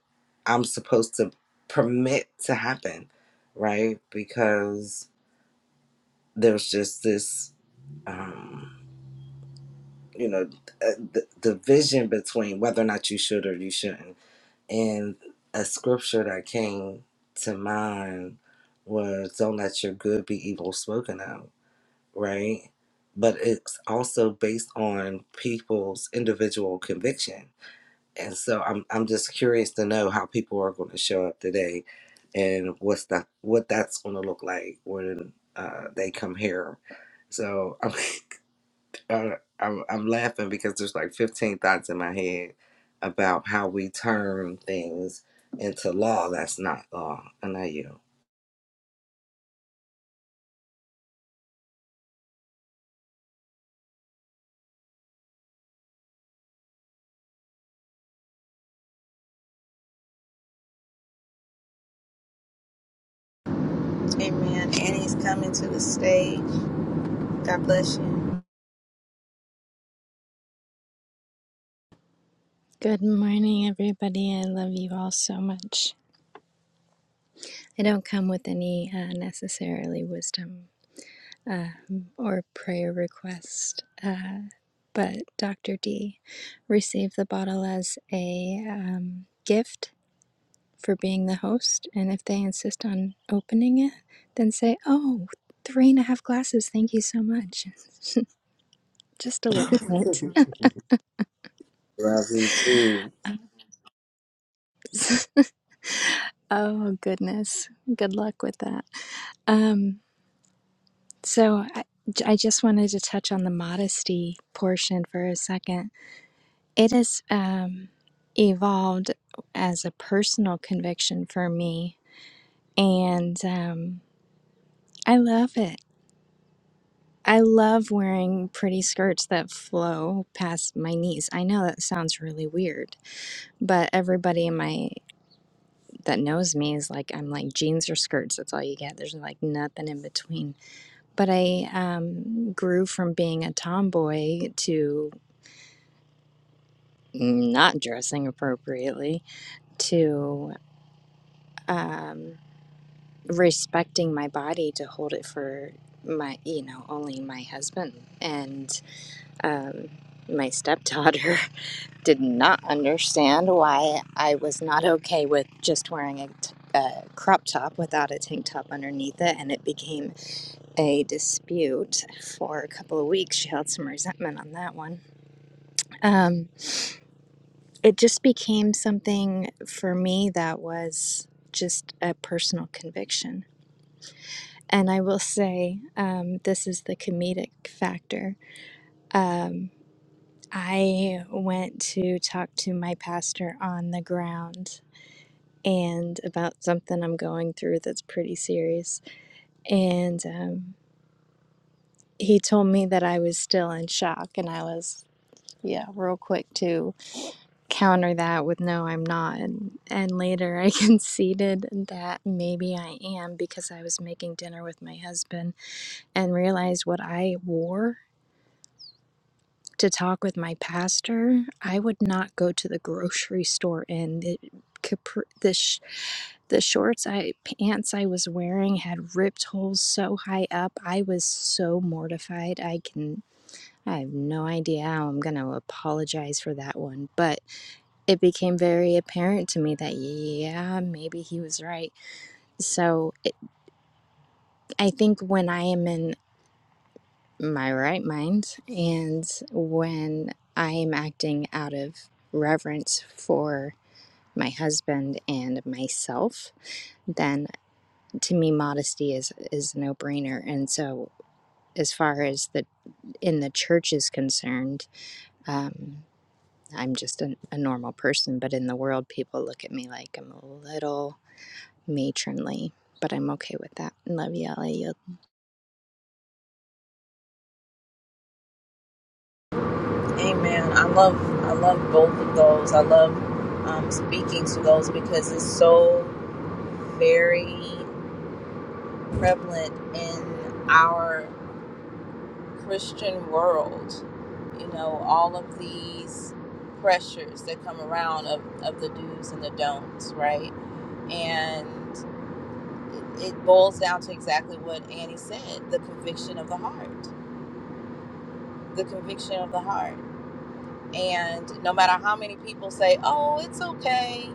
I'm supposed to permit to happen, right? Because there's just this, um, you know, uh, the division between whether or not you should or you shouldn't. And a scripture that came to mind was don't let your good be evil spoken of, right? But it's also based on people's individual conviction And so I'm I'm just curious to know how people are going to show up today, and what's that what that's going to look like when uh, they come here. So I'm, <laughs> uh, I'm I'm laughing because there's like 15 thoughts in my head about how we turn things into law that's not law. I know you.
Amen. Annie's coming to the stage. God bless you.
Good morning, everybody. I love you all so much. I don't come with any uh, necessarily wisdom uh, or prayer request, uh, but Dr. D received the bottle as a um, gift for being the host. And if they insist on opening it, then say, "Oh, three and a half glasses. Thank you so much. Just a little bit.
Love you <laughs> too.
<laughs> oh, goodness. Good luck with that. Um, So I I just wanted to touch on the modesty portion for a second. It has um, evolved as a personal conviction for me, and um, I love it. I love wearing pretty skirts that flow past my knees. I know that sounds really weird, but everybody in my that knows me is like I'm like jeans or skirts. That's all you get. There's like nothing in between but I um, grew from being a tomboy to not dressing appropriately to um, respecting my body to hold it for my you know only my husband and um, my stepdaughter <laughs> did not understand why i was not okay with just wearing a, t- a crop top without a tank top underneath it and it became a dispute for a couple of weeks she held some resentment on that one um, it just became something for me that was just a personal conviction. And I will say, um, this is the comedic factor. Um, I went to talk to my pastor on the ground and about something I'm going through that's pretty serious. And um, he told me that I was still in shock, and I was, yeah, real quick too counter that with no i'm not and, and later i <laughs> conceded that maybe i am because i was making dinner with my husband and realized what i wore to talk with my pastor i would not go to the grocery store in the capri- the, sh- the shorts i pants i was wearing had ripped holes so high up i was so mortified i can i have no idea how i'm going to apologize for that one but it became very apparent to me that yeah maybe he was right so it, i think when i am in my right mind and when i am acting out of reverence for my husband and myself then to me modesty is is a no-brainer and so as far as the in the church is concerned um i'm just a, a normal person but in the world people look at me like i'm a little matronly, but I'm okay with that. Love you, I yield.
Amen. I love I love both of those. I love um, speaking to those because it's so very prevalent in our Christian world. You know, all of these pressures that come around of, of the do's and the don'ts, right? And it, it boils down to exactly what Annie said the conviction of the heart. The conviction of the heart. And no matter how many people say, oh, it's okay.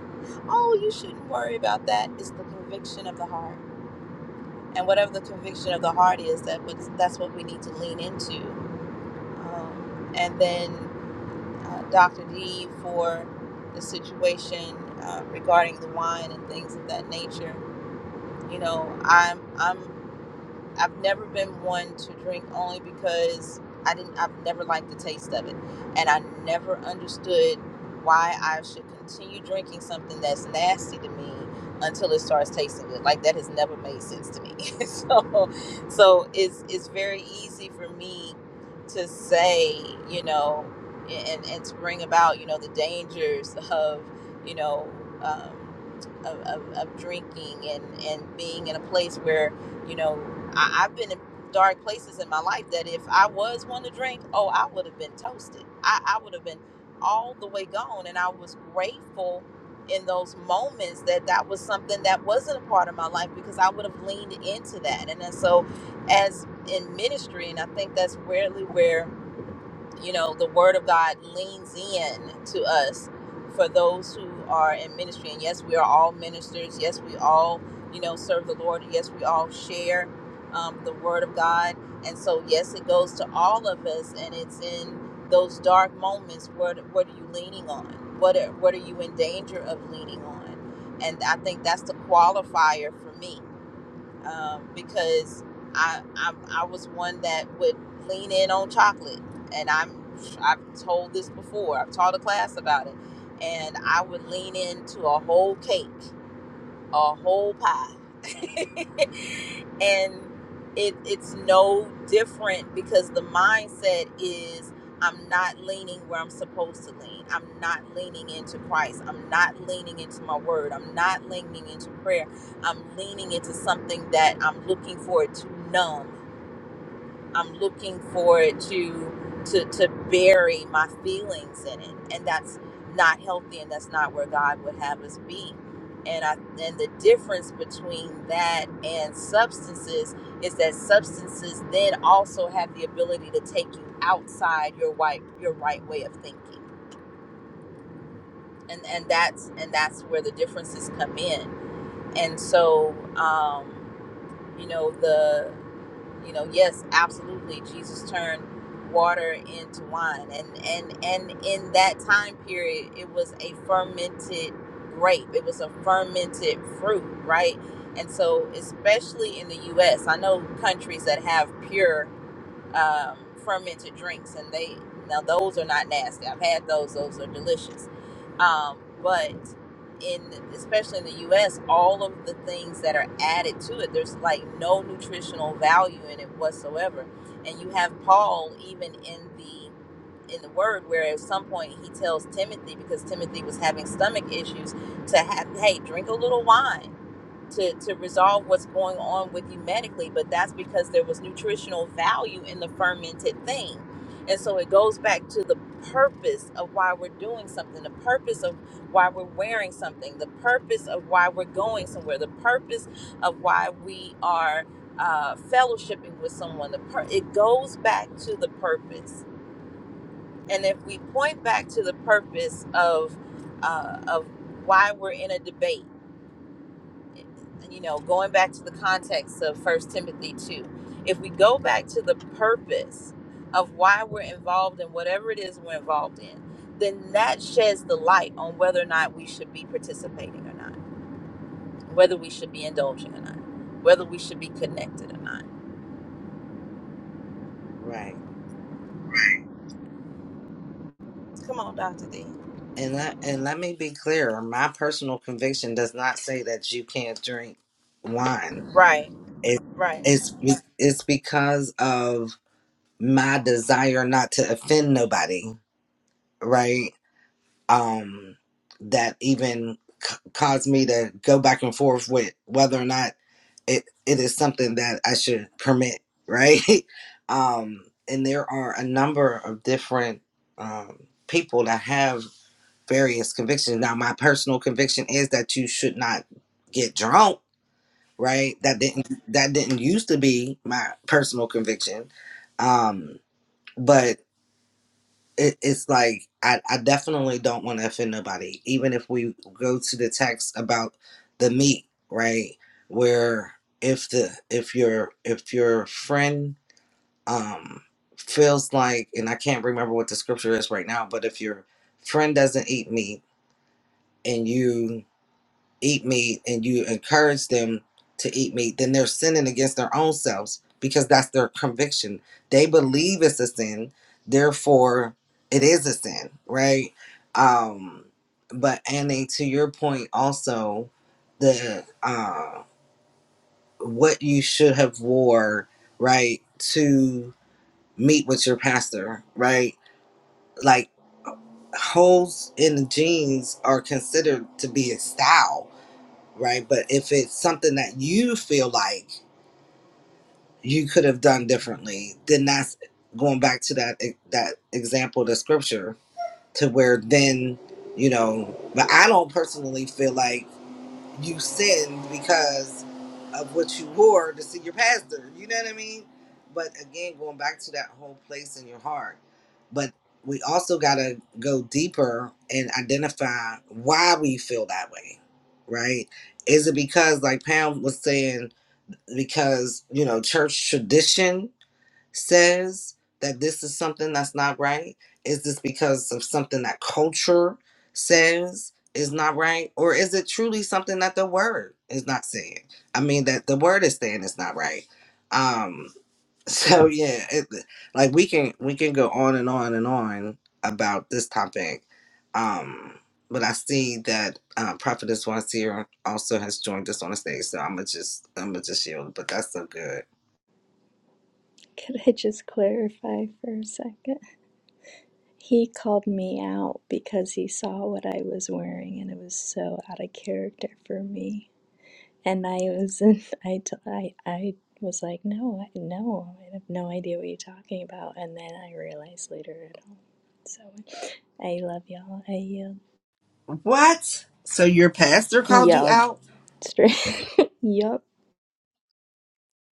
Oh, you shouldn't worry about that. It's the conviction of the heart. And whatever the conviction of the heart is, that that's what we need to lean into um, and then uh, Dr. D for the situation uh, regarding the wine and things of that nature. You know, I'm I'm I've never been one to drink only because I didn't. I've never liked the taste of it, and I never understood why I should continue drinking something that's nasty to me until it starts tasting good. Like that has never made sense to me. <laughs> so, so it's it's very easy for me to say, you know, and and to bring about, you know, the dangers of, you know. Um, of, of, of drinking and, and being in a place where you know, I, I've been in dark places in my life that if I was one to drink, oh, I would have been toasted. I, I would have been all the way gone. And I was grateful in those moments that that was something that wasn't a part of my life because I would have leaned into that. And then so, as in ministry, and I think that's rarely where you know the word of god leans in to us for those who are in ministry and yes we are all ministers yes we all you know serve the lord yes we all share um, the word of god and so yes it goes to all of us and it's in those dark moments what what are you leaning on what are, what are you in danger of leaning on and i think that's the qualifier for me um, because I, I I was one that would lean in on chocolate, and I'm I've told this before. I've taught a class about it, and I would lean into a whole cake, a whole pie, <laughs> and it it's no different because the mindset is I'm not leaning where I'm supposed to lean. I'm not leaning into Christ. I'm not leaning into my word. I'm not leaning into prayer. I'm leaning into something that I'm looking for to numb. I'm looking forward to to to bury my feelings in it, and that's not healthy, and that's not where God would have us be. And I and the difference between that and substances is that substances then also have the ability to take you outside your right your right way of thinking, and and that's and that's where the differences come in and so um, you know the you know yes absolutely jesus turned water into wine and and and in that time period it was a fermented grape it was a fermented fruit right and so especially in the us i know countries that have pure um, fermented drinks, and they now those are not nasty. I've had those; those are delicious. Um, but in especially in the U.S., all of the things that are added to it, there's like no nutritional value in it whatsoever. And you have Paul even in the in the word where at some point he tells Timothy because Timothy was having stomach issues to have hey drink a little wine to, to resolve what's going on with you medically, but that's because there was nutritional value in the fermented thing. And so it goes back to the purpose of why we're doing something, the purpose of why we're wearing something, the purpose of why we're going somewhere, the purpose of why we are uh, fellowshipping with someone. The pur- it goes back to the purpose. And if we point back to the purpose of uh, of why we're in a debate you know, going back to the context of First Timothy 2, if we go back to the purpose of why we're involved in whatever it is we're involved in, then that sheds the light on whether or not we should be participating or not, whether we should be indulging or not, whether we should be connected or not.
Right.
Come on, Dr. D.
And let, and let me be clear, my personal conviction does not say that you can't drink wine.
Right,
It,
right.
it's be, it's because of my desire not to offend nobody, right? Um, that even c- caused me to go back and forth with whether or not it it is something that I should permit, right? <laughs> um, and there are a number of different um, people that have various convictions. Now, my personal conviction is that you should not get drunk right? That didn't that didn't used to be my personal conviction, um, but it, it's like I, I definitely don't want to offend nobody, even if we go to the text about the meat, right? Where if the if your if your friend um feels like, and I can't remember what the scripture is right now, but if your friend doesn't eat meat and you eat meat and you encourage them to eat meat, then they're sinning against their own selves because that's their conviction. They believe it's a sin, therefore it is a sin, right? Um, but Annie, to your point also, the uh, what you should have wore, right, to meet with your pastor, right? Like holes in the jeans are considered to be a style right? But if it's something that you feel like you could have done differently, then that's going back to that e, that example, the scripture, to where then you know. But I don't personally feel like you sinned because of what you wore to see your pastor. You know what I mean? But again, going back to that whole place in your heart. But we also got to go deeper and identify why we feel that way, right? Is it because, like Pam was saying, because, you know, church tradition says that this is something that's not right? Is this because of something that culture says is not right? Or is it truly something that the word is not saying? I mean, that the word is saying it's not right. Um, <laughs> so yeah, it, like we can we can go on and on and on about this topic. Um, but I see that uh, Prophetess Wazir also has joined us on the stage, so I'm gonna just I'm gonna just yield. But that's so good.
Could I just clarify for a second? He called me out so out of character for me, and I was in, <laughs> I, t- I, I was like, no, I, no, I have no idea what you're talking about, and then I realized later. I don't. So I love y'all. I yelled,
What? So your pastor called you
yelled
out?
straight. <laughs> Yup.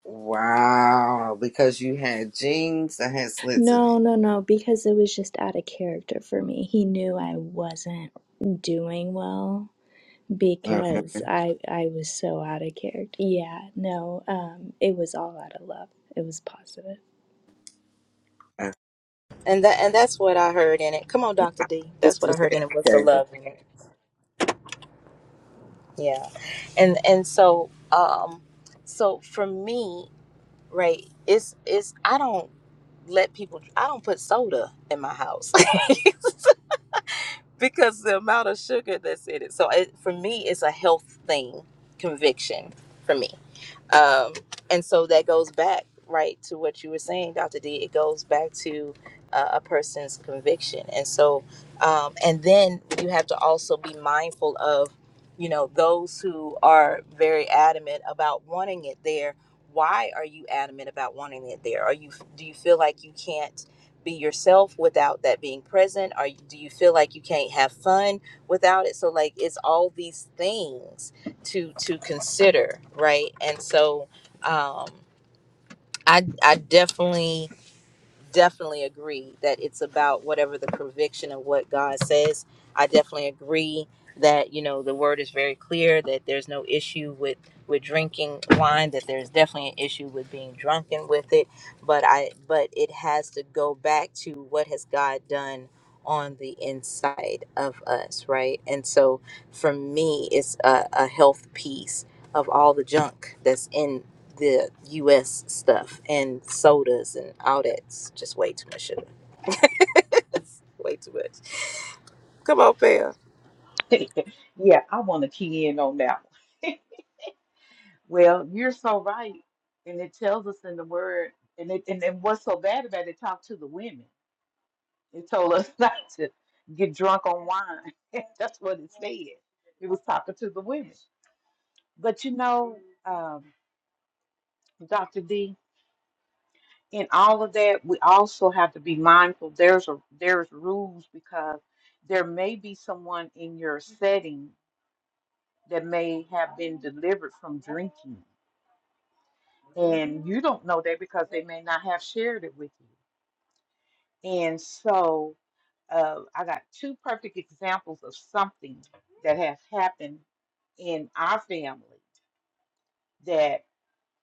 Wow, because you had jeans that had slits in
No,
it.
no, no, because it was just out of character for me. He knew I wasn't doing well
Okay.
because I I was so out of character. Yeah, no, um, it was all out of love. It was positive.
Uh,
And that and that's what I heard in it. Come on, Dr. D.
This
That's what I
was
heard
it.
in it was the
Okay.
love. in it. Yeah. And and so um so for me right it's it's i don't let people i don't put soda in my house <laughs> because the amount of sugar that's in it. So it, for me, it's a health thing, conviction for me. Um, and so that goes back right to what you were saying, Dr. D. It goes back to uh, a person's conviction. And so, um, and then you have to also be mindful of, you know, those who are very adamant about wanting it there. Why are you adamant about wanting it there? Are you do you feel like you can't? be yourself without that being present or do you feel like you can't have fun without it so like it's all these things to to consider right and so um i i definitely definitely agree that it's about whatever the conviction of what God says. I definitely agree that you know the word is very clear that there's no issue with with drinking wine that there's definitely an issue with being drunken with it but i but it has to go back to what has god done on the inside of us right and so for me it's a, a health piece of all the junk that's in the U.S. stuff and sodas and all that's just way too much sugar. <laughs> That's way too much. Come on, Pam.
<laughs> yeah i want to key in on that one <laughs> well you're so right and it tells us in the word and it and, and what's so bad about it talk to the women It told us <laughs> not to get drunk on wine. <laughs> That's what it said. It was talking to the women. But you know, um, Dr. D, in all of that, we also have to be mindful. There's a there's rules because there may be someone in your setting that may have been delivered from drinking, and you don't know that because they may not have shared it with you. And so, uh, I got two perfect examples of something that has happened in our family that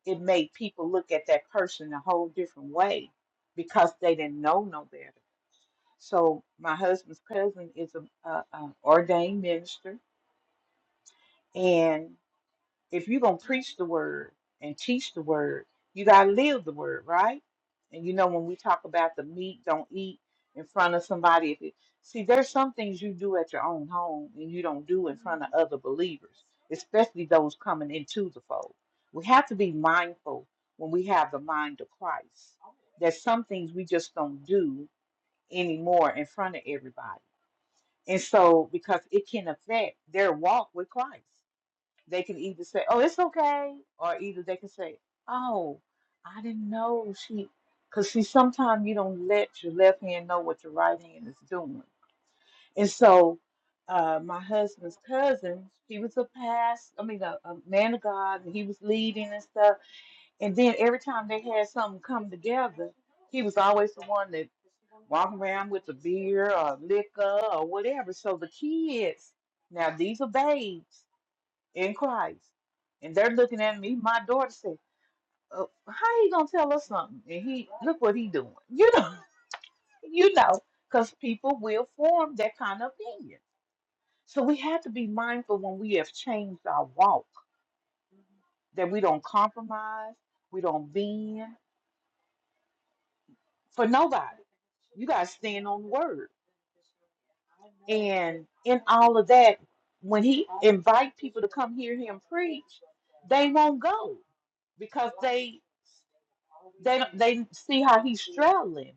it made people look at that person a whole different way because they didn't know no better. So my husband's cousin is a, a, a ordained minister, and. if you're going to preach the word and teach the word, you got to live the word, right? And you know, when we talk about the meat, don't eat in front of somebody. If it, see, there's some things you do at your own home and you don't do in front of other believers, especially those coming into the fold. We have to be mindful when we have the mind of Christ. There's some things we just don't do anymore in front of everybody. And so, because it can affect their walk with Christ they can either say, "Oh, it's okay," or either they can say, "Oh, I didn't know she," because see, sometimes you don't let your left hand know what your right hand is doing. And so, uh, my husband's cousin, he was a past, I mean, a, a man of God, and he was leading and stuff. And then every time they had something come together, he was always the one that walk around with the beer or liquor or whatever. So the kids, now these are babes in Christ. And they're looking at me. My daughter said, uh, "How you gonna tell us something?" And he look what he doing. You know, <laughs> you know, because people will form that kind of opinion. So we have to be mindful when we have changed our walk that we don't compromise, we don't bend for nobody. You gotta stand on the word. And in all of that, when he invite people to come hear him preach, they won't go because they They don't, they see how he's struggling,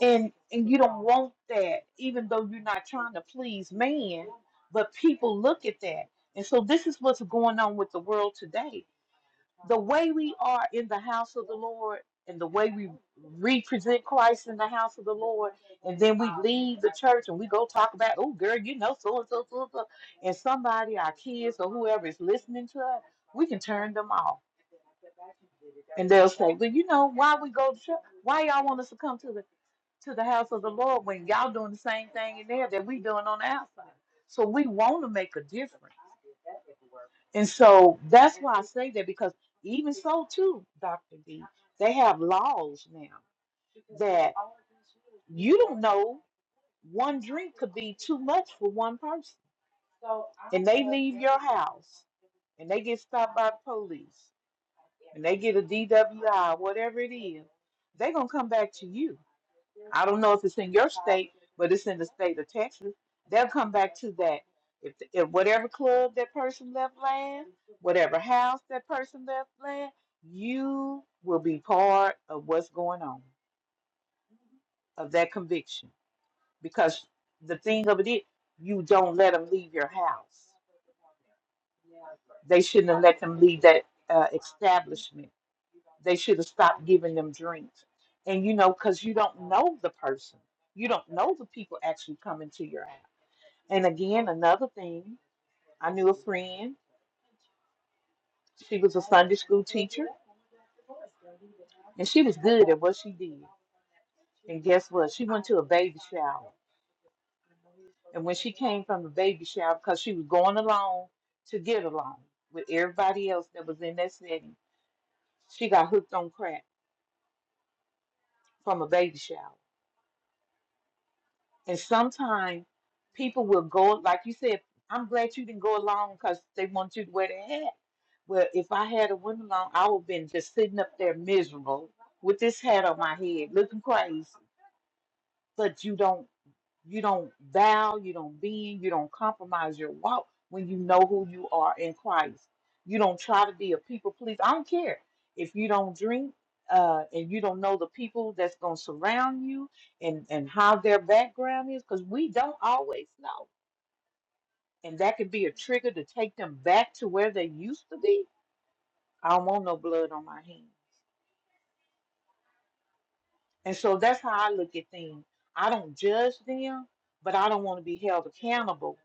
and and you don't want that, even though you're not trying to please man. But people look at that, and so this is what's going on with the world today. The way we are in the house of the Lord, and the way we represent Christ in the house of the Lord, and then we leave the church and we go talk about, oh girl, you know so and so so and so, and somebody, our kids or whoever is listening to us, we can turn them off And they'll say, Well, you know, why we go to church? Why y'all want us to come to the to the house of the Lord when y'all doing the same thing in there that we doing on the outside? So we want to make a difference. And so that's why I say that because even so too, Dr. D, they have laws now that you don't know one drink could be too much for one person. And they leave your house and they get stopped by the police and they get a DWI, whatever it is, they're gonna come back to you. I don't know if it's in your state, but it's in the state of Texas. They'll come back to that. If, if whatever club that person left land, whatever house that person left land, you will be part of what's going on of that conviction. Because the thing of it is, you don't let them leave your house. They shouldn't have let them leave that uh, establishment They should have stopped giving them drinks. And you know, because you don't know the person, you don't know the people actually coming to your house. And again, another thing, I knew a friend. She was a Sunday school teacher, and she was good at what she did. And guess what? She went to a baby shower. And when she came from the baby shower, because she was going along to get along with everybody else that was in that setting, she got hooked on crack from a baby shower. And sometimes people will go, like you said, I'm glad you didn't go along because they want you to wear the hat. Well, if I had a went along, I would have been just sitting up there miserable with this hat on my head, looking crazy. But you don't you don't bow, you don't bend, you don't compromise your walk when you know who you are in Christ. You don't try to be a people pleaser. I don't care if you don't drink uh, and you don't know the people that's going to surround you and, and how their background is, because we don't always know. And that could be a trigger to take them back to where they used to be. I don't want no blood on my hands. And so that's how I look at things. I don't judge them, but I don't want to be held accountable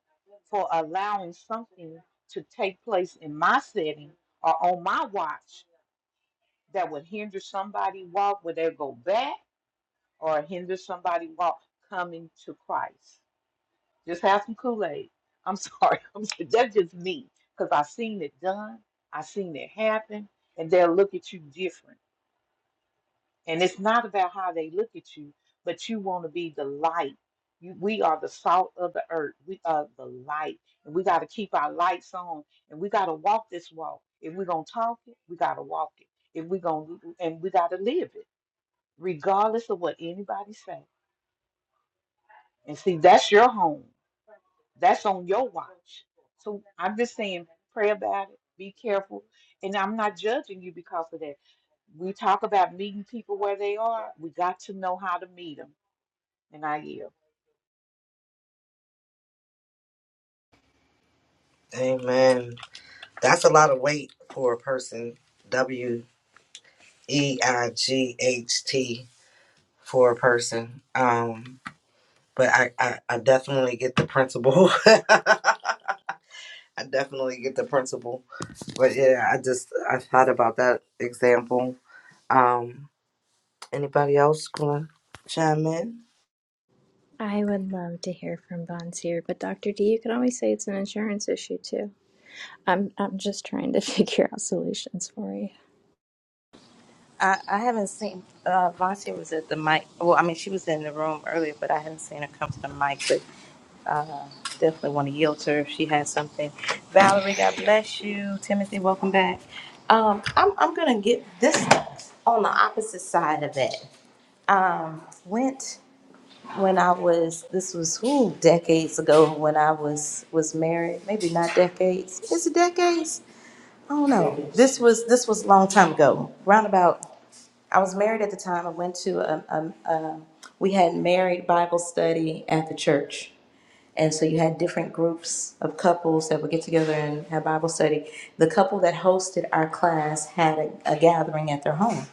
for allowing something to take place in my setting or on my watch that would hinder somebody walk, where they go back or hinder somebody walk coming to Christ. Just have some Kool-Aid. I'm sorry. <laughs> I'm, that's just me because i seen it done. i seen it happen. And they'll look at you different. And it's not about how they look at you, but you want to be the light. You, we are the salt of the earth. We are the light. And we got to keep our lights on and we got to walk this walk. If we're going to talk it, we got to walk it. If we're going to, and we got to live it, regardless of what anybody say. And see, that's your home. That's on your watch. So I'm just saying, pray about it. Be careful. And I'm not judging you because of that. We talk about meeting people where they are. We got to know how to meet them. And I yield.
Amen. That's a lot of weight for a person. W E I G H T for a person. Um, but I, I, I definitely get the principle. <laughs> I definitely get the principle. But yeah, I just I thought about that example. Um, Anybody else going to chime in?
I would love to hear from Bonsier, but Dr. D, you can always say it's an insurance issue too. I'm I'm just trying to <laughs> figure out solutions for you.
I, I haven't seen uh Vontae was at the mic. Well, I mean she was in the room earlier, but I haven't seen her come to the mic. But uh, definitely want to yield to her if she has something. Valerie, God bless you. Timothy, welcome back. Um, I'm I'm gonna get this on the opposite side of that. Went. when I was this was who decades ago when I was was married. Maybe not decades. Is it decades? I don't know. This was this was a long time ago. Round about I was married at the time. I went to a, a, a we had married Bible study at the church. And so you had different groups of couples that would get together and have Bible study. The couple that hosted our class had a, a gathering at their home.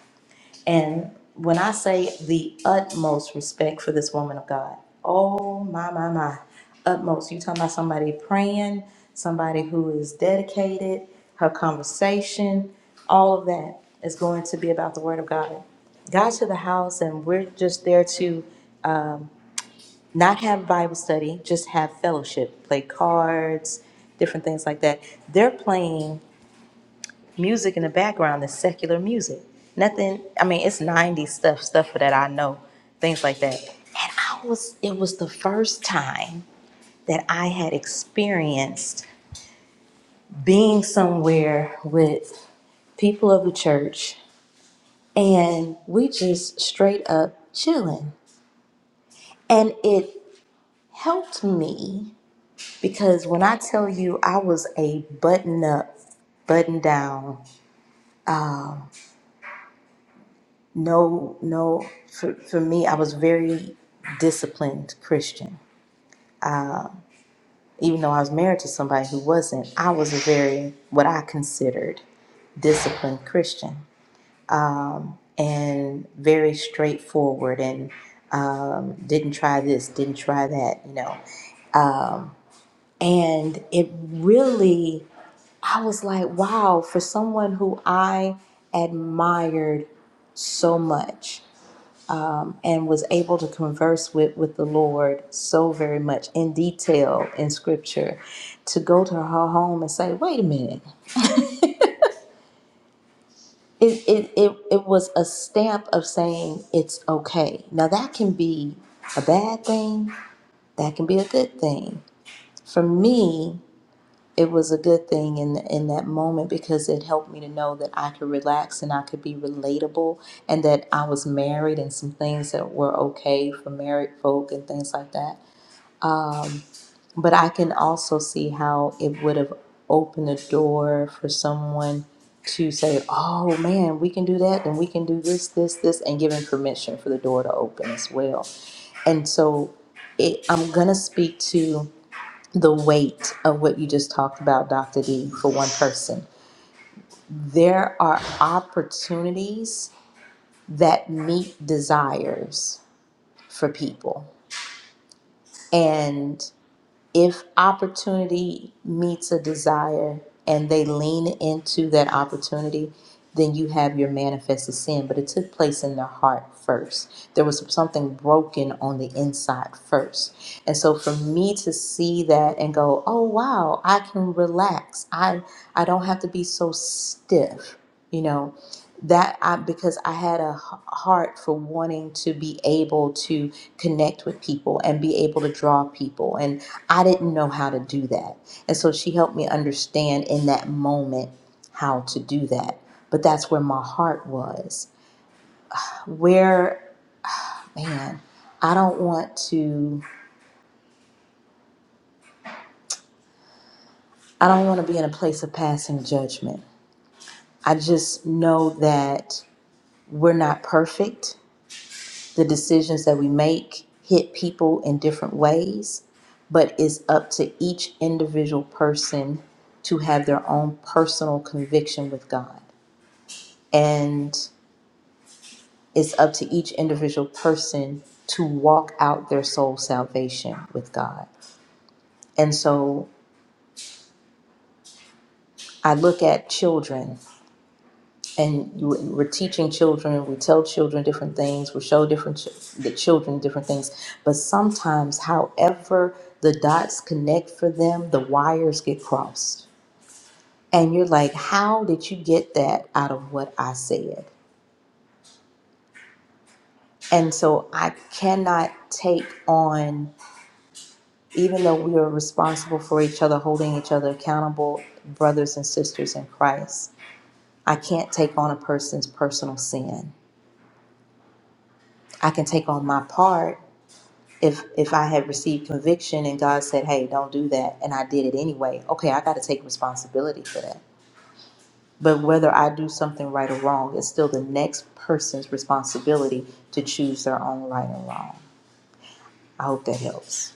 And when I say the utmost respect for this woman of God, oh my, my, my, utmost. You talking about somebody praying, somebody who is dedicated, her conversation, all of that is going to be about the Word of God. Got to the house, and we're just there to not have Bible study, just have fellowship, play cards, different things like that. They're playing music in the background is secular music. Nothing, I mean, it's 90s stuff, stuff that I know, things like that. And I was, it was the first time that I had experienced being somewhere with people of the church and we just straight up chilling. And it helped me because when I tell you I was a button up, button down No, no. For, for me, I was very disciplined Christian. Even though I was married to somebody who wasn't, I was a very, what I considered, disciplined Christian and very straightforward and um, didn't try this, didn't try that, you know. And it really, I was like, wow, for someone who I admired so much um, and was able to converse with, with the Lord so very much in detail in scripture to go to her home and say, wait a minute. It, it, it, it was a stamp of saying it's okay. Now, that can be a bad thing, that can be a good thing. For me, it was a good thing in, in that moment because it helped me to know that I could relax and I could be relatable and that I was married and some things that were okay for married folk and things like that But I can also see how it would have opened the door for someone to say, oh man, we can do that and we can do this, this, this, and giving permission for the door to open as well. And so it, I'm going to speak to the weight of what you just talked about, Dr. D, for one person. There are opportunities that meet desires for people. and. if opportunity meets a desire and they lean into that opportunity, then you have your manifested sin. But it took place in their heart first. There was something broken on the inside first. And so for me to see that and go, oh wow, I can relax. I I don't have to be so stiff, you know that I because I had a h- heart for wanting to be able to connect with people and be able to draw people and I didn't know how to do that. And so she helped me understand in that moment how to do that. But that's where my heart was. Where man, I don't want to I don't want to be in a place of passing judgment. I just know that we're not perfect the decisions that we make hit people in different ways, but it's up to each individual person to have their own personal conviction with God. And it's up to each individual person to walk out their soul salvation with God. And so I look at children and we- we're teaching children we tell children different things we show different ch- the children different things but sometimes however the dots connect for them the wires get crossed and you're like how did you get that out of what i said and so i cannot take on even though we are responsible for each other holding each other accountable brothers and sisters in christ i can't take on a person's personal sin i can take on my part if if I had received conviction and God said, "Hey, don't do that," and I did it anyway, okay, I got to take responsibility for that. But whether I do something right or wrong, it's still the next person's responsibility to choose their own right and wrong. I hope that helps.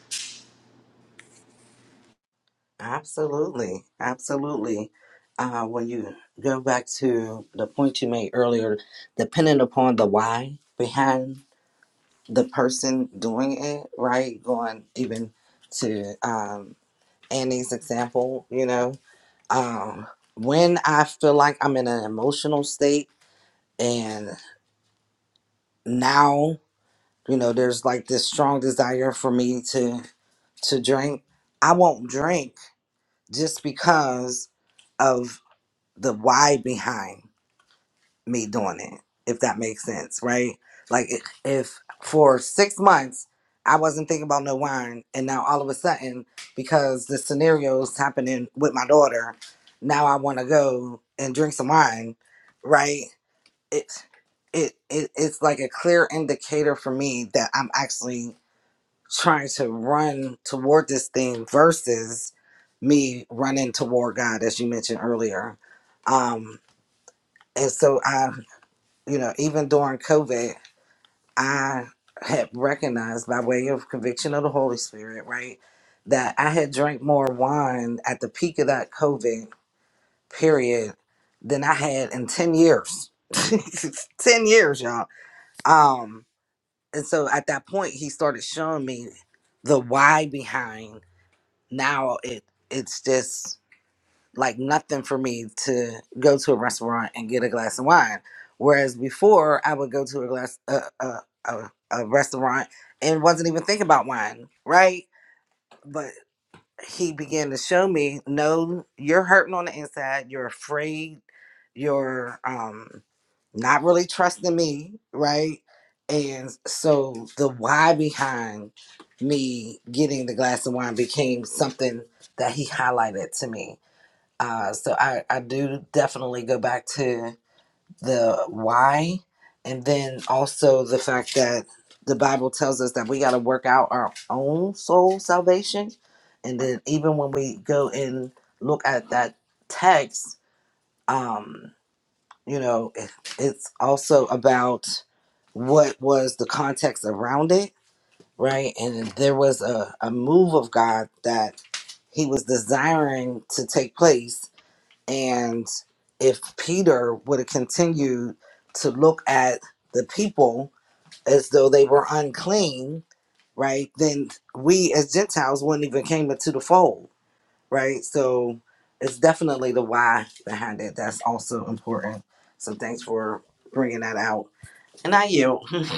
Absolutely, absolutely. Uh, when you go back to the point you made earlier, depending upon the why behind the person doing it, right? Going even to um, Annie's example, you know, um, when I feel like I'm in an emotional state and now, you know, there's like this strong desire for me to to drink, I won't drink just because of the why behind me doing it, if that makes sense, right? Like if, if for six months I wasn't thinking about no wine, and now all of a sudden, because the scenario's happening with my daughter, now I want to go and drink some wine, right? It, it, it, it's like a clear indicator for me that I'm actually trying to run toward this thing versus me running toward God, as you mentioned earlier. Um, and so I, you know, even during COVID, I had recognized by way of conviction of the Holy Spirit, right, that I had drank more wine at the peak of that COVID period than I had in 10 years. <laughs> 10 years, y'all. Um, and so at that point, he started showing me the why behind now it it's just like nothing for me to go to a restaurant and get a glass of wine. Whereas before, I would go to a glass a a, a, a restaurant and wasn't even thinking about wine, right? But he began to show me no you're hurting on the inside you're afraid you're um not really trusting me right and so the why behind me getting the glass of wine became something that he highlighted to me uh so i i do definitely go back to the why and then also the fact that the bible tells us that we got to work out our own soul salvation and then even when we go and look at that text um you know it, it's also about what was the context around it right and there was a, a move of god that he was desiring to take place and if Peter would have continued to look at the people as though they were unclean, right, then we as Gentiles wouldn't even came into the fold, right? So it's definitely the why behind it. That's also important. So thanks for bringing that out. And I yield. <laughs>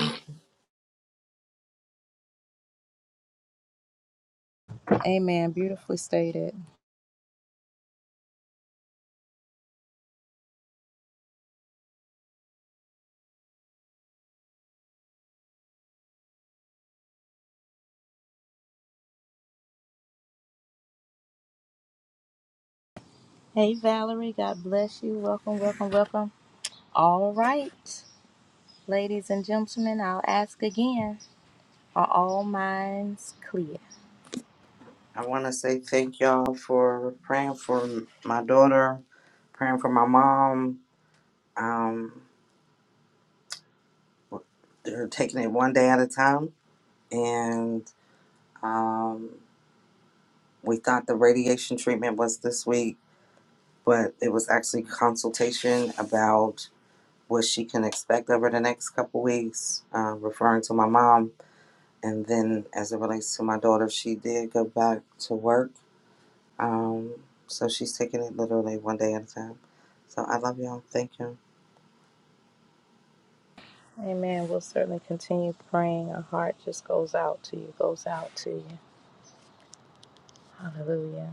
Hey, Valerie, God bless you. Welcome, welcome, welcome. All right, ladies and gentlemen, I'll ask again Are all minds clear?
I want to say thank y'all for praying for my daughter, praying for my mom. Um, they're taking it one day at a time. And Um, we thought the radiation treatment was this week, but it was actually consultation about what she can expect over the next couple weeks, uh, referring to my mom. And then as it relates to my daughter, she did go back to work. Um, so she's taking it literally one day at a time. So I love y'all. Thank you.
Amen. We'll certainly continue praying. Our heart just goes out to you, goes out to you. Hallelujah.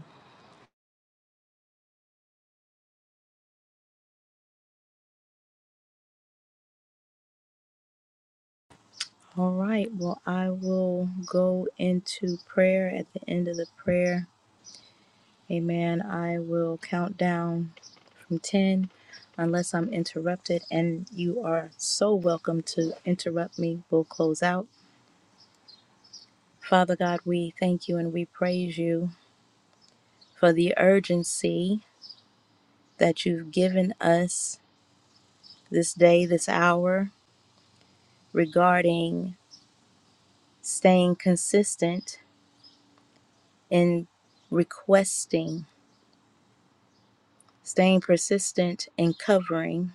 All right. Well, I will go into prayer at the end of the prayer. Amen. I will count down from 10 unless I'm interrupted, and you are so welcome to interrupt me. We'll close out. Father God, we thank you and we praise you for the urgency that you've given us this day, this hour, regarding staying consistent in requesting. staying persistent in covering,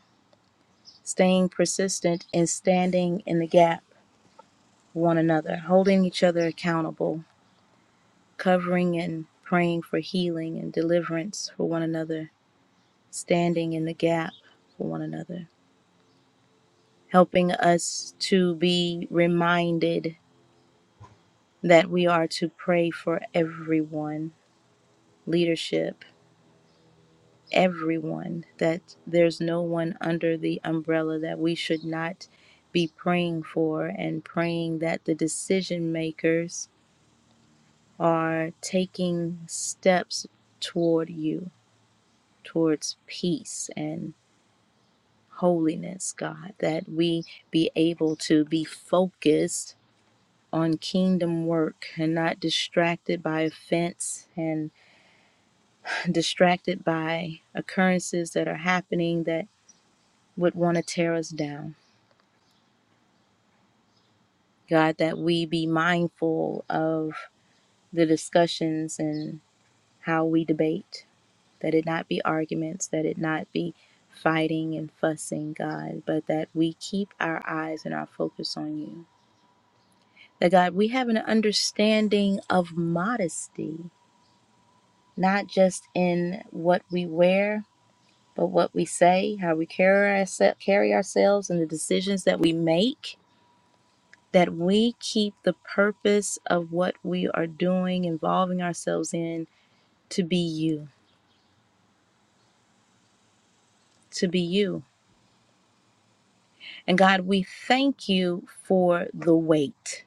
staying persistent in standing in the gap for one another, holding each other accountable, covering and praying for healing and deliverance for one another, standing in the gap for one another, helping us to be reminded that we are to pray for everyone, leadership everyone, that there's no one under the umbrella that we should not be praying for, and praying that the decision makers are taking steps toward you, towards peace and holiness, God, that we be able to be focused on kingdom work and not distracted by offense and distracted by occurrences that are happening that would want to tear us down. God, that we be mindful of the discussions and how we debate, that it not be arguments, that it not be fighting and fussing, God, but that we keep our eyes and our focus on you. That, God, we have an understanding of modesty, not just in what we wear, but what we say, how we carry, ourse- carry ourselves, and the decisions that we make that we keep the purpose of what we are doing, involving ourselves in, to be you, to be you. And God, we thank you for the weight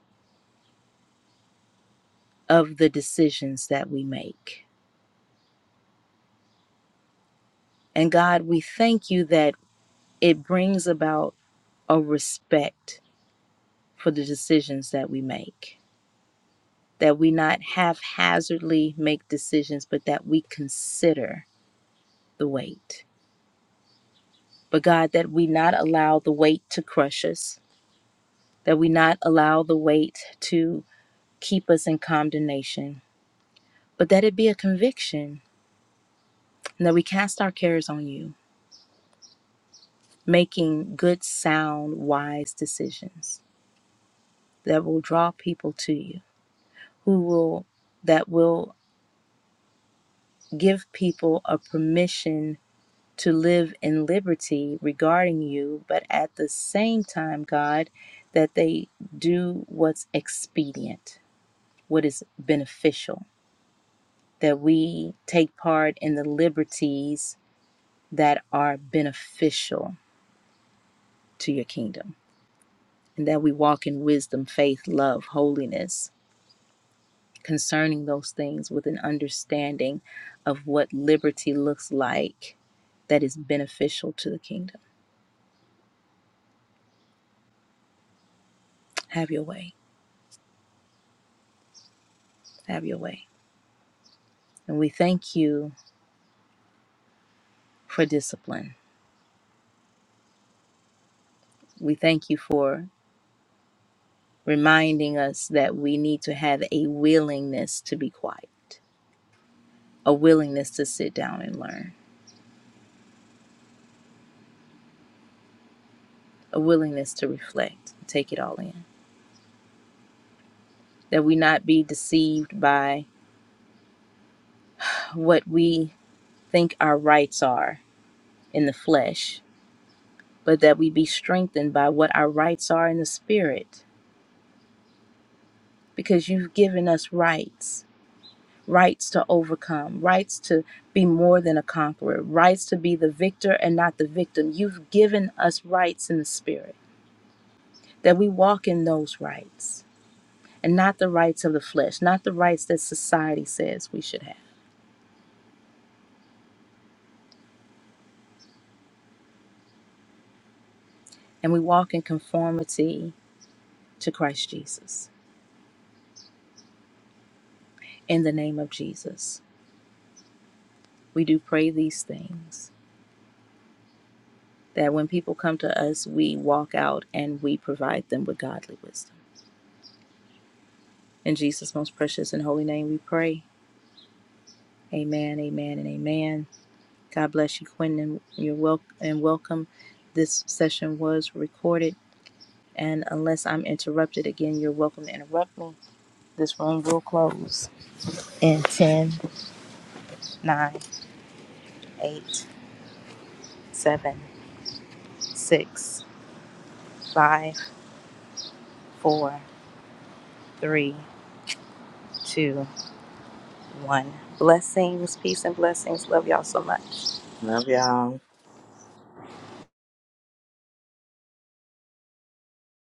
of the decisions that we make. And God, we thank you that it brings about a respect for the decisions that we make, that we not haphazardly make decisions, but that we consider the weight. But God, that we not allow the weight to crush us that we not allow the weight to keep us in condemnation, but that it be a conviction, and that we cast our cares on you, making good, sound, wise decisions that will draw people to you, who will that will give people a permission to live in liberty regarding you, but at the same time, God, that they do what's expedient, what is beneficial that we take part in the liberties that are beneficial to your kingdom, and that we walk in wisdom, faith, love, holiness concerning those things with an understanding of what liberty looks like that is beneficial to the kingdom. Have your way. Have your way. And we thank you for discipline. We thank you for reminding us that we need to have a willingness to be quiet, a willingness to sit down and learn a willingness to reflect, take it all in. That we not be deceived by what we think our rights are in the flesh, but that we be strengthened by what our rights are in the spirit. Because you've given us rights rights to overcome, rights to be more than a conqueror, rights to be the victor and not the victim. You've given us rights in the spirit, that we walk in those rights and not the rights of the flesh, not the rights that society says we should have and we walk in conformity to Christ Jesus. In the name of Jesus, we do pray these things that when people come to us, we walk out and we provide them with godly wisdom. In Jesus' most precious and holy name, we pray. Amen, amen, and amen. God bless you, Quinn, and you're wel and welcome. This session was recorded, and unless I'm interrupted again, you're welcome to interrupt me. This room will close in 10, 9, 8, 7, six. Five, four, three, two, one. Blessings, peace, and blessings. Love y'all so much.
Love y'all.